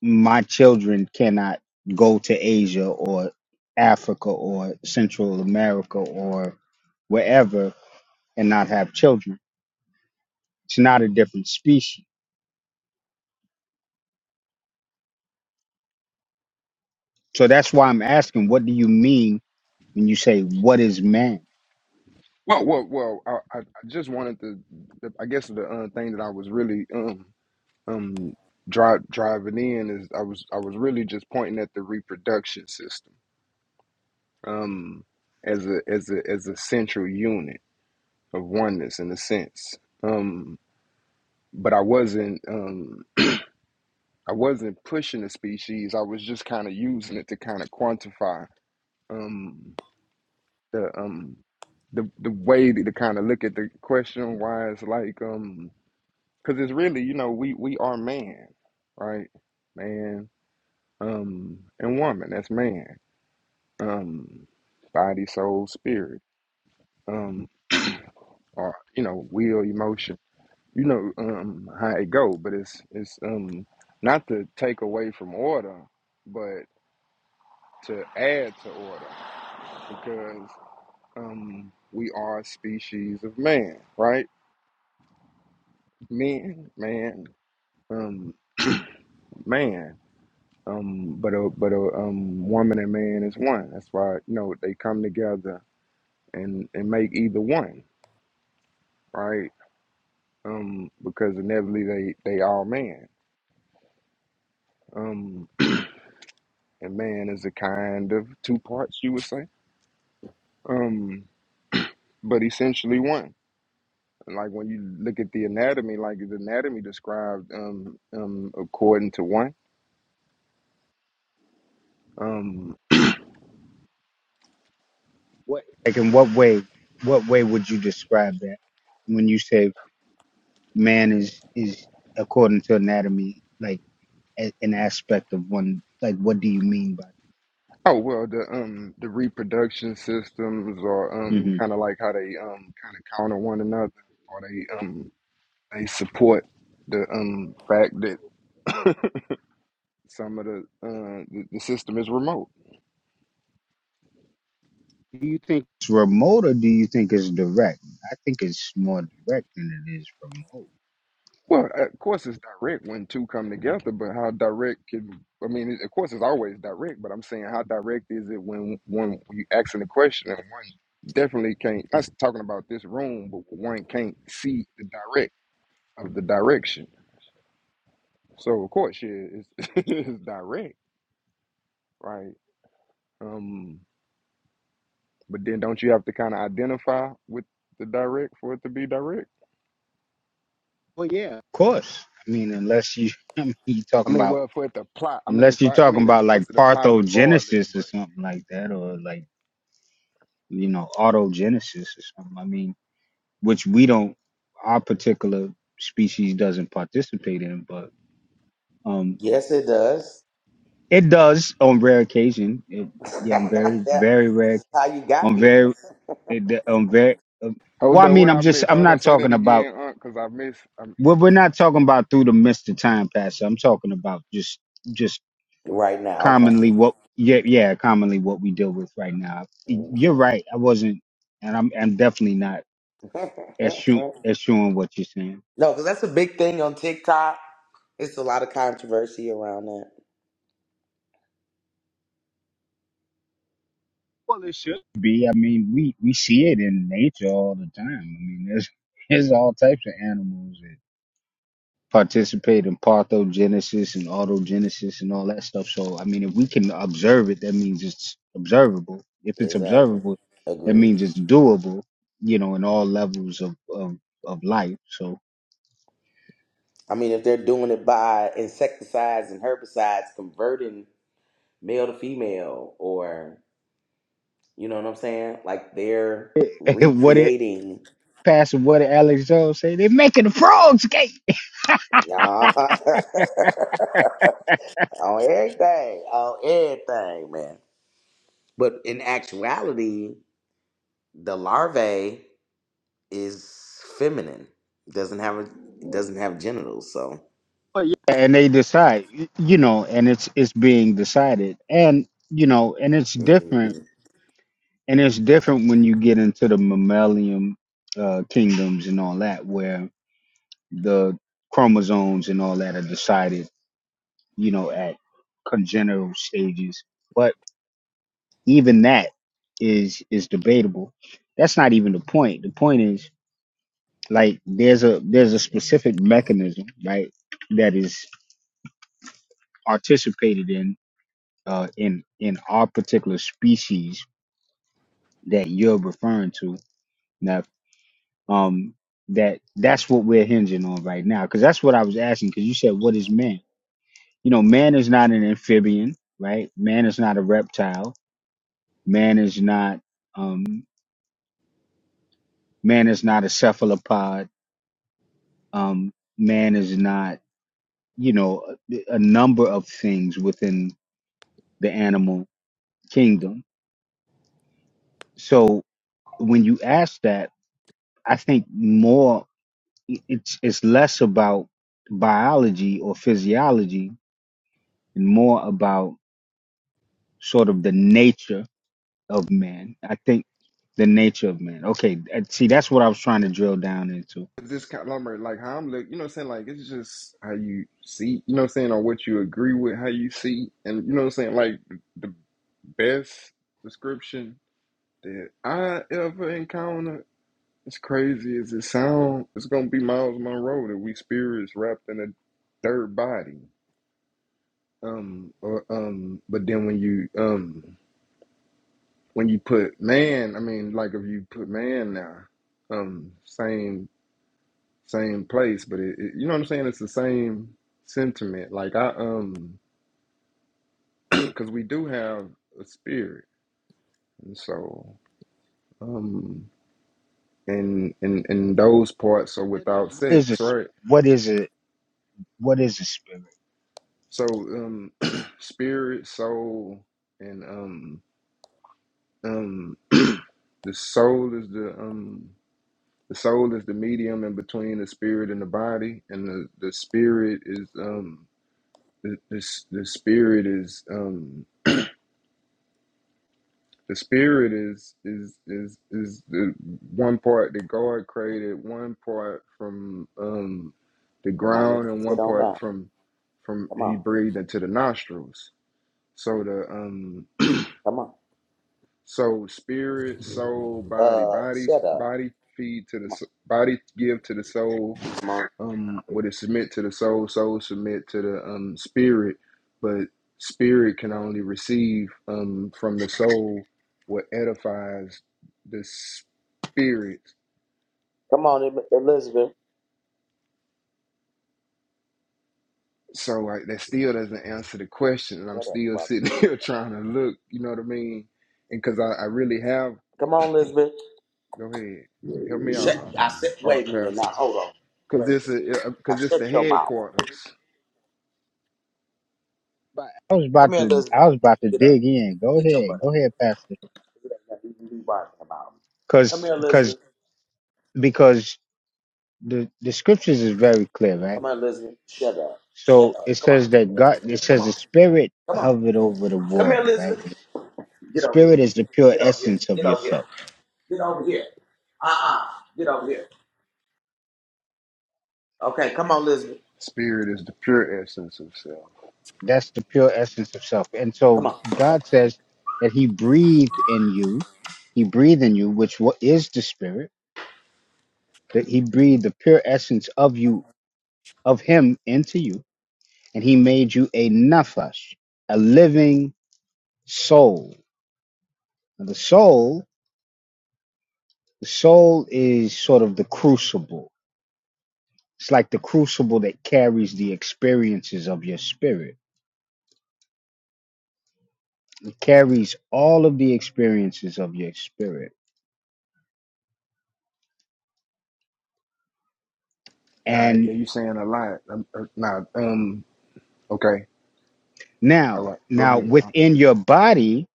[SPEAKER 3] my children cannot go to Asia or Africa or Central America or wherever and not have children. It's not a different species. So that's why I'm asking, what do you mean when you say what is man?
[SPEAKER 4] Well, well, well. I, I I just wanted to. the- I guess the uh, thing that I was really um um drive, driving in is I was I was really just pointing at the reproduction system um as a as a as a central unit of oneness in a sense. Um, but I wasn't um I wasn't pushing the species. I was just kind of using it to kind of quantify um the um the the way to kind of look at the question why it's like um because it's really you know we we are man right man um and woman that's man um body soul spirit um or you know will emotion you know um how it go but it's it's um not to take away from order but to add to order because um we are a species of man right men man um man Um, but a but a um woman and man is one. That's why you know they come together and and make either one right. Um, because inevitably they they all man. Um, and man is a kind of two parts you would say. Um, but essentially one. Like when you look at the anatomy, like the anatomy described um um according to one. Um,
[SPEAKER 3] What like in what way what way would you describe that when you say man is is according to anatomy like a, an aspect of one like what do you mean by
[SPEAKER 4] Oh well, the um the reproduction systems are
[SPEAKER 3] that?
[SPEAKER 4] um
[SPEAKER 3] hmm
[SPEAKER 4] kind of like how they um kind of counter one another, or they um they support the um fact that some of the uh the, the system is remote.
[SPEAKER 3] Do you think it's remote or do you think it's direct? I think it's more direct than it is remote.
[SPEAKER 4] Well, of course it's direct when two come together, but how direct can I mean? Of course it's always direct, but I'm saying how direct is it when one you asking the question and one definitely can't. I'm talking about this room, but one can't see the direct of the direction. So of course, shit is is direct, right? Um, but then don't you have to kind of identify with the direct for it to be direct?
[SPEAKER 3] Well, yeah, of course. I mean, unless you, I mean, you
[SPEAKER 4] I
[SPEAKER 3] talking
[SPEAKER 4] mean,
[SPEAKER 3] about
[SPEAKER 4] well, for it to apply, I mean,
[SPEAKER 3] Unless you're
[SPEAKER 4] for, I
[SPEAKER 3] talking
[SPEAKER 4] mean, of
[SPEAKER 3] about like
[SPEAKER 4] course, it apply regardless.
[SPEAKER 3] parthogenesis or
[SPEAKER 4] But
[SPEAKER 3] something like that, or like, you know, autogenesis or something. I mean, which we don't, our particular species doesn't participate in, but um,
[SPEAKER 1] Yes, it does.
[SPEAKER 3] it does on rare occasion. It,
[SPEAKER 1] this
[SPEAKER 3] yeah, on very, very rare,
[SPEAKER 1] is how you got
[SPEAKER 3] on
[SPEAKER 1] here.
[SPEAKER 3] very, it, on very, um, well,
[SPEAKER 4] hold
[SPEAKER 3] I
[SPEAKER 4] up,
[SPEAKER 3] mean,
[SPEAKER 4] what
[SPEAKER 3] I'm
[SPEAKER 4] I
[SPEAKER 3] just,
[SPEAKER 4] missed?
[SPEAKER 3] I'm
[SPEAKER 4] Hold up,
[SPEAKER 3] not
[SPEAKER 4] say that
[SPEAKER 3] talking about,
[SPEAKER 4] again, Unc, because I miss. Um,
[SPEAKER 3] we're, we're not talking about through the mist of time passing. I'm talking about just just,
[SPEAKER 1] Right now, okay.
[SPEAKER 3] commonly what yeah yeah commonly what we deal with right now. You're
[SPEAKER 1] Mhm.
[SPEAKER 3] right. I wasn't, and I'm I'm definitely not eschewing, eschewing what you're saying.
[SPEAKER 1] no, because that's a big thing on TikTok. It's a lot of controversy around that.
[SPEAKER 3] Well, it should be. I mean, we we see it in nature all the time. I mean, there's there's all types of animals that participate in parthogenesis and autogenesis and all that stuff. So I mean, if we can observe it, that means it's observable. If it's
[SPEAKER 1] Exactly.
[SPEAKER 3] observable, that
[SPEAKER 1] Agreed.
[SPEAKER 3] means it's doable. You know, in all levels of of, of life. So
[SPEAKER 1] I mean, if they're doing it by insecticides and herbicides, converting male to female, or you know what I'm saying, like they're
[SPEAKER 3] what it
[SPEAKER 1] recreating.
[SPEAKER 3] Pastor Buddy Alex Jones say they're making the frogs gay,
[SPEAKER 1] Nah. on everything, on everything, man. But in actuality, the larvae is feminine. Doesn't have a doesn't have genitals. So
[SPEAKER 3] But yeah, and they decide, y- you know, and it's it's being decided, and you know, and it's different,
[SPEAKER 1] Mhm.
[SPEAKER 3] and it's different when you get into the mammalian uh, kingdoms and all that, where the chromosomes and all that are decided, you know, at congenital stages. But even that is is debatable. That's not even the point. The point is Like there's a there's a specific mechanism, right, that is participated in uh in in our particular species that you're referring to. Now, um, that that's what we're hinging on right now, because that's what I was asking. Because you said, what is man? You know, man is not an amphibian, right? Man is not a reptile. Man is not um man is not a cephalopod. Um, man is not you know a, a number of things within the animal kingdom. So when you ask that, I think more it- it's it's less about biology or physiology and more about sort of the nature of man. I think the nature of man. Okay, uh, see that's what I was trying to drill down into.
[SPEAKER 4] this conglomerate, like like how I'm look, you know, what I'm saying, like it's just how you see, you know, what I'm saying, or what you agree with, how you see, and you know, what I'm saying, like the best description that I ever encountered As crazy as it sound, it's gonna be Miles Monroe that we spirits wrapped in a third body. Um, or, um, but then when you um when you put man, I mean, like if you put man now, um, same same place, but it, it you know what I'm saying? It's the same sentiment. Like I um, because we do have a spirit, and so um, and and and those parts are
[SPEAKER 3] What i-
[SPEAKER 4] without
[SPEAKER 3] what is a
[SPEAKER 4] sex,
[SPEAKER 3] s-
[SPEAKER 4] right?
[SPEAKER 3] what is a what is a spirit?
[SPEAKER 4] So um spirit, soul, and um um the soul is the um the soul is the medium in between the spirit and the body, and the, the spirit is um the, the s- the spirit is um the spirit is is is is the one part that God created, one part from um the
[SPEAKER 1] come on,
[SPEAKER 4] ground,
[SPEAKER 1] and
[SPEAKER 4] and one
[SPEAKER 1] sit on
[SPEAKER 4] part
[SPEAKER 1] down.
[SPEAKER 4] from from
[SPEAKER 1] Come
[SPEAKER 4] He
[SPEAKER 1] on,
[SPEAKER 4] breathed into the nostrils. So the um
[SPEAKER 1] come on.
[SPEAKER 4] So spirit, soul, body,
[SPEAKER 1] Uh,
[SPEAKER 4] body,
[SPEAKER 1] shut up.
[SPEAKER 4] body feed to the
[SPEAKER 1] Come on,
[SPEAKER 4] s- body, give to the soul.
[SPEAKER 1] come on,
[SPEAKER 4] Um, what it submit to the soul, soul submit to the um spirit, but spirit can only receive um from the soul what edifies the spirit.
[SPEAKER 1] come on, Em- Elizabeth.
[SPEAKER 4] So like that still doesn't answer the question, and I'm
[SPEAKER 1] Shut up,
[SPEAKER 4] still
[SPEAKER 1] probably.
[SPEAKER 4] sitting here trying to look. You know what I mean? And because I, I really have.
[SPEAKER 1] Come on, Elizabeth.
[SPEAKER 4] Go ahead, help me out, uh,
[SPEAKER 1] Shut. I said,
[SPEAKER 4] Art
[SPEAKER 1] wait a minute.
[SPEAKER 4] Pastor.
[SPEAKER 1] Now hold on. Wait
[SPEAKER 4] Because
[SPEAKER 1] a
[SPEAKER 4] this
[SPEAKER 1] minute.
[SPEAKER 4] is
[SPEAKER 1] Now
[SPEAKER 4] because it's
[SPEAKER 1] shut
[SPEAKER 4] the
[SPEAKER 1] your mouth.
[SPEAKER 4] headquarters.
[SPEAKER 3] But I was
[SPEAKER 1] Come
[SPEAKER 3] about
[SPEAKER 1] here,
[SPEAKER 3] to
[SPEAKER 1] Elizabeth.
[SPEAKER 3] I was about to
[SPEAKER 1] Get up.
[SPEAKER 3] dig in. Go
[SPEAKER 1] Get your
[SPEAKER 3] ahead,
[SPEAKER 1] butt up.
[SPEAKER 3] go ahead, Pastor.
[SPEAKER 1] that you be whining about. Come
[SPEAKER 3] Because
[SPEAKER 1] here,
[SPEAKER 3] because
[SPEAKER 1] Elizabeth.
[SPEAKER 3] because the the scriptures is very clear, right?
[SPEAKER 1] Come on, Elizabeth. Shut up.
[SPEAKER 3] So
[SPEAKER 1] Shut
[SPEAKER 3] it
[SPEAKER 1] up. Come on.
[SPEAKER 3] says that God, it
[SPEAKER 1] Come
[SPEAKER 3] says
[SPEAKER 1] on.
[SPEAKER 3] the spirit
[SPEAKER 1] Come on.
[SPEAKER 3] hovered over the
[SPEAKER 1] Come here,
[SPEAKER 3] water, right?
[SPEAKER 1] Elizabeth. Get over
[SPEAKER 3] Spirit
[SPEAKER 1] here.
[SPEAKER 3] is the pure
[SPEAKER 1] Get over here.
[SPEAKER 3] essence of
[SPEAKER 1] Get over here.
[SPEAKER 3] yourself.
[SPEAKER 1] Get over here. Uh uh Get over here. Okay, come on, Elizabeth.
[SPEAKER 4] Spirit is the pure essence of self.
[SPEAKER 3] That's the pure essence of self. And
[SPEAKER 1] Come
[SPEAKER 3] so
[SPEAKER 1] on.
[SPEAKER 3] God says that he breathed in you. He breathed in you, which what is the spirit, that he breathed the pure essence of you, of him into you. And he made you a nafesh, a living soul. And the soul, the soul is sort of the crucible It's like the crucible that carries the experiences of your spirit. It carries all of the experiences of your spirit.
[SPEAKER 4] All right, yeah,
[SPEAKER 3] And
[SPEAKER 4] you saying a lot. Um, uh, nah, um, okay, all
[SPEAKER 3] now,
[SPEAKER 4] right, go
[SPEAKER 3] now
[SPEAKER 4] ahead. Uh,
[SPEAKER 3] within your body,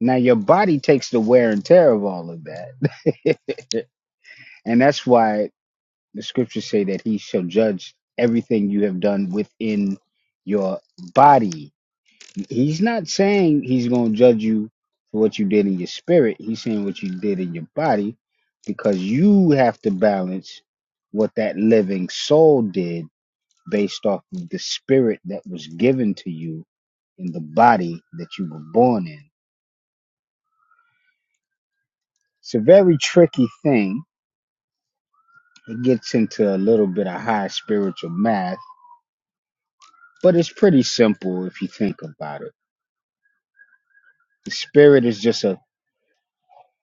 [SPEAKER 3] now your body takes the wear and tear of all of that. and that's why the scriptures say that he shall judge everything you have done within your body He's not saying he's going to judge you for what you did in your spirit. He's saying what you did in your body because you have to balance what that living soul did based off of the spirit that was given to you in the body that you were born in. It's a very tricky thing. It gets into a little bit of high spiritual math, but it's pretty simple if you think about it. The spirit is just a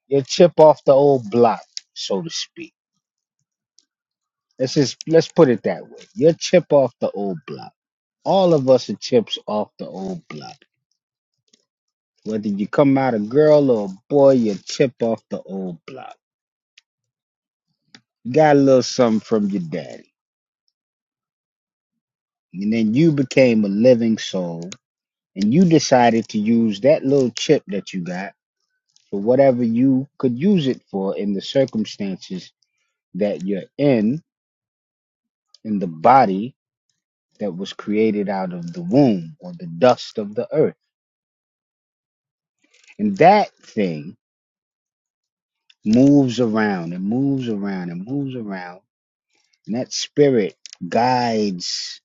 [SPEAKER 3] you chip off the old block, so to speak Let's just let's put it that way. You're chip off the old block. All of us are chips off the old block. Whether you come out a girl or a boy, you're chip off the old block. You got a little something from your daddy. And then you became a living soul and you decided to use that little chip that you got for whatever you could use it for in the circumstances that you're in, in the body that was created out of the womb or the dust of the earth. And that thing moves around and moves around and moves around. And that spirit guides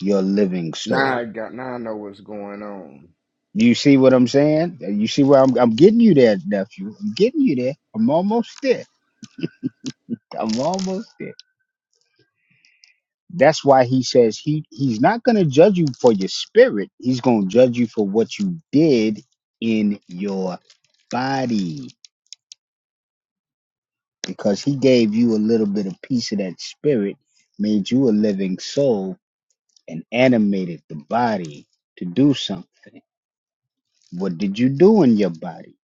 [SPEAKER 3] your living
[SPEAKER 4] Now I
[SPEAKER 3] soul.
[SPEAKER 4] got now I know what's going on.
[SPEAKER 3] You see what I'm saying? You see where I'm, I'm getting you there, nephew. I'm getting you there. I'm almost there. I'm almost there. That's why he says he, he's not going to judge you for your spirit. He's going to judge you for what you did in your body because he gave you a little bit of piece of that spirit, made you a living soul and animated the body to do something. What did you do in your body?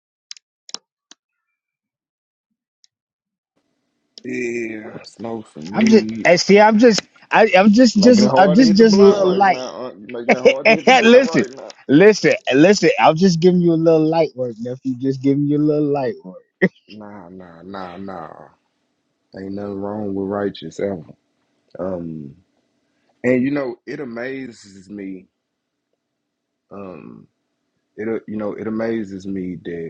[SPEAKER 4] Yeah, smoke some
[SPEAKER 3] I'm just
[SPEAKER 4] weed.
[SPEAKER 3] eh, see. I'm just. I, I'm just,
[SPEAKER 4] Making it
[SPEAKER 3] just, I'm
[SPEAKER 4] hard to
[SPEAKER 3] just,
[SPEAKER 4] hit the
[SPEAKER 3] just a
[SPEAKER 4] blunt
[SPEAKER 3] little
[SPEAKER 4] right
[SPEAKER 3] light.
[SPEAKER 4] now. Uh, making it hard to hit the blunt
[SPEAKER 3] listen,
[SPEAKER 4] right now.
[SPEAKER 3] listen, listen. I'm just giving you a little light work, nephew. Just giving you a little light work.
[SPEAKER 4] Nah, nah, nah, nah. Ain't nothing wrong with righteous ever. Um, and you know it amazes me. Um, it uh, you know it amazes me that.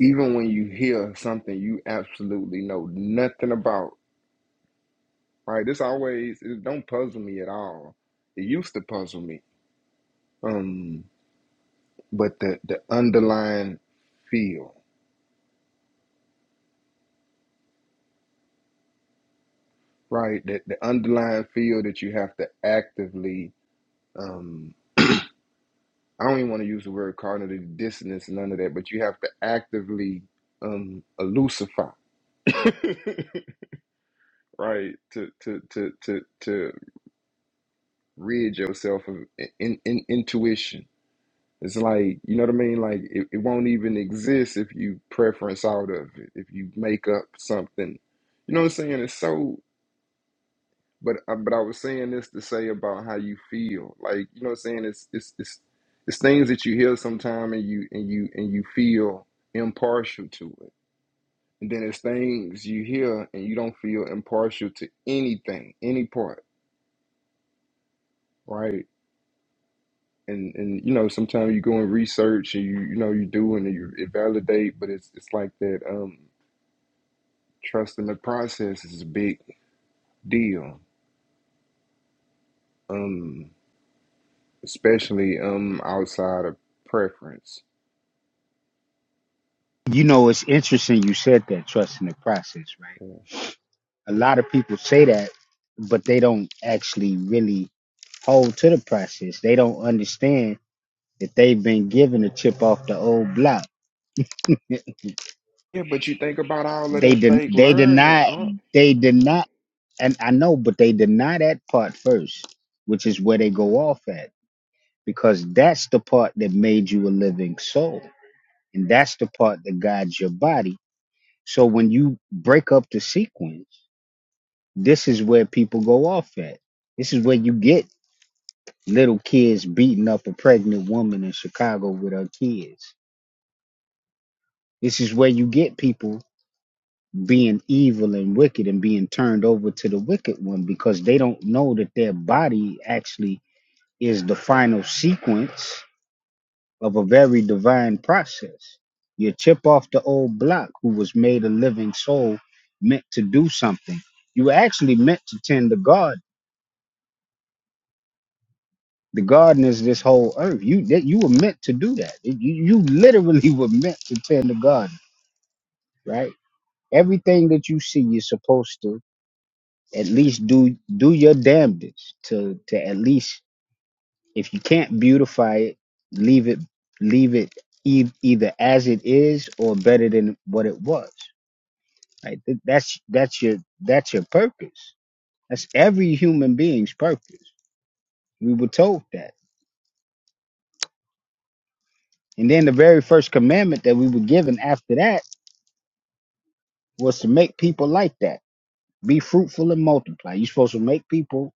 [SPEAKER 4] even when you hear something you absolutely know nothing about, right? This always it don't puzzle me at all. It used to puzzle me. Um, but the the underlying feel, right? That the underlying feel that you have to actively um I don't even want to use the word cognitive dissonance, none of that, but you have to actively um elusify right to to to to to rid yourself of in, in intuition It's like, you know what I mean? Like it, it won't even exist if you preference out of it, if you make up something. You know what I'm saying? It's so but uh, but I was saying this to say about how you feel. Like, you know what I'm saying? It's it's it's it's things that you hear sometime and you and you and you feel impartial to it. And then there's things you hear and you don't feel impartial to anything, any part, right? and and you know sometimes you go and research and you you know you do and you it validate but it's it's like that um trust in the process is a big deal um especially um outside of preference
[SPEAKER 3] You know, it's interesting. You said that trust in the process, right?
[SPEAKER 4] yeah,
[SPEAKER 3] A lot of people say that, but they don't actually really hold to the process. They don't understand that they've been given a chip off the old block.
[SPEAKER 4] yeah but you think about all of
[SPEAKER 3] They
[SPEAKER 4] that
[SPEAKER 3] did.
[SPEAKER 4] fake
[SPEAKER 3] they
[SPEAKER 4] learning
[SPEAKER 3] deny
[SPEAKER 4] huh
[SPEAKER 3] they deny and I know, but they deny that part first, which is where they go off at, because that's the part that made you a living soul, and that's the part that guides your body. So when you break up the sequence, this is where people go off at. This is where you get little kids beating up a pregnant woman in Chicago with her kids. This is where you get people being evil and wicked and being turned over to the wicked one because they don't know that their body actually is the final sequence of a very divine process. You chip off the old block who was made a living soul meant to do something. You were actually meant to tend the garden. The garden is this whole earth. You that you were meant to do that. You, you literally were meant to tend the garden, right? Everything that you see, you're supposed to at least do do your damnedest to to at least if you can't beautify it leave it leave it e- either as it is or better than what it was right Th- that's that's your that's your purpose that's every human being's purpose we were told that and then the very first commandment that we were given after that was to make people like that be fruitful and multiply you're supposed to make people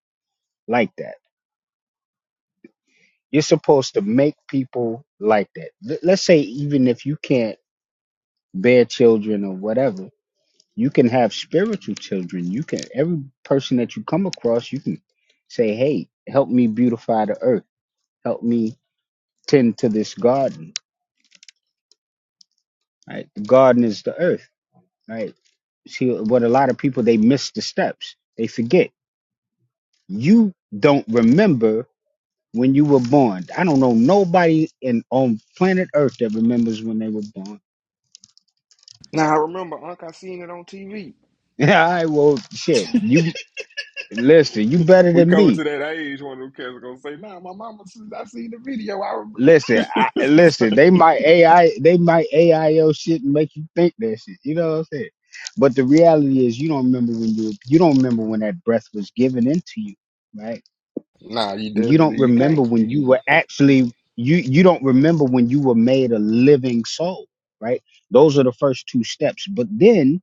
[SPEAKER 3] like that You're supposed to make people like that. L- let's say even if you can't bear children or whatever, you can have spiritual children. You can every person that you come across, you can say, "Hey, help me beautify the earth. Help me tend to this garden." Right? The garden is the earth, right? See what a lot of people they miss the steps. They forget. You don't remember when you were born. I don't know nobody in on planet Earth that remembers when they were born
[SPEAKER 4] now i remember unc i seen it on tv
[SPEAKER 3] Yeah, I well, shit. You listen. You better
[SPEAKER 4] we
[SPEAKER 3] than
[SPEAKER 4] coming
[SPEAKER 3] me.
[SPEAKER 4] to that age when of them kids are gonna say nah my mama says i seen the video i
[SPEAKER 3] Listen, I, listen.
[SPEAKER 4] remember
[SPEAKER 3] They might AI. They might AI your shit and make you think that shit. You know what I'm saying? But the reality is, you don't remember when you you don't remember when that breath was given into you, right?
[SPEAKER 4] nah you
[SPEAKER 3] You
[SPEAKER 4] definitely
[SPEAKER 3] don't
[SPEAKER 4] you
[SPEAKER 3] remember
[SPEAKER 4] can't
[SPEAKER 3] when you were actually you you don't remember when you were made a living soul, right? Those are the first two steps. But then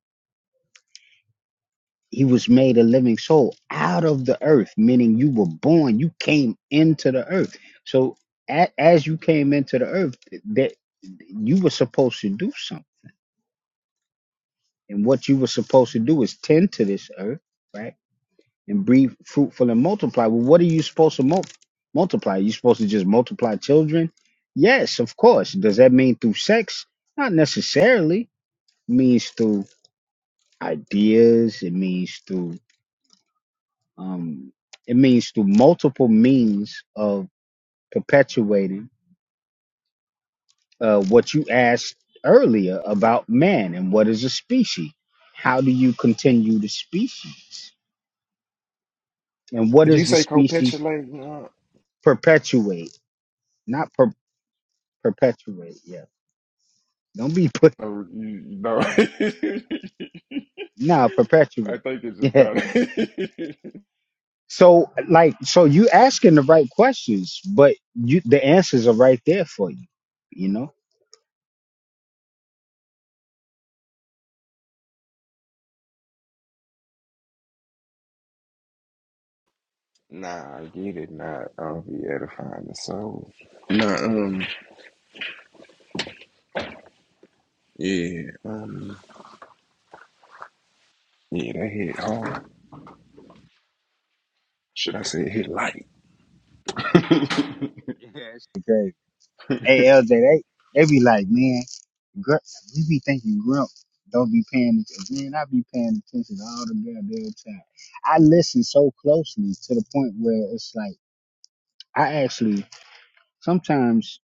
[SPEAKER 3] He was made a living soul out of the earth, meaning you were born, you came into the earth. So a, as you came into the earth, that you were supposed to do something. And what you were supposed to do is tend to this earth, right? And be fruitful and multiply. Well, what are you supposed to mul- multiply? Are you supposed to just multiply children? Yes, of course. Does that mean through sex? Not necessarily. It means through ideas. It means through Um, it means through multiple means of perpetuating uh, what you asked earlier about man and what is a species. How do you continue the species? And what
[SPEAKER 4] did you
[SPEAKER 3] does the
[SPEAKER 4] say
[SPEAKER 3] species
[SPEAKER 4] copetulate? nah,
[SPEAKER 3] perpetuate? Not per- perpetuate, yeah. Don't be put,
[SPEAKER 4] No, you, no. I
[SPEAKER 3] nah, perpetuate.
[SPEAKER 4] think it just
[SPEAKER 3] Yeah.
[SPEAKER 4] kind of.
[SPEAKER 3] So, like, so you asking the right questions, but you the answers are right there for you, you know?
[SPEAKER 4] nah, you did not. I'll be edifying the soul. Nah, um, yeah, um, yeah, that hit hard. Should I say it hit light?
[SPEAKER 3] Yes. Okay. Hey, LJ, they, they be like, man. Gr- you be thinking Grump don't be paying attention. Man, I be paying attention all the goddamn time. I listen so closely to the point where it's like I actually sometimes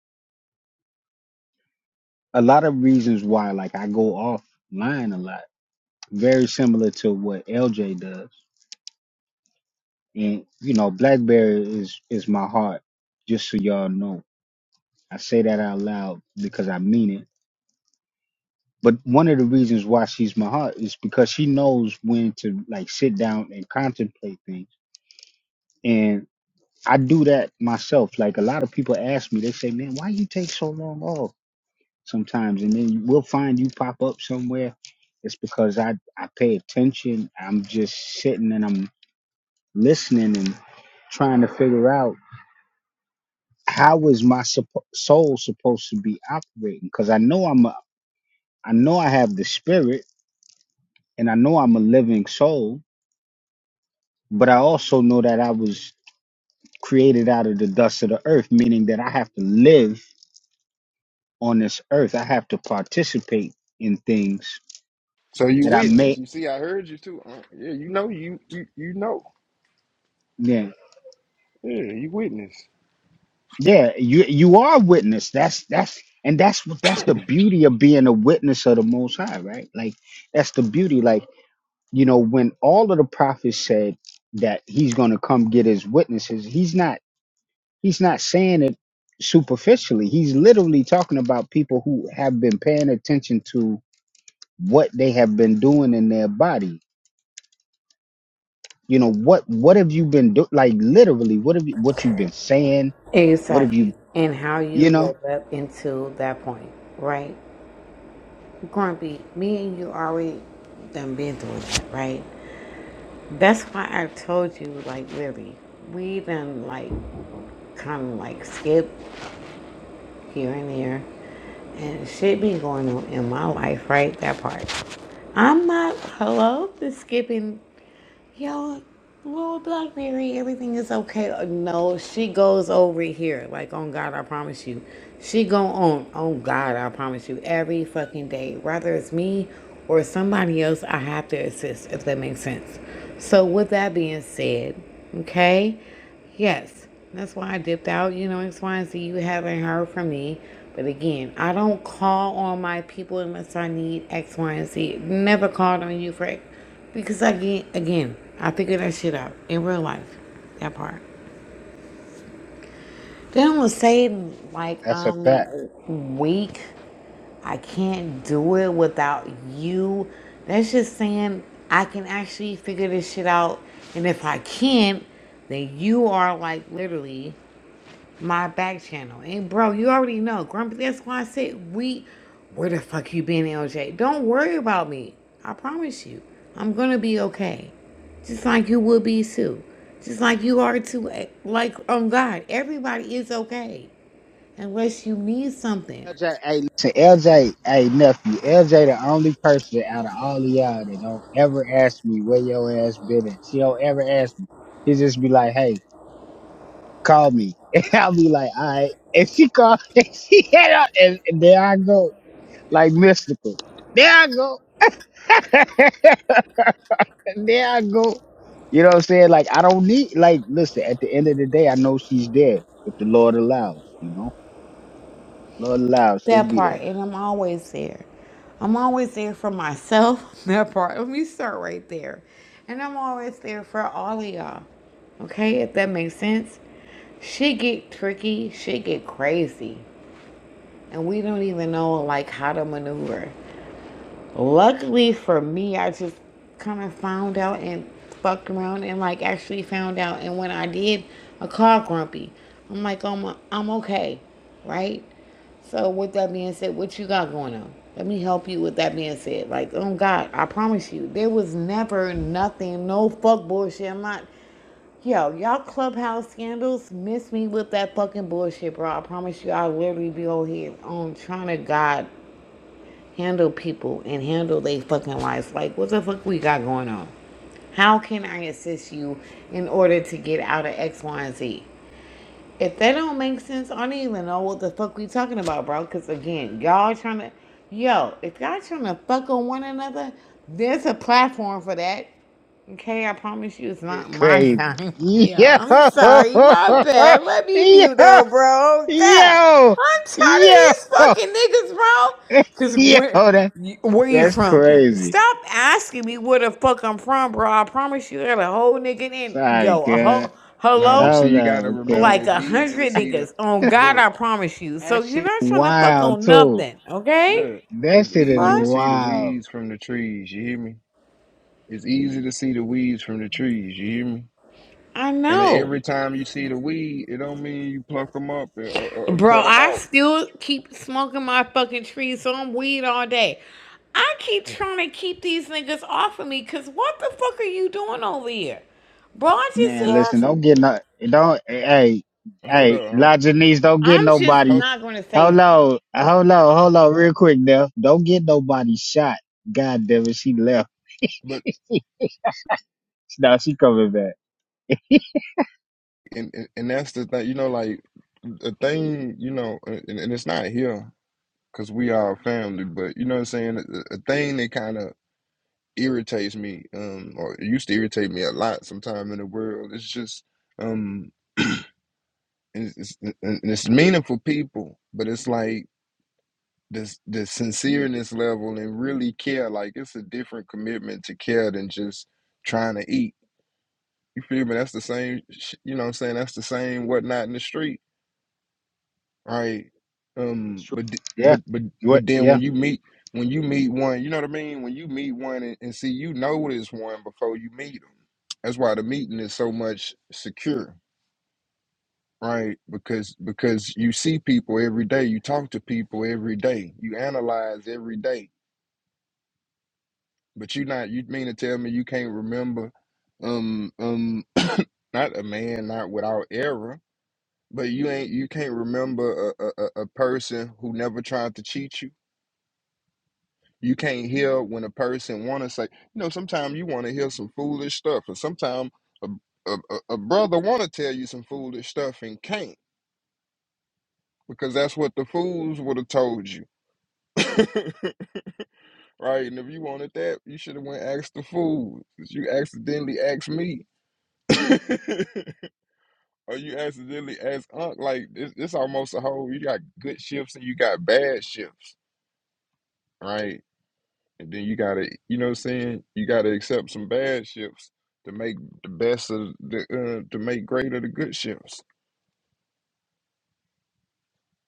[SPEAKER 3] a lot of reasons why like I go offline a lot. Very similar to what LJ does. And you know, Blackberry is is my heart, just so y'all know. I say that out loud because I mean it. But one of the reasons why she's my heart is because she knows when to like sit down and contemplate things And I do that myself. Like a lot of people ask me, they say, "Man, why you take so long off?" Sometimes, and then you- we'll find you pop up somewhere. It's because I I pay attention. I'm just sitting and I'm listening and trying to figure out how is my suppo- soul supposed to be operating? Because I know I'm a I know I have the spirit and I know I'm a living soul, but I also know that I was created out of the dust of the earth, meaning that I have to live on this earth. I have to participate in things
[SPEAKER 4] so you
[SPEAKER 3] that I
[SPEAKER 4] witness.
[SPEAKER 3] may
[SPEAKER 4] You see, I heard you too. Uh, yeah, you know, you, you, you know.
[SPEAKER 3] yeah.
[SPEAKER 4] Yeah, you witness.
[SPEAKER 3] Yeah, you you are a witness. That's that's and that's what that's the beauty of being a witness of the most high, right? Like that's the beauty. Like, you know, when all of the prophets said that he's gonna come get his witnesses, he's not he's not saying it superficially. He's literally talking about people who have been paying attention to what they have been doing in their body you know what what have you been doing like literally what have you what you've been saying what have
[SPEAKER 2] Exactly.
[SPEAKER 3] you
[SPEAKER 2] And how
[SPEAKER 3] you
[SPEAKER 2] you
[SPEAKER 3] know
[SPEAKER 2] live up into that point, right? Grumpy, me and you already done been through that, right? That's why I told you, like, really, we done, like, kind of like skip here and there. And shit be going on in my life, right? That part. I'm not, hello, the skipping. Yo, little Blackberry, everything is okay. Uh, No, she goes over here. Like, on God, I promise you. She go on, on God, I promise you, every fucking day. Whether it's me or somebody else, I have to assist, if that makes sense. So, with that being said, okay, yes, that's why I dipped out, you know, X, Y, and Z. You haven't heard from me. But again, I don't call on my people unless I need X, Y, and Z. Never called on you for because again, again, I figured that shit out in real life. That part. Then I'm gonna say like
[SPEAKER 3] that's a fact
[SPEAKER 2] I'm weak. I can't do it without you. That's just saying I can actually figure this shit out. And if I can't, then you are like literally. my back channel. And bro, you already know, Grumpy. That's why I said we. Where the fuck you been, LJ? Don't worry about me. I promise you, I'm gonna be okay. Just like you will be too. Just like you are too. eh, Like on God, everybody is okay unless you need something.
[SPEAKER 3] lj hey listen lj hey nephew lj the only person out of all of y'all that don't ever ask me where your ass been at she don't ever ask me she just be like hey call me and i'll be like all right and she call and she hit up and, and there i go like mystical there i go And there I go. You know what I'm saying? Like I don't need like listen, at the end of the day I know she's there. If the Lord allows, you know? If the Lord allows, she'll
[SPEAKER 2] That
[SPEAKER 3] be there.
[SPEAKER 2] part, and I'm always there. I'm always there for myself. That part. Let me start right there. And I'm always there for all of y'all. Okay, if that makes sense. Shit get tricky, shit get crazy. And we don't even know like how to maneuver. Luckily for me, I just kind of found out and fucked around and like actually found out. And when I did, I called Grumpy. I'm like, I'm, I'm okay, right? So with that being said, what you got going on? Let me help you with that being said. Like, oh God, I promise you, there was never nothing, no fuck bullshit. I'm not yo, y'all clubhouse scandals miss me with that fucking bullshit, bro. I promise you I'll literally be over here on trying to God handle people and handle their fucking lives. Like, what the fuck we got going on? How can I assist you in order to get out of X, Y, and Z? If that don't make sense, I don't even know what the fuck we talking about, bro. Because again, y'all trying to, yo, if y'all trying to fuck on one another, there's a platform for that. Okay, I promise you it's
[SPEAKER 3] It's
[SPEAKER 2] not my
[SPEAKER 3] crazy.
[SPEAKER 2] time.
[SPEAKER 3] Yo
[SPEAKER 2] Yo, I'm sorry, my bad. Let me mute up,
[SPEAKER 3] Yo
[SPEAKER 2] bro. God,
[SPEAKER 3] Yo
[SPEAKER 2] I'm tired of
[SPEAKER 3] Yo
[SPEAKER 2] these fucking niggas, bro. Cause
[SPEAKER 3] Yo
[SPEAKER 2] where,
[SPEAKER 3] that,
[SPEAKER 2] you- where you
[SPEAKER 3] that's
[SPEAKER 2] from?
[SPEAKER 3] crazy.
[SPEAKER 2] Stop asking me where the fuck I'm from, bro. I promise you, there's a whole nigga in.
[SPEAKER 3] Sorry,
[SPEAKER 2] Yo, a
[SPEAKER 3] God.
[SPEAKER 2] whole
[SPEAKER 4] Nah, but
[SPEAKER 2] hello,
[SPEAKER 3] Oh
[SPEAKER 4] see, you got to
[SPEAKER 3] no,
[SPEAKER 4] remember,
[SPEAKER 3] okay.
[SPEAKER 2] like
[SPEAKER 4] it's
[SPEAKER 2] a
[SPEAKER 4] easy to
[SPEAKER 2] hundred
[SPEAKER 4] see the
[SPEAKER 2] niggas. On God,
[SPEAKER 4] look,
[SPEAKER 2] I promise you.
[SPEAKER 3] That
[SPEAKER 2] So you're
[SPEAKER 3] shit
[SPEAKER 2] not trying to fuck
[SPEAKER 3] wild
[SPEAKER 2] on
[SPEAKER 3] too.
[SPEAKER 2] nothing, okay?
[SPEAKER 4] look.
[SPEAKER 3] That
[SPEAKER 4] It's
[SPEAKER 3] shit is
[SPEAKER 4] easy to
[SPEAKER 2] Fuck,
[SPEAKER 4] see the
[SPEAKER 3] wild.
[SPEAKER 4] weeds from the trees. You hear me? It's easy to see the weeds from the trees. You hear me?
[SPEAKER 2] I
[SPEAKER 4] And
[SPEAKER 2] know.
[SPEAKER 4] every time you see the weed, it don't mean you pluck them up or, or, or
[SPEAKER 2] Bro,
[SPEAKER 4] cut them
[SPEAKER 2] I
[SPEAKER 4] off.
[SPEAKER 2] still keep smoking my fucking trees on weed all day. I keep trying to keep these niggas off of me because what the fuck are you doing over here? Bro, I
[SPEAKER 3] Man, listen,
[SPEAKER 2] just said,
[SPEAKER 3] don't get no, don't, hey,
[SPEAKER 4] Hold
[SPEAKER 3] hey,
[SPEAKER 4] up, huh?
[SPEAKER 3] La Janice, don't get
[SPEAKER 2] I'm just
[SPEAKER 3] nobody.
[SPEAKER 4] Hold,
[SPEAKER 2] not going to say
[SPEAKER 3] Hold on, hold on, hold on, real quick now. Don't get nobody shot. God damn it, she left.
[SPEAKER 4] but
[SPEAKER 3] now she coming back.
[SPEAKER 4] and, and and that's the thing. You know, like the thing. You know, and, and it's not here because we are family. But you know what I'm saying? A, a thing that kind of irritates me, um, or it used to irritate me a lot. Sometime in the world, it's just, um, it's, it's, and it's meaningful people, but it's like the the sincereness level and really care. Like it's a different commitment to care than just trying to eat. You feel me? That's the same. sh- You know what I'm saying? That's the same whatnot in the street, right?
[SPEAKER 3] That's
[SPEAKER 4] Um,
[SPEAKER 3] true.
[SPEAKER 4] but d-
[SPEAKER 3] Yeah,
[SPEAKER 4] but but
[SPEAKER 3] what?
[SPEAKER 4] but then
[SPEAKER 3] Yeah,
[SPEAKER 4] when you meet when you meet one, you know what I mean. When you meet one and, and see you notice one before you meet them. That's why the meeting is so much secure, right? Because because you see people every day, you talk to people every day, you analyze every day But you not you mean to tell me you can't remember um um not a man not without error, but you ain't you can't remember a, a, a a person who never tried to cheat you. You can't hear when a person wanna say, you know, sometimes you wanna hear some foolish stuff, and sometimes a, a, a a brother wanna tell you some foolish stuff and can't because that's what the fools would have told you. right, and if you wanted that, you should have went asked the fools. You accidentally asked me. Or you accidentally as Unc, like it's, it's almost a whole. You got good shifts and you got bad shifts, right? And then you gotta, you know, what I'm saying you gotta accept some bad shifts to make the best of the uh, to make great of the good shifts.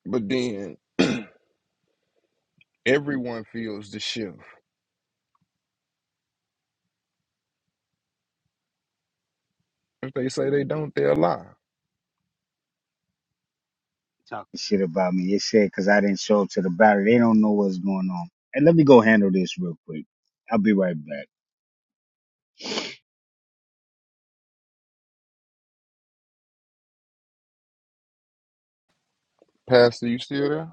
[SPEAKER 4] But then everyone feels the shift. If they say they don't, they'll lie.
[SPEAKER 3] Talk. shit about me. It said because I didn't show up to the battle. They don't know what's going on. And let me go handle this real quick. I'll be right back.
[SPEAKER 4] Pastor, you still there?